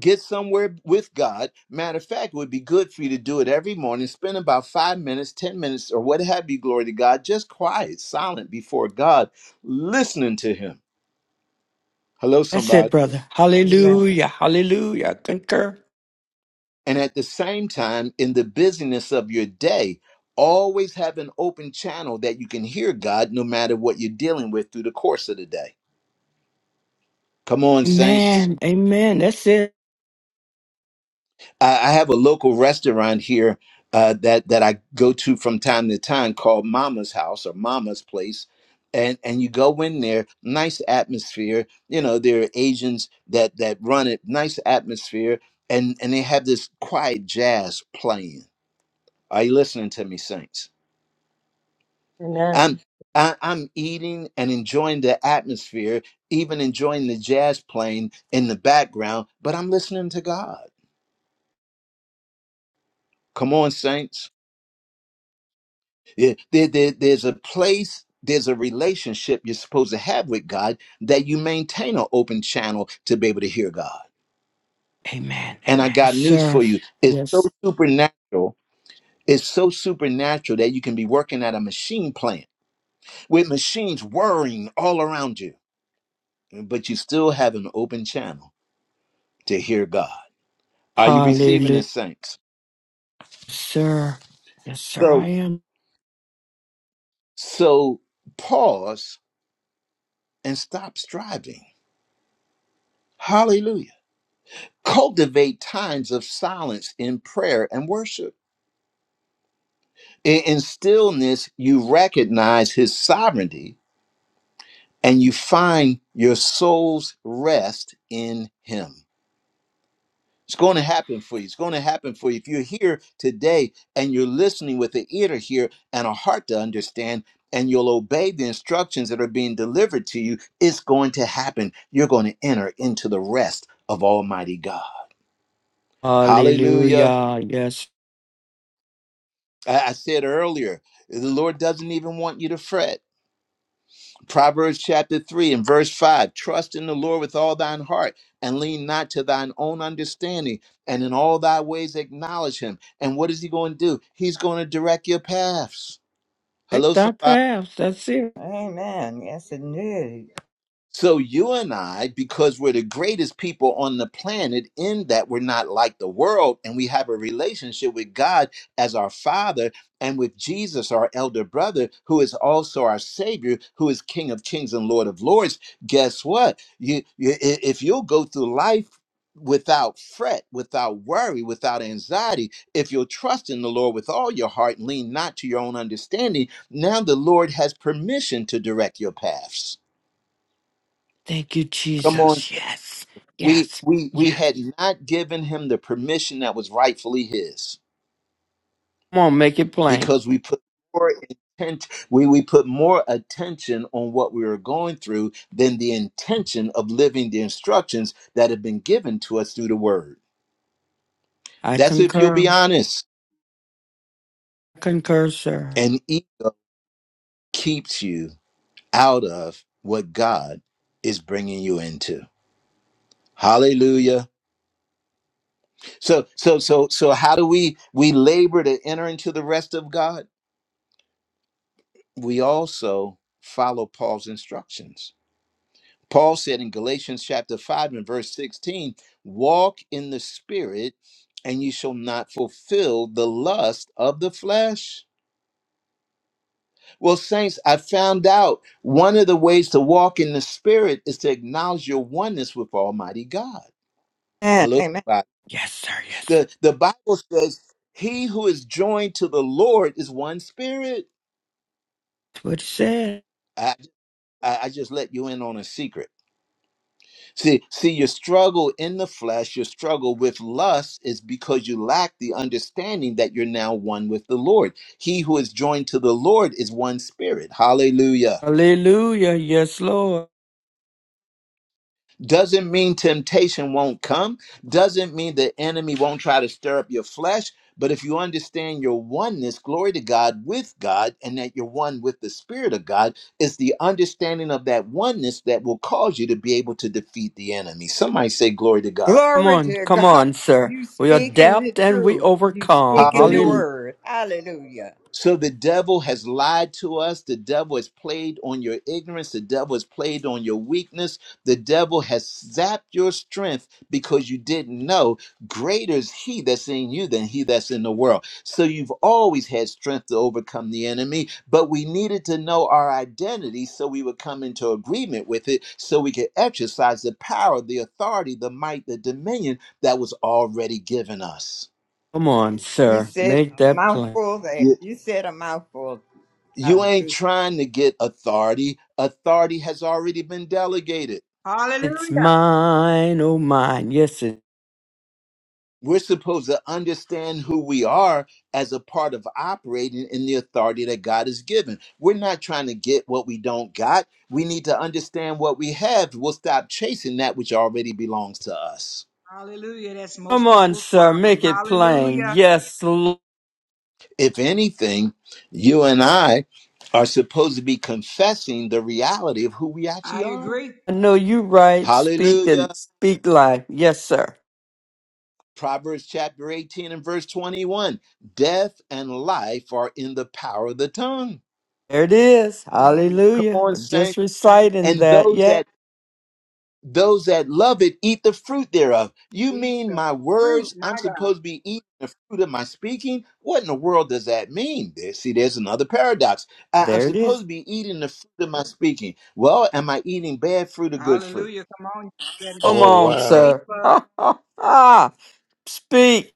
A: Get somewhere with God. Matter of fact, it would be good for you to do it every morning. Spend about five minutes, 10 minutes, or what have you, glory to God, just quiet, silent before God, listening to Him. Hello,
D: That's
A: somebody.
D: it,
E: Amen.
D: brother.
E: Amen.
D: Hallelujah. Hallelujah. I Concur.
A: And at the same time, in the busyness of your day, always have an open channel that you can hear God no matter what you're dealing with through the course of the day. Come on, saints.
D: Amen. Amen. That's it.
A: I, I have a local restaurant here uh, that, that I go to from time to time called Mama's House or Mama's Place. And, and you go in there, nice atmosphere. You know, there are Asians that, that run it, nice atmosphere. And, and they have this quiet jazz playing. Are you listening to me, Saints?
E: Amen.
A: I'm I, I'm eating and enjoying the atmosphere, even enjoying the jazz playing in the background, but I'm listening to God. Come on, saints. Yeah, there- there- there's a place, there's a relationship you're supposed to have with God that you maintain an open channel to be able to hear God.
D: Amen.
A: And I
D: Amen. Yes,
A: got news
D: sir.
A: for you. It's so
D: Yes.
A: supernatural. It's so supernatural that you can be working at a machine plant with machines whirring all around you, but you still have an open channel to hear God. Are you receiving
D: Hallelujah.
A: this, saints?
D: Yes, Sir. Yes, sir. I
A: So,
D: am.
A: so pause and stop striving. Hallelujah. Cultivate times of silence in prayer and worship. In, in stillness, you recognize His sovereignty and you find your soul's rest in Him. It's going to happen for you. It's going to happen for you. If you're here today and you're listening with an ear to hear and a heart to understand, and you'll obey the instructions that are being delivered to you, it's going to happen. You're going to enter into the rest of Almighty God. Hallelujah.
D: Hallelujah. Yes.
A: I, I said earlier, the Lord doesn't even want you to fret. Proverbs chapter 3 and verse 5 Trust in the Lord with all thine heart and lean not to thine own understanding, and in all thy ways acknowledge him. And what is he going to do? He's going to direct your paths.
D: Take
A: Hello,
D: that
A: somebody.
D: path. That's it.
H: Amen. Yes, it did.
A: So you and I, because we're the greatest people on the planet, in that we're not like the world, and we have a relationship with God as our Father and with Jesus, our elder brother, who is also our Savior, who is King of Kings and Lord of Lords. Guess what? You, you i- if you'll go through life without fret, without worry, without anxiety, if you'll trust in the Lord with all your heart, and lean not to your own understanding. Now the Lord has permission to direct your paths.
D: Thank you,
A: Come on
D: Jesus. Yes.
A: we
D: Yes.
A: we we
D: Yes.
A: had not given him the permission that was rightfully his
D: Come on, make it plain.
A: because we put more intent we we put more attention on what we were going through than the intention of living the instructions that have been given to us through the word
D: I
A: that's if you'll be
D: concur.
A: honest
D: Concur, sir.
A: and it keeps you out of what god is bringing you into hallelujah so so so so how do we we labor to enter into the rest of god we also follow Paul's instructions. Paul said in Galatians chapter 5 and verse 16, walk in the spirit and you shall not fulfill the lust of the flesh. Well, saints, I found out one of the ways to walk in the spirit is to acknowledge your oneness with Almighty God.
H: Amen.
A: Hello,
H: Amen.
A: somebody.
D: Yes, sir. Yes.
A: The,
D: That's
A: the Bible says, he who is joined to the Lord is one spirit.
D: what it said.
A: I, I I just let you in on a secret See, see, your struggle in the flesh, your struggle with lust is because you lack the understanding that you're now one with the Lord. He who is joined to the Lord is one spirit. Hallelujah.
D: Hallelujah. Yes, Lord.
A: Doesn't mean temptation won't come, doesn't mean the enemy won't try to stir up your flesh. But if you understand your oneness, glory to God with God, and that you're one with the Spirit of God, it's the understanding of that oneness that will cause you to be able to defeat the enemy. Somebody say, Glory to God.
D: Come
H: Glory
D: on,
H: to
D: come
H: God.
D: on, sir.
H: You
D: We
H: speaking the
D: adapt and we
H: truth. You
D: overcome.
H: speaking the
A: Hallelujah.
D: Hallelujah.
H: word. Hallelujah.
A: So the devil has lied to us. The devil has played on your ignorance. The devil has played on your weakness. The devil has zapped your strength because you didn't know greater is he that's in you than he that's in the world. So you've always had strength to overcome the enemy, but we needed to know our identity so we would come into agreement with it so we could exercise the power, the authority, the might, the dominion that was already given us.
D: Come on,
H: You
D: sir.
H: said
D: Make
H: a
D: that plain.
H: mouthful there. You said a mouthful. Uh,
A: You ain't trying to get authority. Authority has already been delegated.
C: Hallelujah.
D: It's mine, oh mine. Yes, it.
A: We're supposed to understand who we are as a part of operating in the authority that God has given. We're not trying to get what we don't got. We need to understand what we have. We'll stop chasing that which already belongs to us.
C: Hallelujah. That's
D: Come
C: most
D: on,
C: people's
D: sir.
C: problem.
D: Make it plain.
C: Hallelujah.
D: Yes, Lord.
A: If anything, you and I are supposed to be confessing the reality of who we actually
C: I
A: are.
C: agree.
D: I know you right. Speak
A: Hallelujah.
D: and speak life. Yes, sir.
A: Proverbs chapter 18 and verse 21 Death and life are in the power of the tongue.
D: There it is.
C: Amen.
A: Come
D: Hallelujah.
A: on,
D: Just
A: saints.
D: reciting
A: And
D: that.
A: those
D: Yeah,
A: that those that love it eat the fruit thereof. You
C: Eat
A: mean
C: the
A: my
C: fruit,
A: words? I'm
C: my God.
A: supposed to be eating the fruit of my speaking? What in the world does that mean? There, see, there's another paradox. I, I'm
D: there it
A: supposed
D: is.
A: to be eating the fruit of my speaking. Well, am I eating bad fruit or good fruit?
C: Hallelujah. Come on. You better
D: Come
B: Oh,
C: change
D: on,
C: your
B: wow.
C: taste
D: sir.
C: bud. Come
D: [LAUGHS] Speak.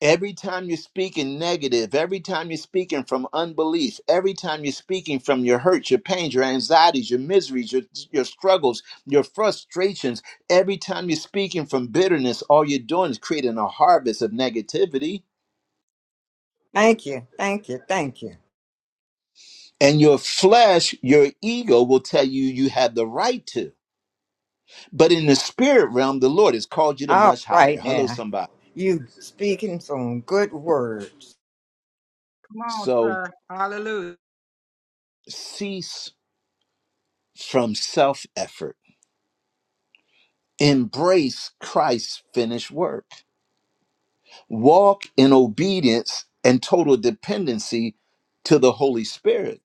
A: Every time you're speaking negative, every time you're speaking from unbelief, every time you're speaking from your hurts, your pains, your anxieties, your miseries, your, your struggles, your frustrations, every time you're speaking from bitterness, all you're doing is creating a harvest of negativity.
H: thank you. Thank you. Thank you.
A: And your flesh, your ego will tell you you have the right to. But in the spirit realm, the Lord has called you to
H: All
A: much higher.
H: right
A: Hello,
H: now.
A: somebody.
H: You speaking some good words.
C: on,
A: So
C: sir. Hallelujah.
A: cease from self effort, embrace Christ's finished work. walk in obedience and total dependency to the Holy Spirit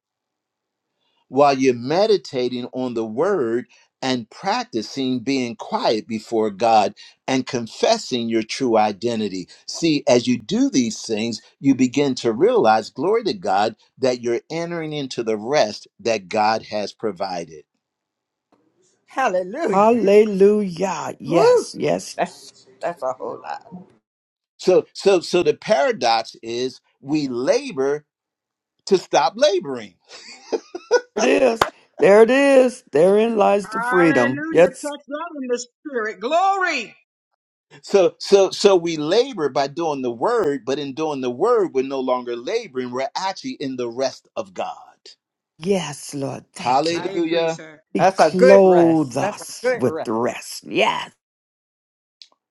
A: while you're meditating on the word and practicing being quiet before God and confessing your true identity. See, as you do these things, you begin to realize, glory to God, that you're entering into the rest that God has provided.
H: Hallelujah.
D: Hallelujah.
H: Woo!
D: Yes, yes,
H: That's that's a whole lot.
A: So so so the paradox is we labor to stop laboring
D: it is. There it is. Therein lies the freedom.
C: Hallelujah.
D: Yes.
C: Touch that in the spirit. Glory.
A: So so so we labor by doing the word, but in doing the word, we're no longer laboring. We're actually in the rest of God.
D: Yes, Lord. Thank you,
C: I
D: Lord.
C: agree,
A: Hallelujah.
C: sir.
D: He
H: That's a good
D: clothed
H: rest. That's a
D: us
H: good
D: with the
H: rest.
D: rest. Yes.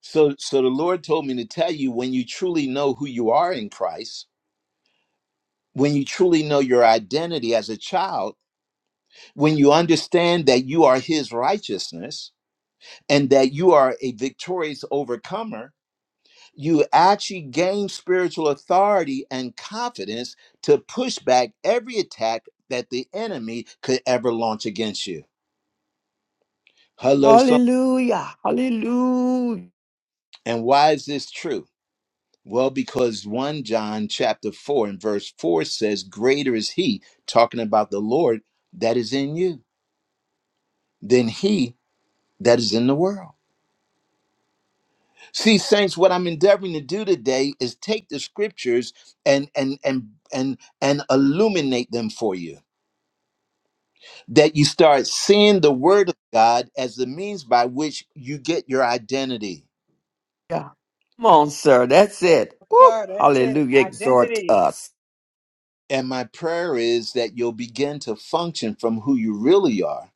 A: So so the Lord told me to tell you when you truly know who you are in Christ, when you truly know your identity as a child, when you understand that you are his righteousness and that you are a victorious overcomer, you actually gain spiritual authority and confidence to push back every attack that the enemy could ever launch against you. Hello, some.
D: Hallelujah. Hallelujah.
A: And why is this true? Well, because 1 John chapter 4 and verse 4 says, Greater is he, talking about the Lord that is in you, than he that is in the world. See, saints, what I'm endeavoring to do today is take the scriptures and and and and and illuminate them for you that you start seeing the word of God as the means by which you get your identity.
D: Come on, sir. That's
C: Yes,
D: it. Woo.
C: sir. That's it.
D: Hallelujah. Exhort
C: Identity.
D: us.
A: And my prayer is that you'll begin to function from who you really are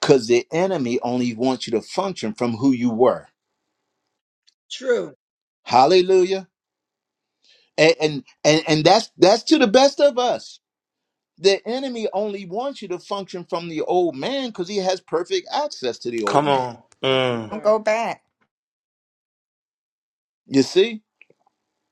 A: because the enemy only wants you to function from who you were.
C: True.
A: Hallelujah. And, and and and that's that's to the best of us. The enemy only wants you to function from the old man because he has perfect access to the old
B: Come
A: man.
B: on. Mm.
H: Don't
C: Sir.
H: go back.
A: You see?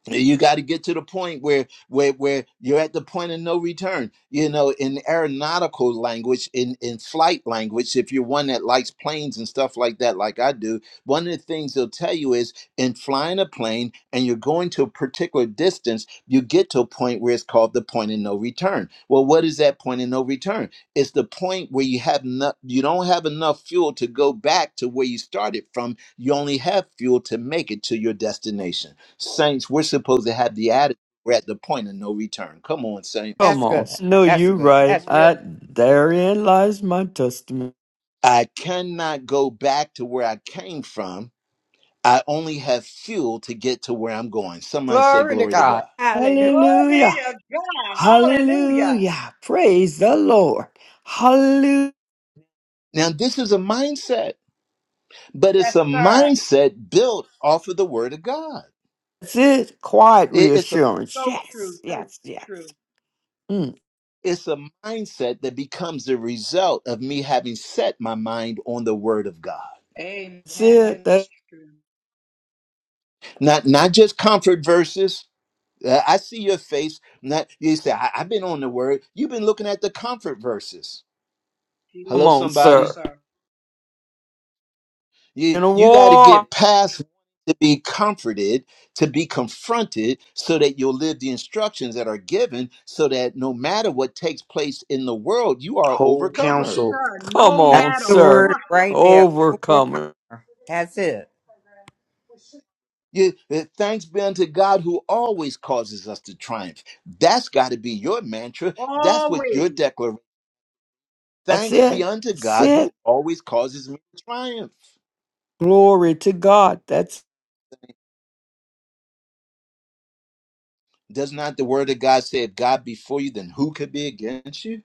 A: you got to get to the point where where where you're at the point of no return you know in aeronautical language in in flight language if you're one that likes planes and stuff like that like i do one of the things they'll tell you is in flying a plane and you're going to a particular distance you get to a point where it's called the point of no return well what is that point of no return it's the point where you have not you don't have enough fuel to go back to where you started from you only have fuel to make it to your destination Saints, we're supposed to have the attitude we're at the point of no return. Come on, saints.
D: Come
H: That's
D: on.
H: good.
D: No,
H: That's
D: you
H: good.
D: right.
H: That's real.
D: I, therein lies my testimony.
A: I cannot go back to where I came from. I only have fuel to get to where I'm going. Somebody say,
H: Glory to
A: Glory to
H: God.
A: God.
H: Hallelujah.
C: Glory
D: Hallelujah.
C: to God. Hallelujah.
D: Hallelujah. Praise the Lord. Hallelujah.
A: Now, this is a mindset, but
C: Yes,
A: it's a
C: sir.
A: mindset built off of the Word of God.
D: That's it. Quiet
A: It- It's a,
D: reassurance.
C: So true.
D: Yes,
C: So
D: yes, yes.
C: true.
D: Mm.
A: it's a mindset that becomes the result of me having set my mind on the Word of God.
C: Amen.
D: That's it.
C: That
D: That,
C: is true.
A: Not, not just comfort verses, Uh, I see your face. Not you say I, I've been on the word. You've been looking at the comfort verses.
D: come
A: Hello,
D: on,
C: Come on,
D: sir.
A: somebody.
C: sir.
A: You
D: In a
A: you got to
D: war,
A: get past to be comforted, to be confronted, so that you'll live the instructions that are given, so that no matter what takes place in the world, you are an
B: Whole
C: Yes,
A: overcomer.
B: council.
C: sir.
D: come
C: No
H: That's
D: on,
C: matter
H: the
D: sir.
H: word
C: what.
H: right there. Overcomer.
D: Overcomer.
H: That's it.
A: You, uh, thanks be unto God who always causes us to triumph. That's got to be your mantra. That's what your
C: Always.
A: declaration.
D: That's
A: Thanks be
D: it.
A: unto
D: That's
A: God who
D: it.
A: always causes me to triumph.
D: Glory to God. That's
A: Does not the word of God say, if God be for you, then who could be against you?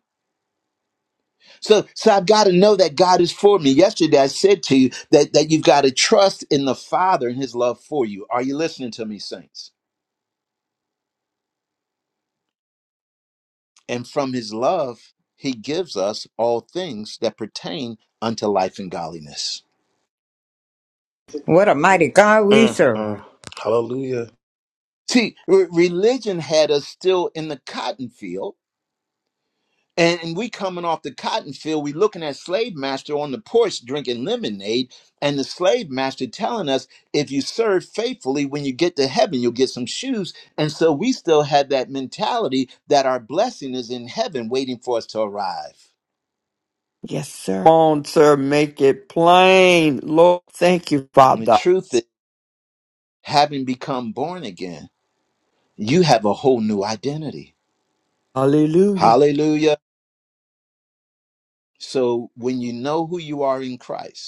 A: So, so I've got to know that God is for me. Yesterday I said to you that, that you've got to trust in the Father and his love for you. Are you listening to me, saints? And from his love, he gives us all things that pertain unto life and godliness.
H: What a mighty God we
B: Mm,
H: serve.
B: mm. Hallelujah.
A: See, re- religion had us still in the cotton field And, and we coming off the cotton field, we looking at slave master on the porch drinking lemonade, and the slave master telling us, if you serve faithfully, when you get to heaven, you'll get some shoes. And so we still have that mentality that our blessing is in heaven waiting for us to arrive.
D: yes, sir. Come on, sir. Make it plain. Lord, thank you,
A: And the
D: Father.
A: truth is, having become born again, you have a whole new identity.
D: Hallelujah.
A: Hallelujah. So when you know who you are in Christ,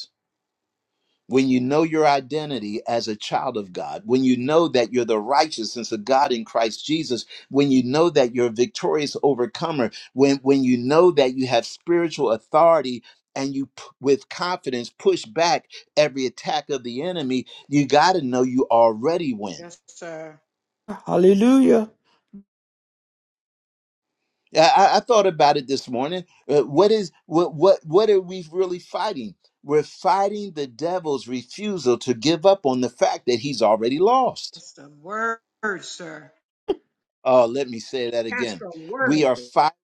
A: when you know your identity as a child of God, when you know that you're the righteousness of God in Christ Jesus, when you know that you're a victorious overcomer, when when you know that you have spiritual authority and you p- with confidence push back every attack of the enemy, you got to know you already win.
C: Yes, sir.
D: Hallelujah.
A: I, I I thought about it this morning. Uh, what is what what what are we really fighting? We're fighting the devil's refusal to give up on the fact that he's already lost.
C: That's the word, sir.
A: Oh, let me say that
C: That's
A: again.
C: the word.
A: We are fighting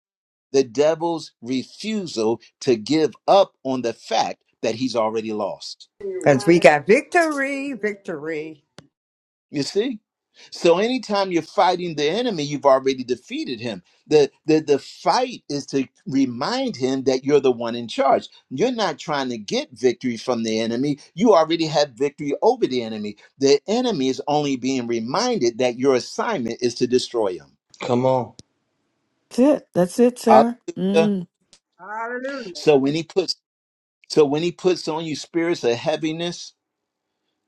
A: the devil's refusal to give up on the fact that he's already lost.
H: Because we got victory, victory.
A: You see? So anytime you're fighting the enemy, you've already defeated him. The, the the fight is to remind him that you're the one in charge. You're not trying to get victory from the enemy. You already have victory over the enemy. The enemy is only being reminded that your assignment is to destroy him.
B: Come on.
D: That's it. That's it, sir.
A: Hallelujah.
D: Mm.
C: Hallelujah.
A: So when he puts So when he puts on you spirits of heaviness,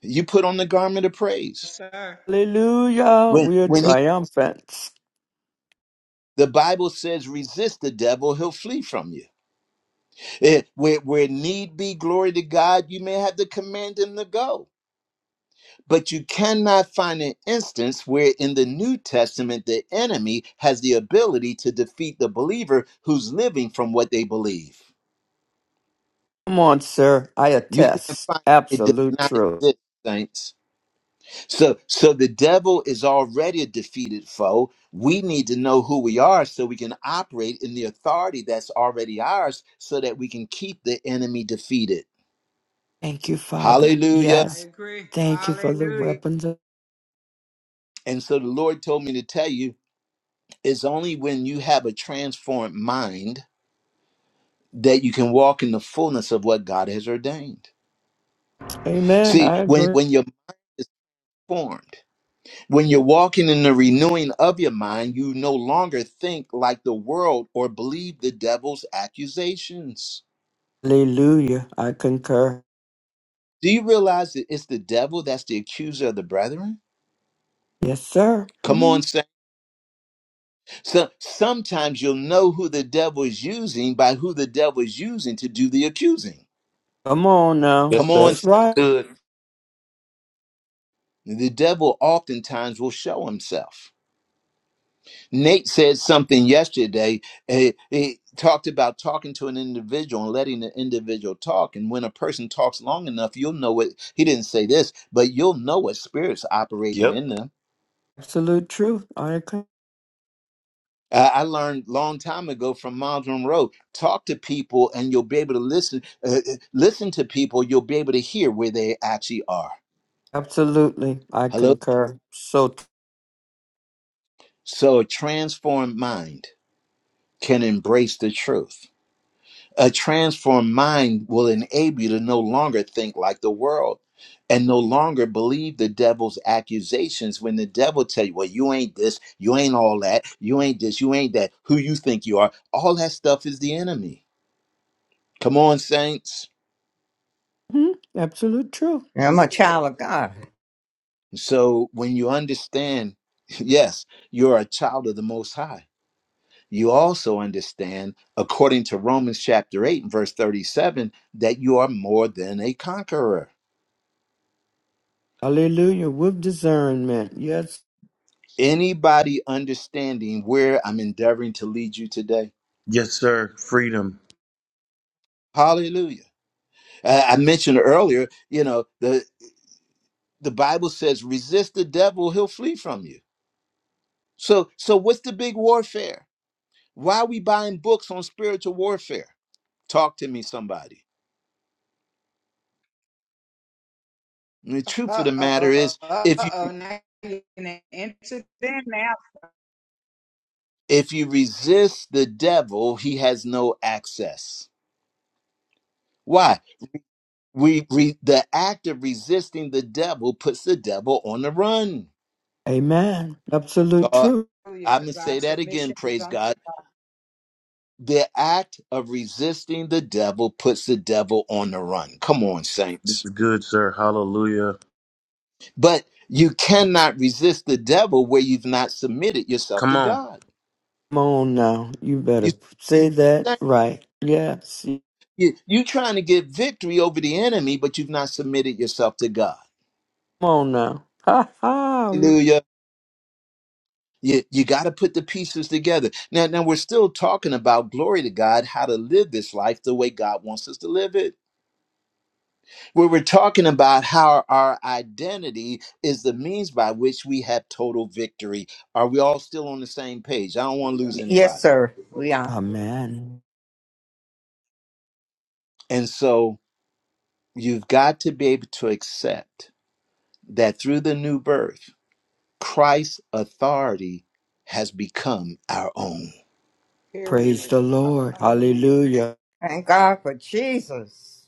A: you put on the garment of praise.
C: Yes, sir.
D: Hallelujah.
A: When
D: We are
A: when he
D: triumphant.
A: the Bible says resist the devil, he'll flee from you. Eh, where, where need be, glory to God, you may have to command him to go. But you cannot find an instance where in the New Testament the enemy has the ability to defeat the believer who's living from what they believe.
D: Come on, sir. I
A: You can't
D: attest.
A: find it It
D: Absolute
A: does not
D: truth.
A: exist, saints. So so the devil is already a defeated foe. We need to know who we are so we can operate in the authority that's already ours so that we can keep the enemy defeated.
D: Thank you, Father.
A: Hallelujah.
C: I
D: Yes.
C: agree.
D: Thank you for the
C: Hallelujah.
D: weapons. of-
A: And so the Lord told me to tell you it's only when you have a transformed mind that you can walk in the fullness of what God has ordained.
D: Amen.
A: See,
D: I
A: when
D: agree.
A: when your mind is formed When you're walking in the renewing of your mind, you no longer think like the world or believe the devil's accusations.
D: Hallelujah. I concur.
A: Do you realize that it's the devil that's the accuser of the brethren?
D: Yes, sir.
A: Come on,
D: Mm.
A: sa- so sometimes you'll know who the devil is using by who the devil is using to do the accusing.
D: Come on now.
B: Yes,
A: Come on,
B: sir.
D: That's
A: sa-
B: That's
D: right.
B: Good.
A: the devil oftentimes will show himself. Nate said something yesterday. eh, He talked about talking to an individual and letting the individual talk. And when a person talks long enough, you'll know what he didn't say this, but you'll know what spirit's operating
B: Yep.
A: in them.
D: Absolute truth. I con-
A: I I learned long time ago from Miles Monroe: talk to people, and you'll be able to listen. Uh, uh, listen to people, you'll be able to hear where they actually are.
D: absolutely. I
A: Hello.
D: concur. So, t-
A: So a transformed mind can embrace the truth. A transformed mind will enable you to no longer think like the world and no longer believe the devil's accusations when the devil tell you, well, you ain't this, you ain't all that, you ain't this, you ain't that, who you think you are. All that stuff is the enemy. Come on, saints.
D: Mhm. absolute truth.
H: I'm a child of God.
A: So when you understand, [LAUGHS] yes, you're a child of the Most High. You also understand, according to Romans chapter 8 and verse 37, that you are more than a conqueror
D: Hallelujah. With discernment. Yes.
A: Anybody understanding where I'm endeavoring to lead you today?
B: Yes, sir. Freedom.
A: Hallelujah. Uh, I mentioned earlier, you know, the the Bible says resist the devil, he'll flee from you. So so what's the big warfare? Why are we buying books on spiritual warfare? Talk to me somebody. And the truth
C: Uh
A: of the matter
C: oh.
A: is
C: Uh
A: if you
C: oh. Now you're going to enter them now.
A: if you resist the devil, he has no access. Why? We, we the act of resisting the devil puts the devil on the run.
D: Amen. Absolute
A: Uh,
D: truth.
C: Hallelujah.
A: I'm going
C: Because
A: to
C: our
A: say that again,
C: submission is
A: praise
C: unto
A: God.
C: God.
A: The act of resisting the devil puts the devil on the run. Come on,
B: This
A: saints.
B: is good, sir. Hallelujah.
A: But you cannot resist the devil where you've not submitted yourself
B: Come
A: to
B: on.
A: God.
D: Come on now. You
A: You,
D: better say that right. Yes.
A: you, you're trying to get victory over the enemy, but you've not submitted yourself to God.
D: Come on now. Ha ha.
A: Hallelujah. You, you got to put the pieces together. Now, now, we're still talking about glory to God, how to live this life the way God wants us to live it. we were talking about how our identity is the means by which we have total victory. Are we all still on the same page? I don't want to lose
H: Yes,
A: anybody.
H: sir. We are.
D: Amen.
A: And so you've got to be able to accept that through the new birth, Christ's authority has become our own.
D: Praise
C: Period.
D: the Lord.
C: Hallelujah.
D: Hallelujah.
H: Thank God for Jesus.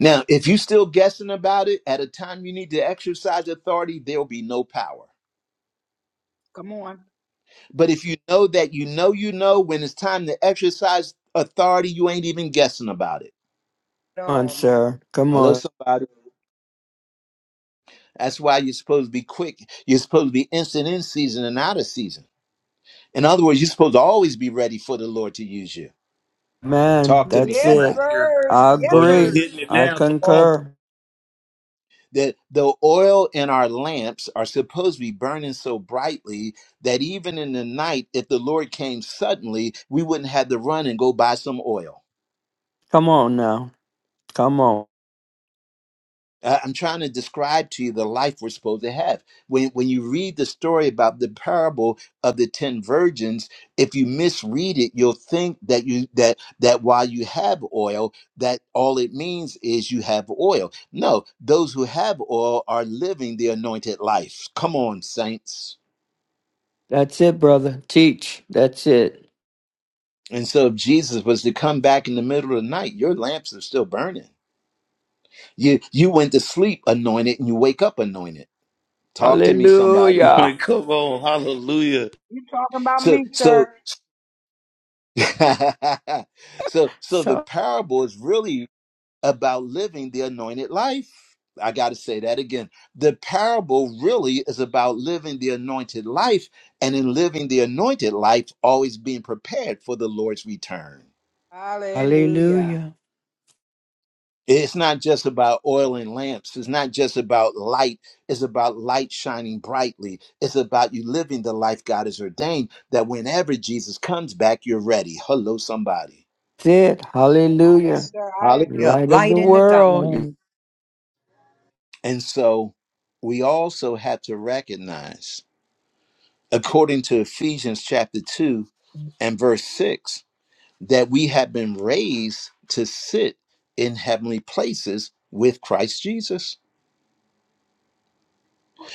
A: Now, if you're still guessing about it, at a time you need to exercise authority, there'll be no power.
C: Come on.
A: But if you know that you know you know when it's time to exercise authority, you ain't even guessing about it.
C: At
D: Come on,
C: all. Not.
D: sir. Come
A: Hello,
D: on.
A: somebody. That's why you're supposed to be quick. You're supposed to be instant in season and out of season. In other words, you're supposed to always be ready for the Lord to use you.
D: Man,
A: Talk to me,
D: that's
B: Right
D: it.
A: somebody.
B: here.
C: Yippers.
D: I
B: Boy, you
D: agree.
C: Yippers.
B: hitting it
D: I
B: now. Come on.
D: concur.
A: That the oil in our lamps are supposed to be burning so brightly that even in the night, if the Lord came suddenly, we wouldn't have to run and go buy some oil.
D: Come on now. Come on.
A: Uh, I'm trying to describe to you the life we're supposed to have. When when you read the story about the parable of the ten virgins, if you misread it, you'll think that you that that while you have oil, that all it means is you have oil. No, those who have oil are living the anointed life. Come on, saints.
D: That's it, brother. Teach. That's it.
A: And so if Jesus was to come back in the middle of the night, your lamps are still burning. You you went to sleep anointed and you wake up anointed. Talk to me,
B: [LAUGHS]
A: somebody.
B: Boy,
D: Hallelujah.
B: come on. Hallelujah.
C: You talking about
A: So
C: me,
A: so
C: sir.
A: [LAUGHS] so so the
D: So-
A: parable is really about living the anointed life. I got to say that again. The parable really is about living the anointed life and in living the anointed life always being prepared for the Lord's return.
C: Hallelujah.
D: Hallelujah.
A: It's not just about oil and lamps. It's not just about light. It's about light shining brightly. It's about you living the life God has ordained that whenever Jesus comes back, you're ready. Hello, somebody.
D: That's it. Hallelujah.
C: Yes, sir. I
H: You're a
C: agree.
D: Light of the
H: light in the
D: world.
H: darkness.
E: Amen.
A: And so we also have to recognize, according to Ephesians chapter 2 and verse 6, that we have been raised to sit in heavenly places with Christ Jesus.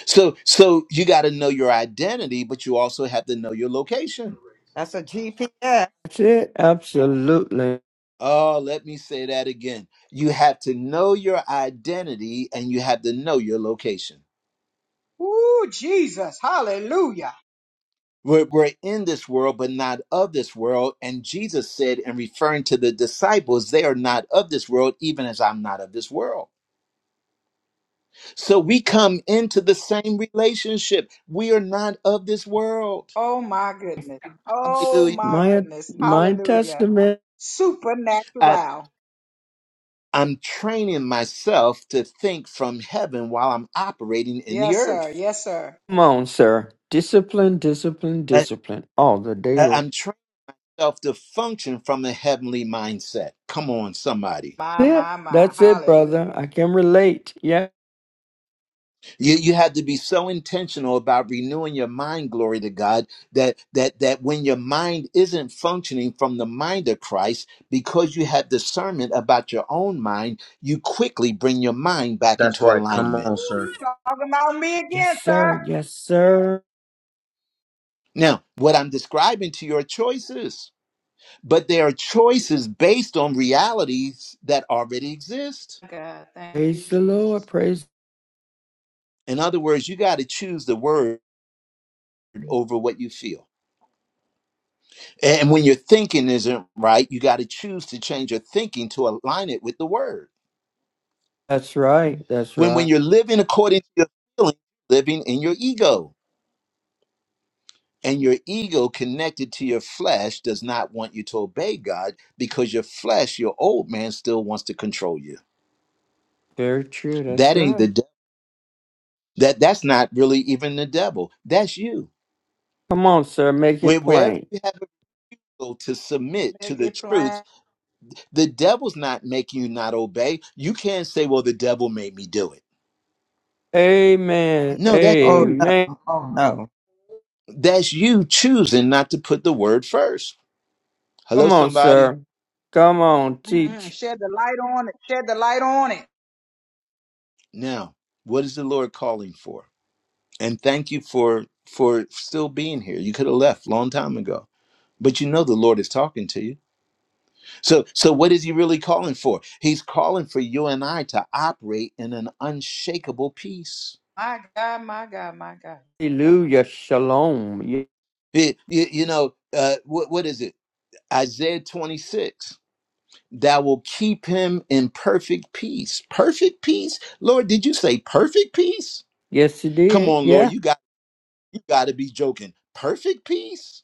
A: So so you got to know your identity, but you also have to know your location.
H: That's a GPS.
D: That's it. Absolutely.
A: Oh, let me say that again. You have to know your identity and you have to know your location.
C: Ooh, Jesus. Hallelujah.
A: We're, we're in this world, but not of this world. And Jesus said, in referring to the disciples, they are not of this world, even as I'm not of this world. So we come into the same relationship. We are not of this world.
C: Oh my goodness. Oh
D: It's
A: Hallelujah.
C: my
D: my
C: goodness.
D: my
C: Hallelujah.
D: testament.
A: I,
C: Supernatural.
A: I'm training myself to think from heaven while I'm operating in the
C: Yes, sir.
A: earth.
C: Yes, sir.
D: Come on, sir. Discipline, discipline,
A: I,
D: discipline all the day
A: I-
D: long.
A: I'm training myself to function from a heavenly mindset. Come on, somebody.
C: My,
D: Yeah,
C: my, my.
D: that's it, brother. I
C: Hallelujah.
D: can relate. Yeah.
A: You, you have to be so intentional about renewing your mind, glory to God, that that that when your mind isn't functioning from the mind of Christ, because you have discernment about your own mind, you quickly bring your mind back
B: That's
A: into
B: right. Come
A: alignment.
B: on,
C: Ooh,
B: sir.
C: you talking about me
D: Yes,
C: again,
D: sir.
C: sir.
D: Yes, sir.
A: Now, what I'm describing to you are choices, but they are choices based on realities that already exist.
C: God, thank you,
D: Praise the Lord.
C: Jesus.
D: Praise.
A: In other words, you got to choose the word over what you feel. And when your thinking isn't right, you got to choose to change your thinking to align it with the word.
D: That's right. That's
A: When when
D: right.
A: you're living according to your feelings, living in your ego, and your ego connected to your flesh does not want you to obey God because your flesh, your old man, still wants to control you.
D: Very true. That's
A: That ain't
D: right.
A: the de- that that's not really even the devil. That's you.
D: Come on, sir. Make it
A: Where wherever
D: plain.
A: you go to submit to
C: Make
A: the
C: it
A: truth,
C: plain.
A: the devil's not making you not obey. You can't say, "Well, the devil made me do it."
D: Amen.
A: No, that's
H: Oh,
A: you
D: Amen.
H: no. Oh, no.
A: That's you choosing not to put the word first. Hello,
D: Come on,
A: somebody.
D: sir. Come on.
C: Mm-mm.
D: Teach.
C: Shed the light on it. Shed the light on it.
A: Now, what is the Lord calling for? And thank you for for still being here. You could have left long time ago, but you know the Lord is talking to you. So, so what is He really calling for? He's calling for you and I to operate in an unshakable peace.
C: My God, my God, my God.
D: Hallelujah. Shalom. Ye-
A: It- you, you know, uh, what what is it? Isaiah twenty six. That will keep him in perfect peace. Perfect peace, Lord. Did you say perfect peace?
D: Yes, he
A: Come
D: did.
A: on, Lord,
D: Yeah.
A: you got you got to be joking. Perfect peace.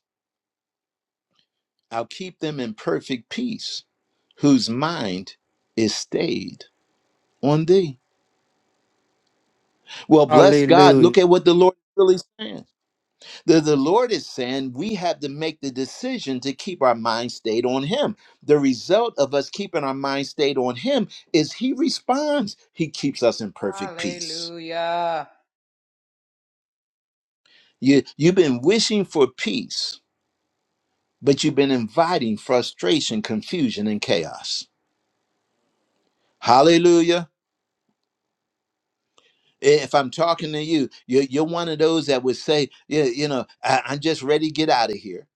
A: I'll keep them in perfect peace, whose mind is stayed on thee. Well, bless God.
D: Hallelujah.
A: Look at what the Lord is really saying. The, the Lord is saying we have to make the decision to keep our mind stayed on Him. The result of us keeping our mind stayed on Him is He responds. He keeps us in perfect peace.
C: Hallelujah.
A: You, you've been wishing for peace, but you've been inviting frustration, confusion, and chaos. Hallelujah. If I'm talking to you, you're, you're one of those that would say, "Yeah, you know, I, I'm just ready to get out of here.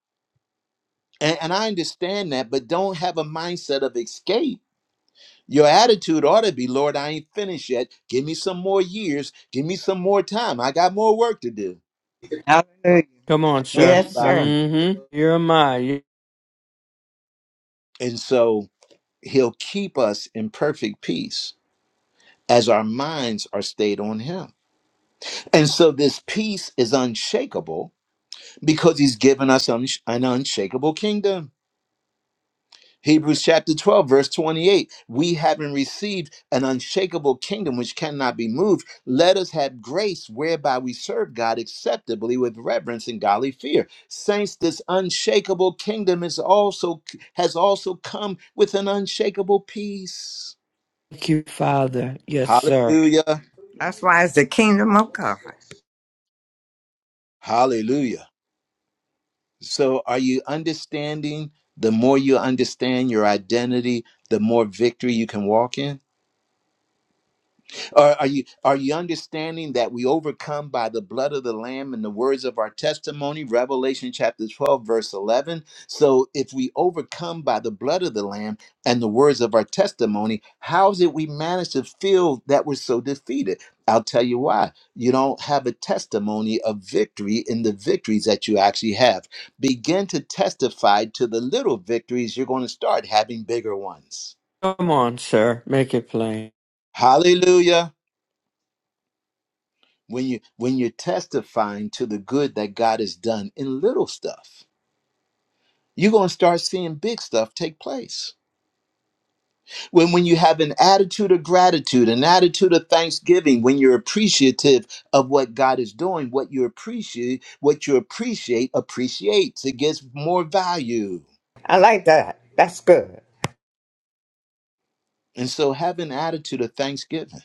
A: And, and I understand that, but don't have a mindset of escape. Your attitude ought to be, Lord, I ain't finished yet. Give me some more years. Give me some more time. I got more work to do.
H: Hallelujah.
D: Come on,
A: Hello,
D: sir.
H: Yes, sir.
A: somebody.
D: Mm-hmm. Here am I.
A: And so he'll keep us in perfect peace as our minds are stayed on him. And so this peace is unshakable because he's given us un- an unshakable kingdom. Hebrews chapter 12, verse 28. We having received an unshakable kingdom which cannot be moved, let us have grace whereby we serve God acceptably with reverence and godly fear. Saints, this unshakable kingdom is also has also come with an unshakable peace.
D: Thank you, Father. Yes, sir.
A: Hallelujah.
H: That's why it's the kingdom of God.
A: Hallelujah. So are you understanding? The more you understand your identity, the more victory you can walk in. Are, are you are you understanding that we overcome by the blood of the lamb and the words of our testimony? Revelation chapter 12 verse 11. So if we overcome by the blood of the lamb and the words of our testimony, how is it we manage to feel that we're so defeated? I'll tell you why. You don't have a testimony of victory in the victories that you actually have. Begin to testify to the little victories you're going to start having bigger ones.
D: Come on, sir. Make it plain.
A: Hallelujah. when you when you're testifying to the good that God has done in little stuff, you're going to start seeing big stuff take place. When when you have an attitude of gratitude, an attitude of thanksgiving, when you're appreciative of what God is doing, what you appreciate, what you appreciate appreciates. It gets more value.
H: I like that. That's good.
A: And so have an attitude of thanksgiving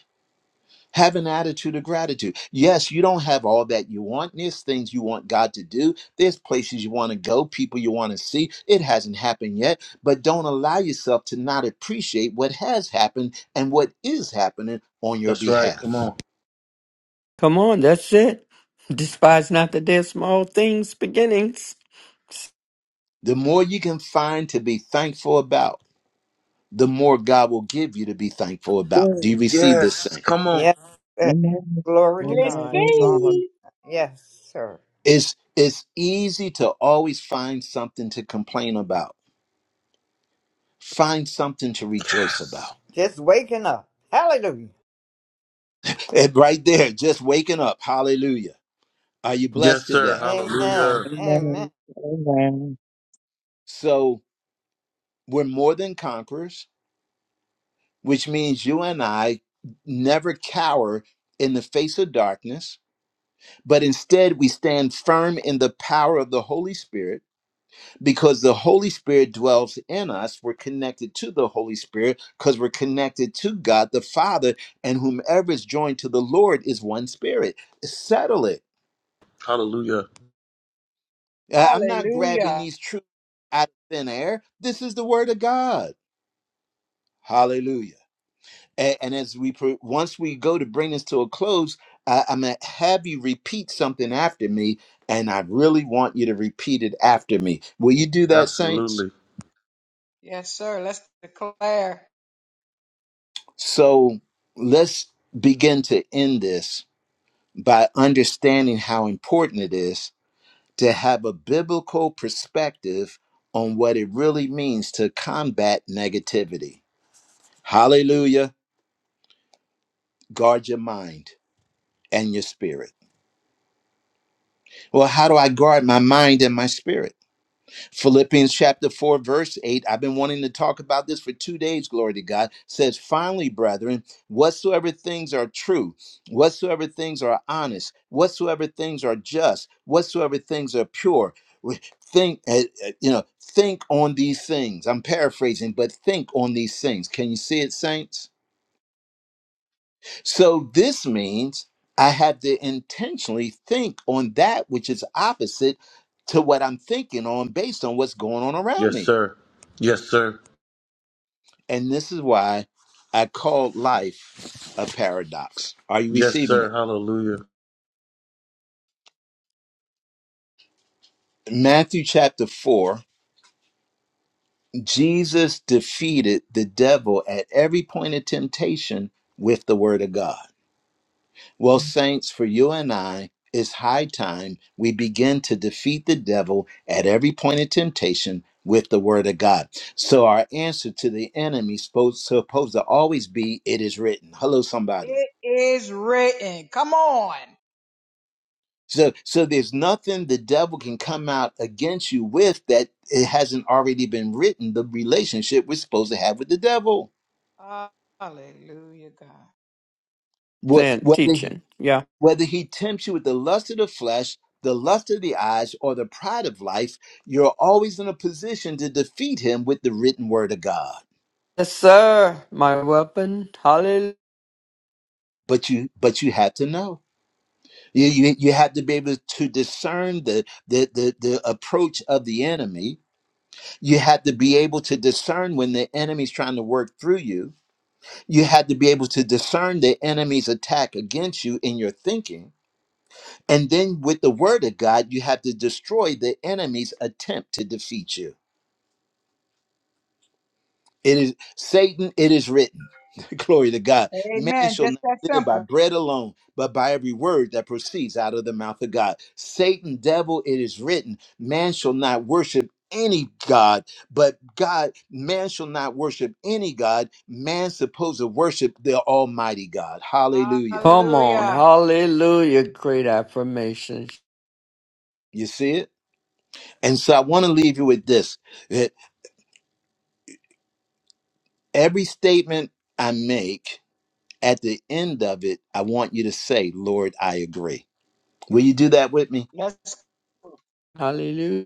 A: Have an attitude of gratitude. Yes, you don't have all that you want. There's things you want God to do. There's places you want to go, people you want to see. It hasn't happened yet, but don't allow yourself to not appreciate what has happened and what is happening on your
B: That's right. Come
A: behalf.
B: on.
D: Come on, that's it. Despise not the dead small things, beginnings.
A: The more you can find to be thankful about, the more God will give you to be thankful about. Do
B: Oh,
A: you receive this
B: yes.
A: thing?
B: Come on.
H: Yes. yes.
E: Amen.
H: Glory to God on
E: Amen.
H: all of
E: Amen.
C: Receive.
H: that. Yes, sir.
A: It's it's easy to always find something to complain about. Find something to rejoice about.
H: Just waking up. Hallelujah.
A: And right there, just waking up. Hallelujah. Are you
B: Yes,
A: blessed
B: sir.
A: today?
H: Amen.
B: Hallelujah.
H: Amen.
E: Amen. Amen.
A: So we're more than conquerors, which means you and I never cower in the face of darkness, but instead we stand firm in the power of the Holy Spirit because the Holy Spirit dwells in us. We're connected to the Holy Spirit because we're connected to God the Father, and whomever is joined to the Lord is one spirit. Settle it
B: Hallelujah.
A: Uh, I'm not grabbing
C: Hallelujah.
A: these truths out of thin air. This is the word of God. Hallelujah. A- And, as we pro- once we go to bring this to a close, I, I'm gonna have you repeat something after me, and I really want you to repeat it after me. Will you do that, saints?
B: Absolutely.
C: Yes, sir. Let's declare.
A: So let's begin to end this by understanding how important it is to have a biblical perspective on what it really means to combat negativity. Hallelujah. guard your mind and your spirit. Well, how do I guard my mind and my spirit? Philippians chapter 4, verse 8. I've been wanting to talk about this for two days, glory to God. Says, finally, brethren, whatsoever things are true, whatsoever things are honest, whatsoever things are just, whatsoever things are pure, think, uh, uh, you know, think on these things. I'm paraphrasing, but think on these things. Can you see it, saints? So this means I have to intentionally think on that which is opposite to what I'm thinking on based on what's going on around
B: Yes,
A: me.
B: sir. Yes, sir.
A: And this is why I call life a paradox. Are you
B: Yes,
A: receiving
B: sir.
A: it?
B: Hallelujah.
A: Matthew chapter 4 Jesus defeated the devil at every point of temptation with the word of God. Well, saints, for you and I, it's high time we begin to defeat the devil at every point of temptation with the word of God. So our answer to the enemy is supposed, supposed to always be, it is written. Hello, somebody.
C: It is written. Come on.
A: So, so there's nothing the devil can come out against you with that it hasn't already been written. The relationship we're supposed to have with the devil.
C: Hallelujah, God.
A: What,
D: Sin,
A: what
D: teaching. Yeah.
A: Whether he tempts you with the lust of the flesh, the lust of the eyes, or the pride of life, you're always in a position to defeat him with the written word of God.
D: Yes, sir. My weapon. Hallelujah.
A: But you but you have to know. You you, you have to be able to discern the, the the the approach of the enemy. You have to be able to discern when the enemy's trying to work through you. You have to be able to discern the enemy's attack against you in your thinking. And then with the word of God, you have to destroy the enemy's attempt to defeat you. It is Satan, it is written. [LAUGHS] Glory to God. Man
C: Amen.
A: shall
C: Just
A: not
C: that
A: live by
C: simple.
A: bread alone, but by every word that proceeds out of the mouth of God. Satan, devil, it is written. Man shall not worship any God, but God, man shall not worship any God. Man's supposed to worship the Almighty God. Hallelujah.
D: Come on.
C: Hallelujah.
D: Hallelujah. Great affirmation.
A: You see it? And so I want to leave you with this that every statement I make, at the end of it, I want you to say, Lord, I agree. Will you do that with me?
C: Yes,
D: Hallelujah.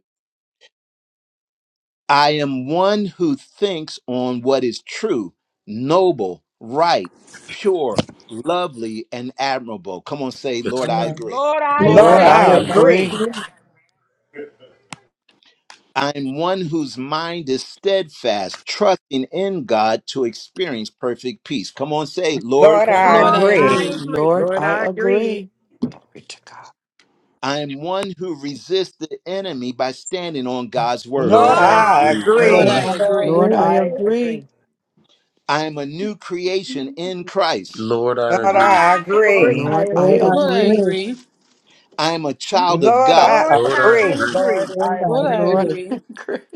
A: I am one who thinks on what is true, noble, right, pure, lovely, and admirable. Come on, say,
B: Yes.
A: Lord, I
E: Amen.
A: agree.
C: Lord, I
F: Lord,
B: Lord,
F: I
H: Lord,
D: Lord,
B: I
C: agree.
D: I
H: I
E: Lord,
B: agree.
F: agree.
E: I
H: agree.
D: agree.
E: agree.
A: I'm one whose mind is steadfast, trusting in God to experience perfect peace. Come on, say, Lord,
H: Lord,
E: Lord,
H: I
F: Lord,
E: I
F: I
C: Lord, I
H: agree.
E: agree.
F: agree.
C: agree.
D: Lord,
G: Lord,
D: I
G: I agree.
D: agree. Glory to God.
A: I am one who resists the enemy by standing on God's word.
H: Lord,
A: Come
B: Lord,
C: Lord,
A: on.
B: I
C: I
H: I
B: agree.
F: Lord,
E: Lord,
F: I
H: agree.
E: I
C: agree.
G: Lord,
F: agree.
D: Lord, I
E: agree.
G: I agree.
D: agree.
A: I am a new creation in Christ.
B: Lord, I
H: Lord,
C: Lord,
B: agree.
H: I
C: I
G: Lord,
C: agree.
H: agree.
G: I
D: Lord, I
E: Lord, I
G: agree.
F: Lord, I
D: agree.
E: agree.
F: agree.
A: I am a child of
H: Lord,
A: God.
H: I
C: Lord,
B: Lord, I
C: I
H: agree.
B: agree.
G: Lord,
C: agree.
G: I
E: Lord, I
F: Lord, I
G: agree.
D: Lord,
E: agree.
D: [LAUGHS] I
F: agree.
D: agree.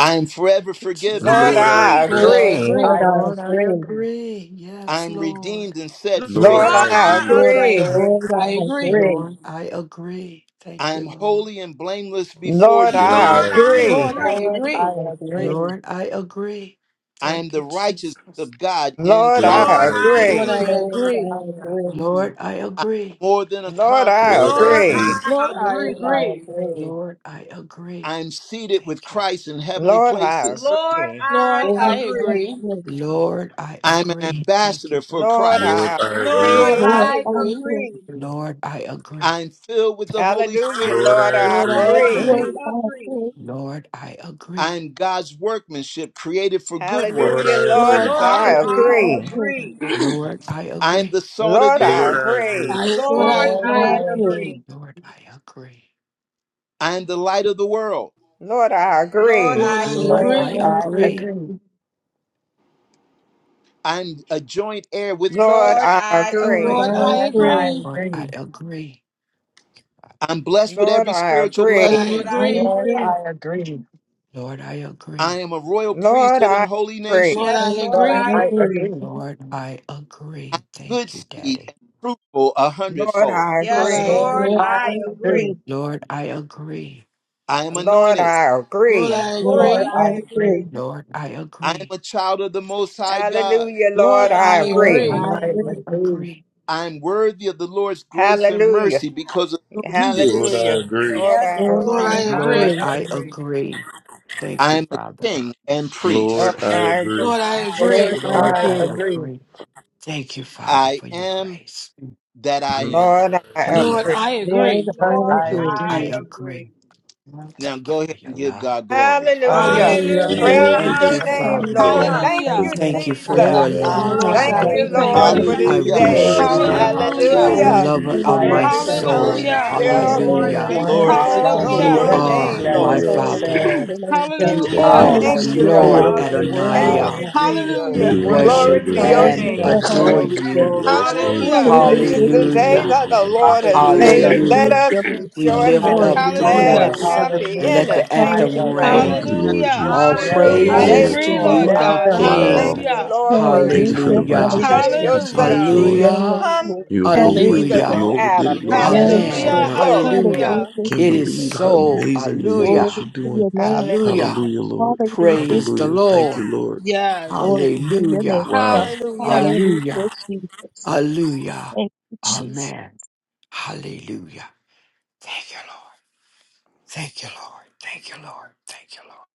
A: I am forever
D: Thank you,
A: forgiven.
C: I
H: Lord,
B: Lord,
D: Jesus.
B: I
H: I
C: agree.
F: Lord,
B: agree.
F: I
G: Lord,
H: agree.
E: Lord,
G: I
F: agree.
E: I
D: Lord, I
G: agree.
E: agree.
D: agree. Yes,
A: I'm
D: Lord.
A: redeemed and set
C: Lord,
A: free.
H: Lord,
B: Lord, I
H: I
C: I
B: agree.
F: Lord, I
C: agree.
H: agree.
G: Lord,
F: agree.
E: Lord,
G: I
F: I
E: I
F: agree.
G: agree.
E: agree.
D: Lord, I agree.
A: I
D: Thank you,
A: am
D: Lord.
A: holy and blameless before
H: Lord,
A: you.
B: Lord,
H: I
B: I
C: Lord, I
B: agree.
H: agree.
F: Lord, I
C: agree.
E: Lord,
G: Lord, I
E: I
F: agree.
E: agree.
G: agree.
D: Lord, I agree.
A: I am
D: Thank you,
A: the righteousness
D: Jesus.
A: of God in
H: Lord, I
B: Lord,
C: Lord,
A: Christ.
B: I
C: I
B: agree.
F: Lord, I
H: agree.
C: agree.
G: Lord,
E: Lord,
F: agree.
G: I agree. Lord,
E: I agree.
D: Lord, I
A: I'm
D: agree.
A: more than a
D: Thank you,
H: Lord,
A: conqueror.
H: I
B: Lord,
D: Jesus.
B: I
C: Lord,
B: agree.
H: agree.
C: I
F: Lord, I
E: Lord, I
C: agree.
G: I
F: agree.
E: agree.
G: agree.
D: Lord, I
A: I
D: agree.
A: am seated
D: Thank
A: with
D: you, Lord.
A: Christ in heavenly
H: Lord, I
A: places.
C: Lord,
H: agree.
C: I
F: Lord, I
E: Lord, I agree. Lord, I
C: agree.
F: agree.
E: agree.
D: Lord, I
A: I am an
D: agree. Thank you.
A: ambassador for
H: Lord,
A: Christ.
B: Lord,
H: I
B: I agree.
C: Lord,
F: Lord,
H: agree.
F: I
E: Lord,
G: Lord,
C: I
E: I
F: agree.
E: agree.
G: I
C: agree.
G: agree.
D: Lord, I
A: I
D: agree.
A: am filled with the Holy
H: Hallelujah,
A: Spirit.
B: Lord, I
H: Lord, I
F: Lord,
B: agree.
F: I
C: Lord,
H: agree.
E: Lord,
F: agree.
C: I
E: I
C: agree.
E: agree.
D: Lord, I
A: I
D: agree.
A: am God's workmanship created for good
B: Lord,
H: Hallelujah,
A: works.
B: I
H: Lord,
F: Lord,
B: agree.
F: I
C: Lord,
H: I
E: Lord,
F: agree.
E: I
C: I
H: agree.
E: agree.
C: agree.
D: Lord, I
A: I am
D: agree.
A: the salt of
H: Lord,
A: the
H: I
B: Lord, I
A: earth.
B: agree.
H: agree.
F: I, Lord, I
C: Lord,
G: Lord,
C: I
G: I
F: agree.
C: agree.
G: agree.
D: Lord, I agree.
A: I am the light of the world.
H: Lord, I
C: Lord,
H: agree.
F: Lord,
C: I
F: I
G: Lord,
D: Lord,
E: Lord,
C: agree.
D: I
E: I
F: agree.
G: I
E: agree.
D: agree.
G: agree.
A: I'm a joint heir with
H: Lord,
C: Lord,
A: Christ.
H: I
C: I
E: Lord,
H: agree.
C: agree.
F: Lord,
E: I
F: I
G: Lord,
E: agree.
G: I
F: agree.
D: Lord,
G: agree.
D: I agree.
A: I'm blessed with
H: Lord,
A: every
H: I
A: spiritual
F: Lord,
H: agree.
F: I
E: Lord,
C: Lord,
A: blessing.
E: I
C: I
F: agree.
G: Lord,
E: agree.
C: agree.
G: I agree.
D: Lord, I
A: I
D: agree.
A: am a royal
H: Lord,
A: priesthood and
H: I
A: holy
H: agree.
F: Lord,
A: nation.
C: Yes,
F: I
E: Lord,
C: Lord,
G: Lord,
C: I
F: agree.
E: all
G: I
C: agree.
E: three.
G: agree.
D: Lord, I
A: I'm
D: agree.
A: good
D: Thank you,
A: seed and
D: Daddy.
A: fruitful a
H: Lord,
A: hundredfold.
H: I
F: Lord,
C: Yes,
F: I
H: agree.
G: Lord,
C: Lord,
F: agree.
E: Lord,
G: I
C: I
E: all
G: agree.
C: agree.
E: three.
D: Lord, I agree.
A: I am
H: Lord,
A: anointed.
H: I
F: Lord,
H: agree.
C: Yes,
F: I
E: Lord,
C: Lord,
G: Lord,
F: agree.
G: I
E: all
C: I
G: agree.
E: three.
C: agree.
D: Lord, I
A: I am
D: agree.
A: a child of the Most High God.
H: Hallelujah,
F: Lord,
H: Lord,
C: Yes,
H: I
F: I
E: Lord,
C: Lord,
G: Lord,
H: agree.
F: agree.
C: I
E: all
G: I
D: Lord,
E: three.
D: I
C: agree.
G: agree.
D: agree.
A: I am worthy of the Lord's grace and
H: Hallelujah.
A: mercy because of who He
B: Lord,
A: is.
B: I
H: Hallelujah.
B: agree.
H: Lord,
C: Yes,
H: I
E: Lord,
G: Lord,
F: Lord,
C: Lord,
F: I
E: all
H: agree.
G: I
D: Lord,
F: agree.
E: three.
C: I
D: I
C: agree.
G: agree.
D: agree. Thank
A: I
D: you,
A: am a
D: Father.
A: king and
H: Lord,
A: priest.
B: Lord, I
H: I
B: agree.
F: Lord, I
H: agree.
C: Ah,
D: Jesus.
C: yes,
E: Lord,
G: Lord,
F: agree.
E: all
C: Lord,
D: Lord,
G: I
C: I
D: I
E: three.
C: agree.
G: agree.
D: agree. Thank you, Father,
A: I
D: for your
A: am
D: grace.
A: that I
B: Lord, I
A: am.
H: Lord,
G: [LAUGHS]
H: I
D: Mm.
B: agree.
F: Lord,
H: agree.
F: I
G: yes.
C: Yes,
E: Lord,
F: agree.
G: Lord,
E: all
C: Lord,
G: I
D: Lord,
E: three.
C: I
D: I
G: agree.
C: agree.
D: agree.
A: Now
D: Thank you
A: go
D: for
A: ahead
D: your
A: and give
D: love.
A: God glory. [LAUGHS]
H: Hallelujah.
B: Thank
G: Hallelujah.
F: Hallelujah.
B: you,
E: Hallelujah,
C: Hallelujah,
B: Lord,
H: Praise
B: for
D: Thank
H: your
D: you,
B: this
G: Lord,
B: word,
H: name,
D: Father.
G: I
C: hallelujah,
B: Lord.
H: Lord.
B: Thank
G: agree.
E: hallelujah.
B: you
H: Thank
B: for
G: Thank
H: you,
F: Hallelujah.
B: the
D: Thank you
B: life
D: for
G: you.
B: that
H: Jesus.
D: your
B: you
E: Glory to
F: Our
B: have
E: your
D: love,
B: in
F: Lord
B: us.
E: name,
H: Thank
F: God,
D: Father.
H: you,
F: we
E: God.
F: thank
B: Thank
H: Lord,
C: Hallelujah.
G: Hallelujah.
B: you for
H: for
F: you.
C: Thank
H: this
D: I
C: you,
E: Hallelujah,
A: hallelujah,
H: day.
C: Lord.
B: completing
G: Glory
E: Jesus.
D: worship
G: and
B: us,
A: hallelujah,
B: Lord.
D: you,
G: honor
B: Thank
G: to
B: you for
F: Hallelujah.
B: letting
D: the
G: God.
A: hallelujah.
B: us
H: Hallelujah.
E: Glory
B: be
E: to
D: lover
B: your
E: your
D: of
G: I
D: my
B: children
E: name,
C: Thank
H: Every
C: you,
B: and
E: God.
B: your
C: Lord.
G: agree.
H: tongue
D: soul.
B: vessels,
F: Hallelujah.
C: Thank
B: Lord.
C: you,
G: I
H: shall
C: Lord.
G: stand
B: Hallelujah.
A: Thank
G: in
D: Hallelujah.
A: you,
E: Hallelujah,
C: Thank you,
G: wonder
A: Lord.
G: and
A: Thank
C: Lord.
H: call
E: hallelujah,
G: love.
B: Thank you
A: you,
H: on
E: Lord.
B: for
D: You
A: Lord.
F: Hallelujah.
H: your
A: Thank
B: making us
G: Everything
D: are
B: who
A: you,
H: name,
G: that
H: Lord.
B: we
D: my
G: has
A: Lord.
G: been
B: are,
E: Oh, bless
B: Lord.
D: Father.
G: said
E: your name, God.
D: You
G: is
B: That
G: I
A: Hallelujah,
F: Hallelujah.
B: we
D: are
H: Thank
B: rest
H: you,
B: in
E: Hallelujah,
B: you,
H: Lord.
D: Lord
G: agree.
E: Lord.
B: Lord.
E: Your
B: Thank
A: hallelujah,
B: you,
C: Hallelujah.
E: word
G: I
H: Thank
E: is
B: Lord.
D: Adonai.
H: you,
E: God.
G: agree with
A: hallelujah.
G: you.
B: You're
D: We
E: Your
F: Hallelujah.
H: Jesus.
B: doing the
E: word
G: Father.
E: is
H: Glory
D: worship
H: to
B: labor that's
H: your
G: That's
D: and
B: coming
G: who I
H: name,
B: down
E: hallelujah,
G: am
B: to
D: adore
H: Lord.
G: with
A: Glory,
E: hallelujah.
G: you.
D: you.
A: glory,
B: last days,
A: glory,
B: so
C: Hallelujah.
F: Hallelujah.
B: we
G: Thank
E: Hallelujah,
H: This
A: glory.
B: must
H: is
G: you.
H: the
B: always be
E: Jesus.
H: day
G: Thank
B: ready to
D: Hallelujah.
H: that
B: be
H: the
B: enter
H: Lord
B: into
H: has
G: you.
B: your
A: Hallelujah.
B: rest,
H: made.
B: Lord.
H: Let
E: Hallelujah,
D: Hallelujah.
H: us
E: Lord.
D: We
H: rejoice
D: lift
H: and
E: Glory
B: Hallelujah.
A: Thank
D: up
H: be
B: Lord.
A: you,
D: the
E: to your
A: Lord
B: Thank
H: glad
E: name,
F: Hallelujah.
B: you,
G: Hallelujah.
H: and
A: Jesus.
D: voice
B: Lord
E: God.
B: Jesus.
H: happy
D: and
H: in
D: let
H: it.
G: Hallelujah.
D: the
H: Thank
G: I
H: you,
D: anthem
E: Hallelujah,
A: Come on,
G: agree.
B: Thank
H: Lord,
B: you,
D: reign.
E: Jesus.
A: bless
B: Lord
A: his
F: Hallelujah.
A: holy-
D: All
B: Jesus.
H: for
G: Yes,
H: this
C: Hallelujah.
F: I
E: Glory
H: day,
D: praises
B: Hallelujah.
G: Lord.
D: to
E: to
F: agree,
E: your
D: you,
H: Lord.
F: Lord
E: name,
D: our
F: God.
E: God.
G: Yes, yes,
B: Wow.
H: Thank
D: King.
H: you,
F: Hallelujah.
G: yes,
H: Lord,
G: Lord.
H: for
C: Thank
B: Thank you
C: you,
B: for
G: I
E: Hallelujah,
B: the
C: Jesus.
D: Hallelujah.
H: that
B: righteousness, the
H: in
G: agree.
H: your
E: hallelujah.
B: peace, and the
H: son
F: Hallelujah.
B: joy.
E: Yes,
C: Thank
H: Jesus
C: you,
D: Hallelujah.
H: come
E: Lord.
C: Jesus.
B: You
H: and
C: Thank you,
H: be the
B: overdid,
C: Jesus.
B: you
D: Hallelujah.
E: Hallelujah.
H: new
B: overdid
H: Adam.
B: it, Lord. You just
G: Yes,
E: Yes,
B: do
H: Hallelujah.
B: so
D: Amen.
G: Lord.
F: Hallelujah.
E: Lord.
B: much.
G: Yes,
H: Glory.
D: Hallelujah.
G: Lord.
E: Hallelujah,
F: Hallelujah.
B: Can't
D: It is
E: Jesus.
B: believe how
D: so.
B: amazing it is
E: Glory
D: Hallelujah.
B: what you're
E: to
B: doing.
E: your name.
H: Hallelujah.
D: Hallelujah.
B: Hallelujah, Lord.
E: Hallelujah,
D: Praise
E: Jesus.
D: the
B: Hallelujah. Thank
D: Lord.
B: you, Lord.
E: Glory
F: Yes.
E: to your name,
D: Hallelujah.
B: Wow.
E: God.
F: Hallelujah.
E: Hallelujah,
D: Hallelujah.
E: Jesus.
D: Hallelujah.
E: Thank you, Jesus.
D: Amen. Hallelujah. Thank you, Lord. Thank you, Lord. Thank you, Lord. Thank you, Lord.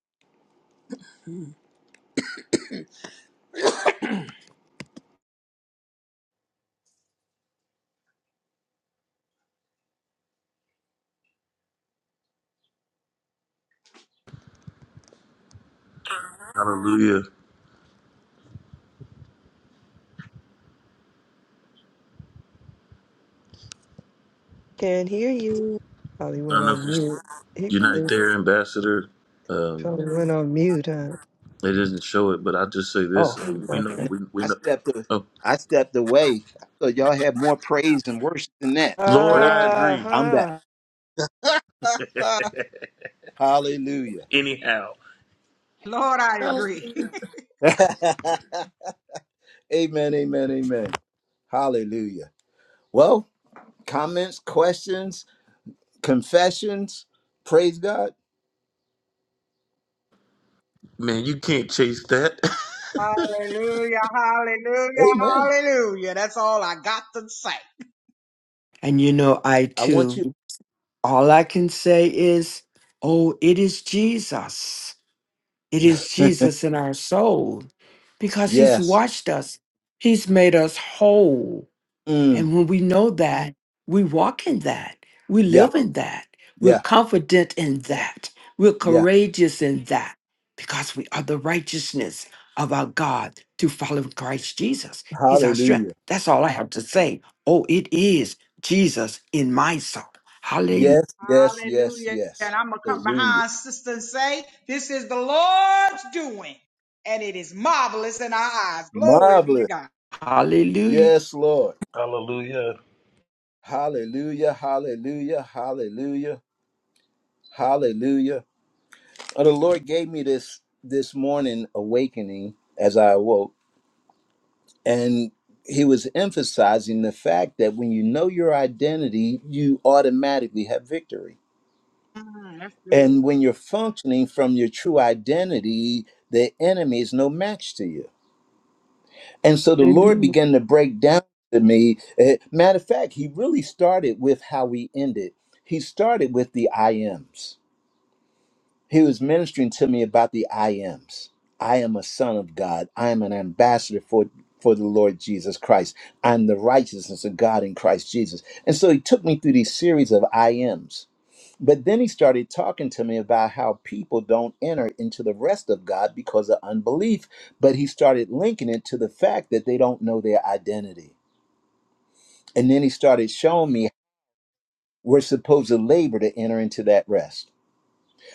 B: Hallelujah.
G: Can't hear you. Probably
B: I
G: went
B: don't know if
G: on
B: you're,
G: mute. He
B: you're not
G: probably
B: there, Ambassador. um,
G: probably went on mute, huh?
B: They doesn't show it, but I just say this:
G: Oh,
B: um, we know,
G: okay.
A: No,
B: we, we
A: I
B: know.
A: stepped a-
B: Oh,
A: I stepped away. I thought y'all had more praise and worship than that. But
B: Lord,
A: glory
B: I
A: to God.
G: Uh
B: agree.
A: I'm back.
G: huh.
A: [LAUGHS] hallelujah.
B: [LAUGHS] Anyhow,
C: Lord, I agree. [LAUGHS]
A: [LAUGHS] amen, amen, amen. Hallelujah. Well, comments, questions, confessions. Praise God.
B: man, you can't chase that. [LAUGHS]
C: Hallelujah. Hallelujah.
A: Amen.
C: Hallelujah. That's all I got to say.
D: And you know, I
A: I want you.
D: too, all I can say is, oh, it is Jesus. It is
A: [LAUGHS]
D: Jesus in our soul because he's
A: Yes.
D: washed us, he's made us whole.
A: Mm.
D: And when we know that, we walk in that, we
A: Yeah.
D: live in that, we're
A: Yeah.
D: confident in that, we're
A: Yeah.
D: courageous in that, because we are the righteousness of our God to follow Christ Jesus. He's our strength.
A: Hallelujah.
D: That's all I have to say. Oh, it is Jesus in my soul. Hallelujah.
A: Yes. Yes. Yes.
C: Hallelujah.
A: Yes.
C: And I'm going to come
A: Hallelujah.
C: behind sister and say, this is the Lord's doing and it is marvelous in our eyes. Glory be to
A: Marvelous.
C: God.
D: Hallelujah.
A: Yes, Lord.
B: Hallelujah.
A: Hallelujah. Hallelujah. Hallelujah. Hallelujah. And the Lord gave me this this morning awakening as I awoke, and He was emphasizing the fact that when you know your identity, you automatically have victory.
C: Mm, that's good.
A: And when you're functioning from your true identity, the enemy is no match to you. And so the Lord
D: Hallelujah.
A: began to break down to me. eh, matter of fact, he really started with how we ended. He started with the I ams. He was ministering to me about the I ams. I am a son of God. I am an ambassador for, for the Lord Jesus Christ. I'm the righteousness of God in Christ Jesus. And so he took me through these series of I ams. But then he started talking to me about how people don't enter into the rest of God because of unbelief. But he started linking it to the fact that they don't know their identity. And then he started showing me we're supposed to labor to enter into that rest.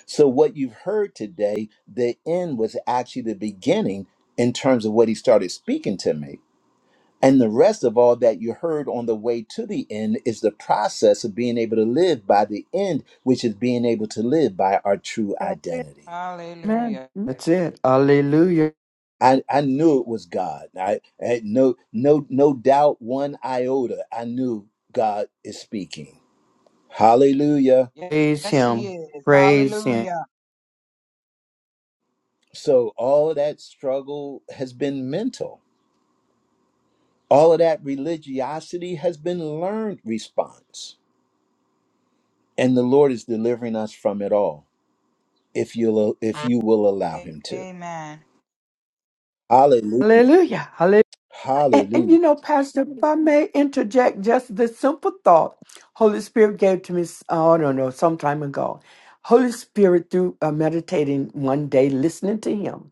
A: So, what you've heard today, the end was actually the beginning in terms of what he started speaking to me. And the rest of all that you heard on the way to the end is the process of being able to live by the end, which is being able to live by our true
C: That's it.
A: identity.
D: Amen.
C: Hallelujah.
D: That's it. Hallelujah.
A: I, I knew it was God. I, I had no no no doubt one iota. I knew God is speaking. Hallelujah.
C: Yes,
D: Praise
C: yes, he
D: him.
C: is.
D: Praise him.
C: Hallelujah.
A: So all that struggle has been mental. All of that religiosity has been learned response. And the Lord is delivering us from it all if you'll if you will allow
C: A-
A: him to.
C: Amen.
A: Hallelujah.
D: Hallelujah. Hallelujah. And, and
A: Hallelujah.
D: you know, Pastor, if I may interject just this simple thought Holy Spirit gave to me, s- oh, I don't know, some time ago. Holy Spirit, through uh, meditating one day, listening to Him,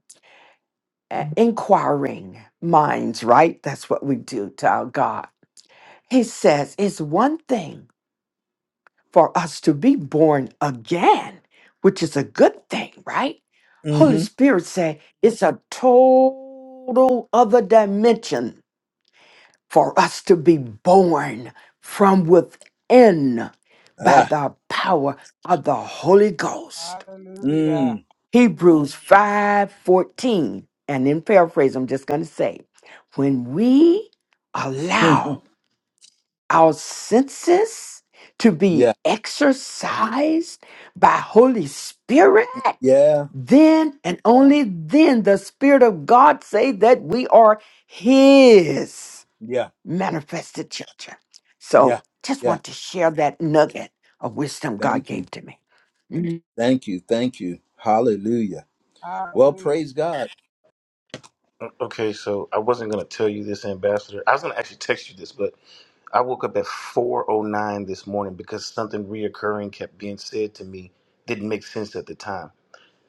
D: uh, inquiring minds, right? That's what we do to our God. He says, it's one thing for us to be born again, which is a good thing, right? Holy
A: Mm-hmm.
D: Spirit said it's a total other dimension for us to be born from within by
A: Ah.
D: the power of the Holy Ghost.
C: Hallelujah.
A: Mm.
D: Hebrews 5:14. And in paraphrase, I'm just going to say, when we
A: [LAUGHS]
D: allow our senses to
A: yeah.
D: be exercised by Holy Spirit,
A: Yeah.
D: then and only then the Spirit of God say that we are His
A: Yeah.
D: manifested children.
A: Yeah.
D: So just
A: Yeah.
D: want to share that nugget of wisdom God
A: Thank you.
D: gave to me. Mhm.
A: Thank you. Thank you. Hallelujah. Well,
C: Hallelujah.
A: praise God.
B: Okay, so I wasn't gonna tell you this, Ambassador. I was gonna actually text you this, but I woke up at four oh nine this morning because something reoccurring kept being said to me. Didn't make sense at the time.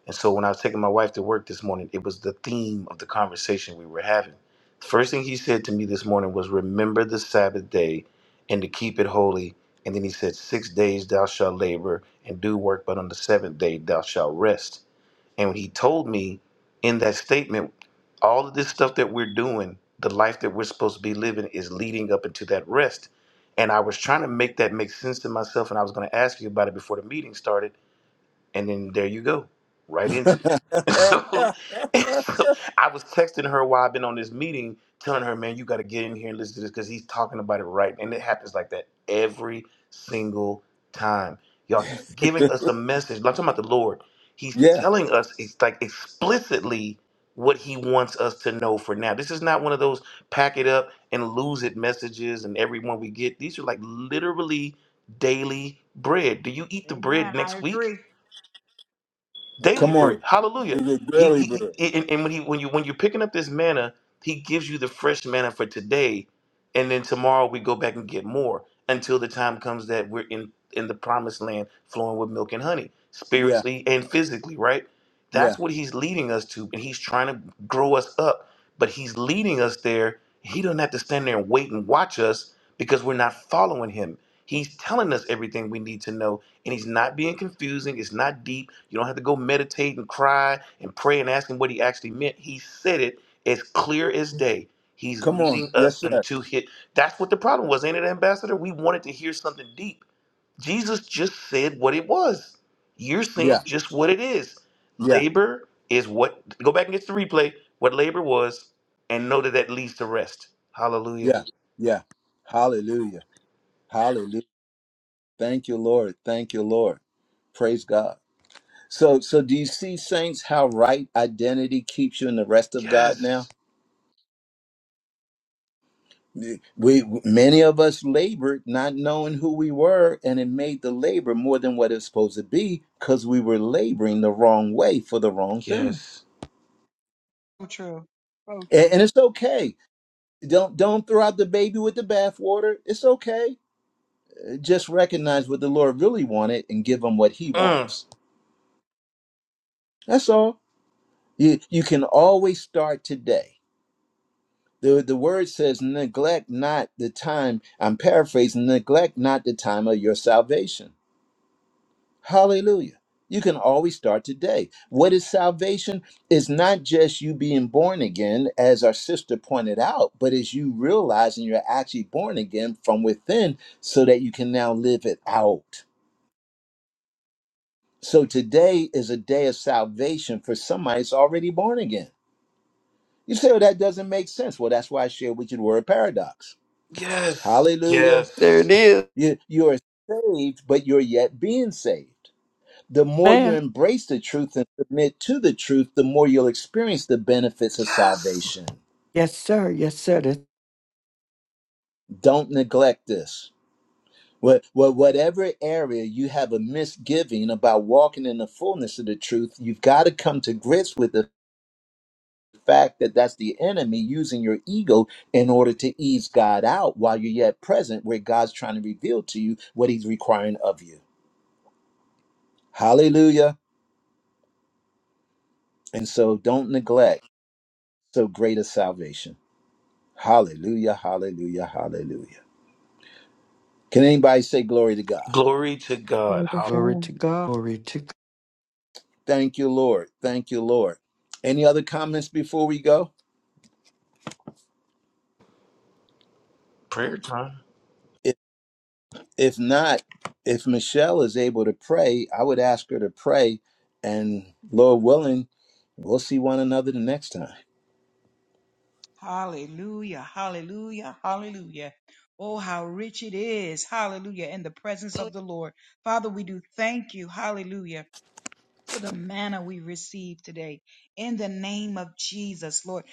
B: And so when I was taking my wife to work this morning, it was the theme of the conversation we were having. The first thing he said to me this morning was, Remember the Sabbath day and to keep it holy. And then he said, "Six days thou shalt labor and do work, but on the seventh day thou shalt rest. And when he told me, in it meant all in that we're supposed to live in- up into rest. And I made sense to myself, and I was going to ask you about it before the meeting started. And then there you go, right into it. [LAUGHS] So [LAUGHS] And so I was texting her while I've been on this meeting, telling her, man, you got to get in here and listen to this because he's talking about it right. And it happens like that every single time. Y'all, he's giving
A: [LAUGHS]
B: us a message. I'm talking about the Lord. He's
A: yeah.
B: telling us, it's like explicitly what he wants us to know for now. This is not one of those pack it up and lose it messages and everyone we get. These are like literally daily bread. Do you eat the
C: Amen.
B: bread
C: I
B: next week?
C: agree.
B: daily
A: Come
B: bread.
A: on. For
B: Hallelujah.
A: your
B: He,
A: daily
B: he,
A: bread.
B: he- and, and when he when you when you're picking up this manna, he gives you the for today and more and and land honey.
A: Yeah. Yeah.
B: But us there, he doesn't have to stand there and wait and watch us because we're not following him. He's telling us everything we need to know, and he's not being confusing. It's not deep. You don't have to go meditate and cry and pray and ask him what he actually meant. He said it as clear as day. He's
A: Come on.
B: leading us
A: Yes, sir.
B: into his. That's what was in it, Ambassador, to hear something deep.
A: Yeah. Yeah. Yeah. Yeah. Hallelujah. Hallelujah. Thank you, Lord. Thank you, Lord. Praise God. So so do you see saints how right identity keeps you in the rest of God now?
B: Yes.
A: we many of us labored not knowing who we were and it made the labor more than what it's supposed to be because we were laboring the wrong way for the wrong thing
B: Yes.
C: So true. So
A: and,
C: true.
A: and it's okay don't don't throw out the baby with the bathwater it's okay just recognize what the lord really wanted and give him what he wants that's all you you can always start today the, the word says neglect not the time i'm paraphrasing neglect not the time of your salvation Hallelujah. You can always start today. What is salvation? It's not just you being born again, as our sister pointed out, but is you realizing you're actually born again from within so that you can now live it out. So today is a day of salvation for somebody that's already born again. You say, well, that doesn't make sense. Well, that's why I shared with you the word paradox.
B: Yes.
A: Hallelujah.
D: There it is.
A: You, you are saved, but you're yet being saved. the more you
D: Man.
A: embrace the truth and submit to the truth, the more you'll experience the benefits of salvation.
D: Yes, sir. Yes, sir. That's
A: Don't neglect this. What, what, whatever area you have a misgiving about walking in the fullness of the truth, you've got to come to grips with the fact that that's the enemy using your ego in order to ease God out while you're yet present, where God's trying to reveal to you what He's requiring of you. Hallelujah. And so don't neglect so great a salvation. Hallelujah, hallelujah, hallelujah. Can anybody say glory to God?
B: Glory to
E: Glory
B: God.
E: to
B: Hall-
D: glory
E: God.
D: to God. Glory to God.
A: Thank you, Lord. Thank you, Lord. Any other comments before we go?
B: Prayer time.
A: If, if not, if Michelle is able to pray, I would ask her to pray. And Lord willing, we'll see one another the next time.
C: Hallelujah. Hallelujah. Hallelujah. Oh, how rich it is. Hallelujah. In the presence of the Lord. Father, we do thank you. Hallelujah for the manna we receive today. In the name of Jesus, Lord.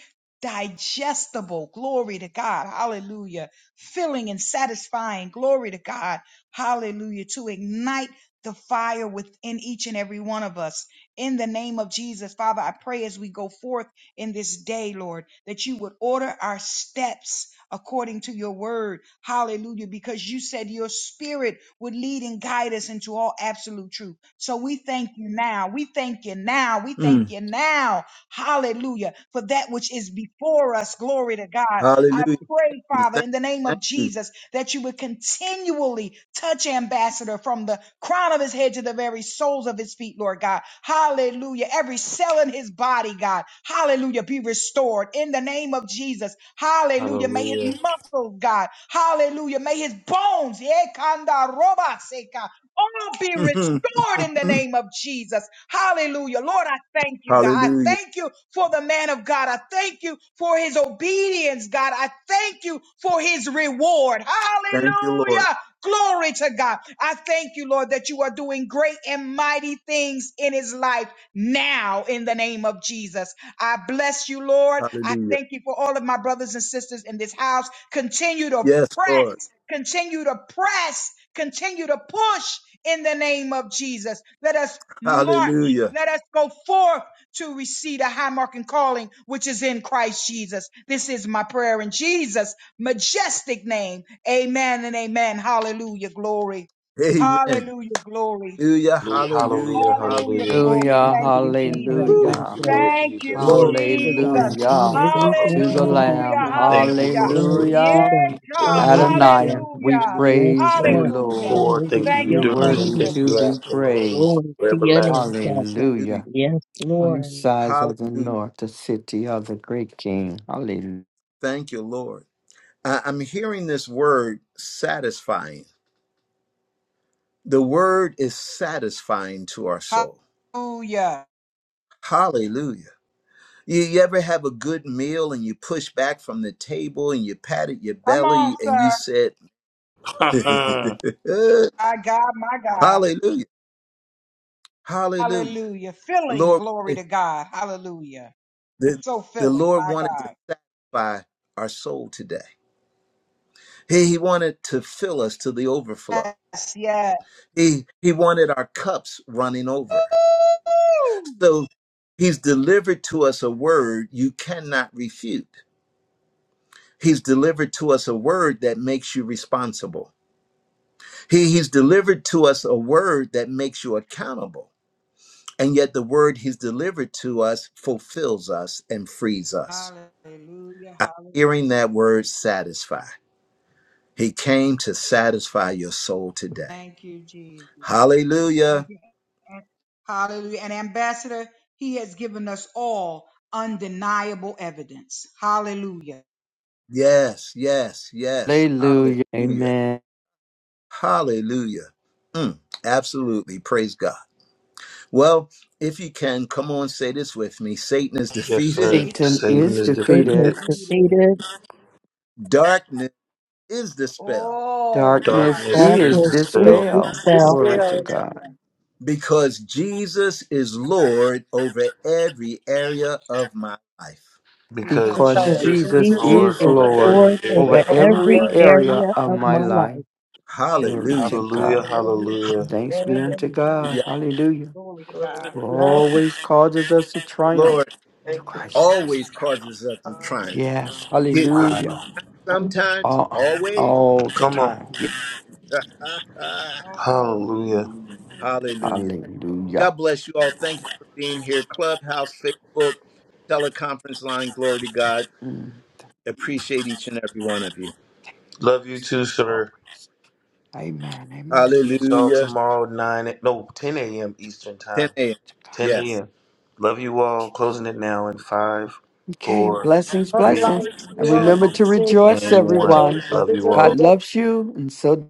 C: Digestible, glory to God, hallelujah. Filling and satisfying, glory to God, hallelujah. To ignite the fire within each and every one of us. In the name of Jesus, Father, I pray as we go forth in this day, Lord, that you would order our steps according to your word. Hallelujah. Because you said your spirit would lead and guide us into all absolute truth. So we thank you now. We thank you now. We thank you now. Hallelujah. For that which is before us. Glory to God. I pray, Father, in the name of Jesus that you would continually touch Ambassador from the crown of his head to the very soles of his feet, Lord God. Hallelujah. Every cell in his body, God. Hallelujah. Be restored in the name of Jesus. Hallelujah. May his
B: Hallelujah.
C: muscles, God. Hallelujah. May his bones, yeah, kanda roba seka all be
A: Mm.
C: restored in the
A: [LAUGHS]
C: name of Jesus. Hallelujah. Lord, I thank you, God. I
A: hallelujah.
C: thank you for the man of God. I thank you for his obedience, God. I thank you for his reward.
A: Thank you, Lord.
C: Hallelujah. Glory to God. I thank you, Lord, that you are doing great and mighty things in his life now in the name of Jesus. I bless you, Lord. I
A: Hallelujah.
C: thank you for all of my brothers and sisters in this house. Continue to
A: Yes, Lord.
C: press, continue to press Continue to push in the name of Jesus. Let us march.
A: Hallelujah.
C: Let us go forth to receive the high mark and calling which is in Christ Jesus. This is my prayer in Jesus' majestic name. Amen and amen. Hallelujah. Glory.
A: Amen.
C: Hallelujah. Glory.
A: Hallelujah,
B: Hallelujah.
A: hallelujah,
B: Hallelujah.
C: Hallelujah,
B: Hallelujah.
A: hallelujah.
C: glory.
D: Hallelujah.
C: Thank you,
E: Hallelujah,
C: Jesus.
A: Woo.
B: Thank
D: Hallelujah.
B: you,
E: hallelujah.
B: Lord
C: Thank you,
B: Jesus.
E: Glory
A: Glory,
E: to God.
C: Jesus.
B: Thank you,
A: Glory,
D: Hallelujah.
B: Lord.
E: Hallelujah,
D: To
B: Hallelujah.
D: the
A: glory,
C: Hallelujah,
D: Lamb.
E: hallelujah.
A: glory.
B: Thank you,
A: glory.
C: hallelujah.
B: Lord, for your
E: Glory to
D: Hallelujah.
C: Yes,
E: God.
C: God,
D: Adonai,
E: Hallelujah.
D: we
C: hallelujah,
A: Hallelujah.
E: Yes,
D: praise
B: thank
D: you,
E: Lord.
B: you
C: hallelujah.
D: Lord.
B: before, thank
C: Thank
B: you
E: Hallelujah.
D: You're
C: you,
B: during, and
D: worthy
B: thank
C: Jesus.
D: to
B: you
E: Hallelujah.
D: be
B: after, Lord.
D: praised.
E: Glory
B: For
E: to your
B: everlasting.
E: name, God.
D: Hallelujah.
A: Hallelujah.
E: Yes,
D: on the
E: Lord.
D: sides of the
A: Hallelujah.
D: north, the city of the great king.
A: Thank you, Lord. I- I'm hearing this word satisfying. The word is satisfying to our soul.
C: Hallelujah.
A: Hallelujah. You, you ever have a good meal and you push back from the table and you patted your
C: Come on,
A: belly and you
C: sir.
A: said, [LAUGHS]
B: Mm.
C: My God, my God.
A: Hallelujah. Hallelujah.
C: Hallelujah. Filling,
A: Lord,
C: glory
A: the,
C: to God. Hallelujah. It's so
A: the
C: filling,
A: Lord
C: my
A: wanted to
C: God.
A: satisfy our soul today. He, he wanted to fill us to the overflow.
C: Yes, yes.
A: He, he wanted our cups running over.
C: Woo!
A: So he's delivered to us a word you cannot refute. He's delivered to us a word that makes you responsible. He, he's delivered to us a word that makes you accountable. And yet the word he's delivered to us fulfills us and frees us.
C: Hallelujah,
A: I'm
C: hallelujah.
A: hearing that word satisfy. He came to satisfy your soul today.
C: Thank you, Jesus.
A: Hallelujah.
C: Thank you. And- Hallelujah. And Ambassador, he has given us all undeniable evidence. Hallelujah.
A: Yes, yes, yes.
D: Hallelujah.
A: Hallelujah.
D: Amen.
A: Hallelujah. Mm, absolutely. Praise God. Well, if you can, come on, say this with me Satan is [LAUGHS]
B: Yes,
A: defeated,
B: sir.
C: Faith
D: Satan
B: Satan
D: is
B: is
C: is
E: Satan is
B: defeated.
D: defeated.
E: defeated.
C: defeated.
A: darkness is dispelled
C: All
D: Darkness
B: Darkness
C: darkness
B: is
D: is
E: Darkness
C: is
E: is
B: dispelled
D: dispelled.
C: dispelled.
G: Sister
E: dispelled.
D: Glory to
G: Skills.
C: Hallelujah.
D: God.
A: because Jesus is Lord over every area of my life.
C: Because
B: because
G: And so
D: Because
E: And
G: it's
B: Jesus
C: Jesus
B: is
D: Jesus
C: is
G: Jesus
E: Jesus
G: and
B: Lord
D: is
E: is
B: over
G: family
D: Lord
C: Lord
E: Lord
B: every
G: for
B: area
E: over
D: over
C: over
B: of
G: every
B: my
C: every
D: every
E: every
G: area
B: life.
G: of
C: area
G: our
D: area
E: area
D: of
C: of
E: of
D: my
E: my
C: my life.
G: lives.
E: life.
D: life. Glory
A: Hallelujah.
D: to
C: Amen.
B: Hallelujah.
D: God.
G: Hallelujah.
C: Hallelujah.
B: Hallelujah.
D: Thanks be
G: Amen.
C: Blessings
D: unto
C: to you
D: God.
A: Hallelujah.
C: all.
D: Hallelujah.
C: Glory to
G: Glory
C: God.
D: Who
G: to God.
A: Mm,
D: always causes us to
A: The
D: triumph
A: Lord
D: to
G: Thank
D: Christ Jesus.
A: always
G: you.
D: our Lord.
A: causes us to
G: Hallelujah.
A: triumph.
D: Yes.
A: Yet
B: Wow.
D: Hallelujah.
A: Sometimes,
D: All, um,
A: always.
D: all the time.
A: [LAUGHS]
C: Always.
B: Hallelujah.
A: Hallelujah.
D: Hallelujah.
A: God bless you all. Thank you for being here. Clubhouse, Facebook, teleconference line. Glory to God.
D: Mm. Thank you,
A: Appreciate
D: Jesus.
A: each and every one of you.
D: Thank you,
B: Love you
D: Jesus.
B: too,
D: Always.
B: sir.
D: Amen. Amen.
B: See y'all
A: Hallelujah.
D: To God.
B: tomorrow nine a- no ten a.m.
D: To
B: Eastern
A: 10
B: time.
A: a.m.
D: to God.
B: Ten
A: Yes.
B: a.m. Love
D: Thank
B: you
D: you,
B: all.
D: Jesus.
B: Closing it now in five,
D: Okay.
B: four,
D: Blessings,
G: Other
B: three,
D: blessings.
G: lights,
D: And
G: you
B: two,
G: are
D: remember to
G: blessed. Join
D: rejoice,
B: and
G: the
B: one.
G: joy
D: everyone.
G: of
B: Love
G: others
B: you
G: of
B: all.
G: your
D: God
G: day.
D: loves you, and so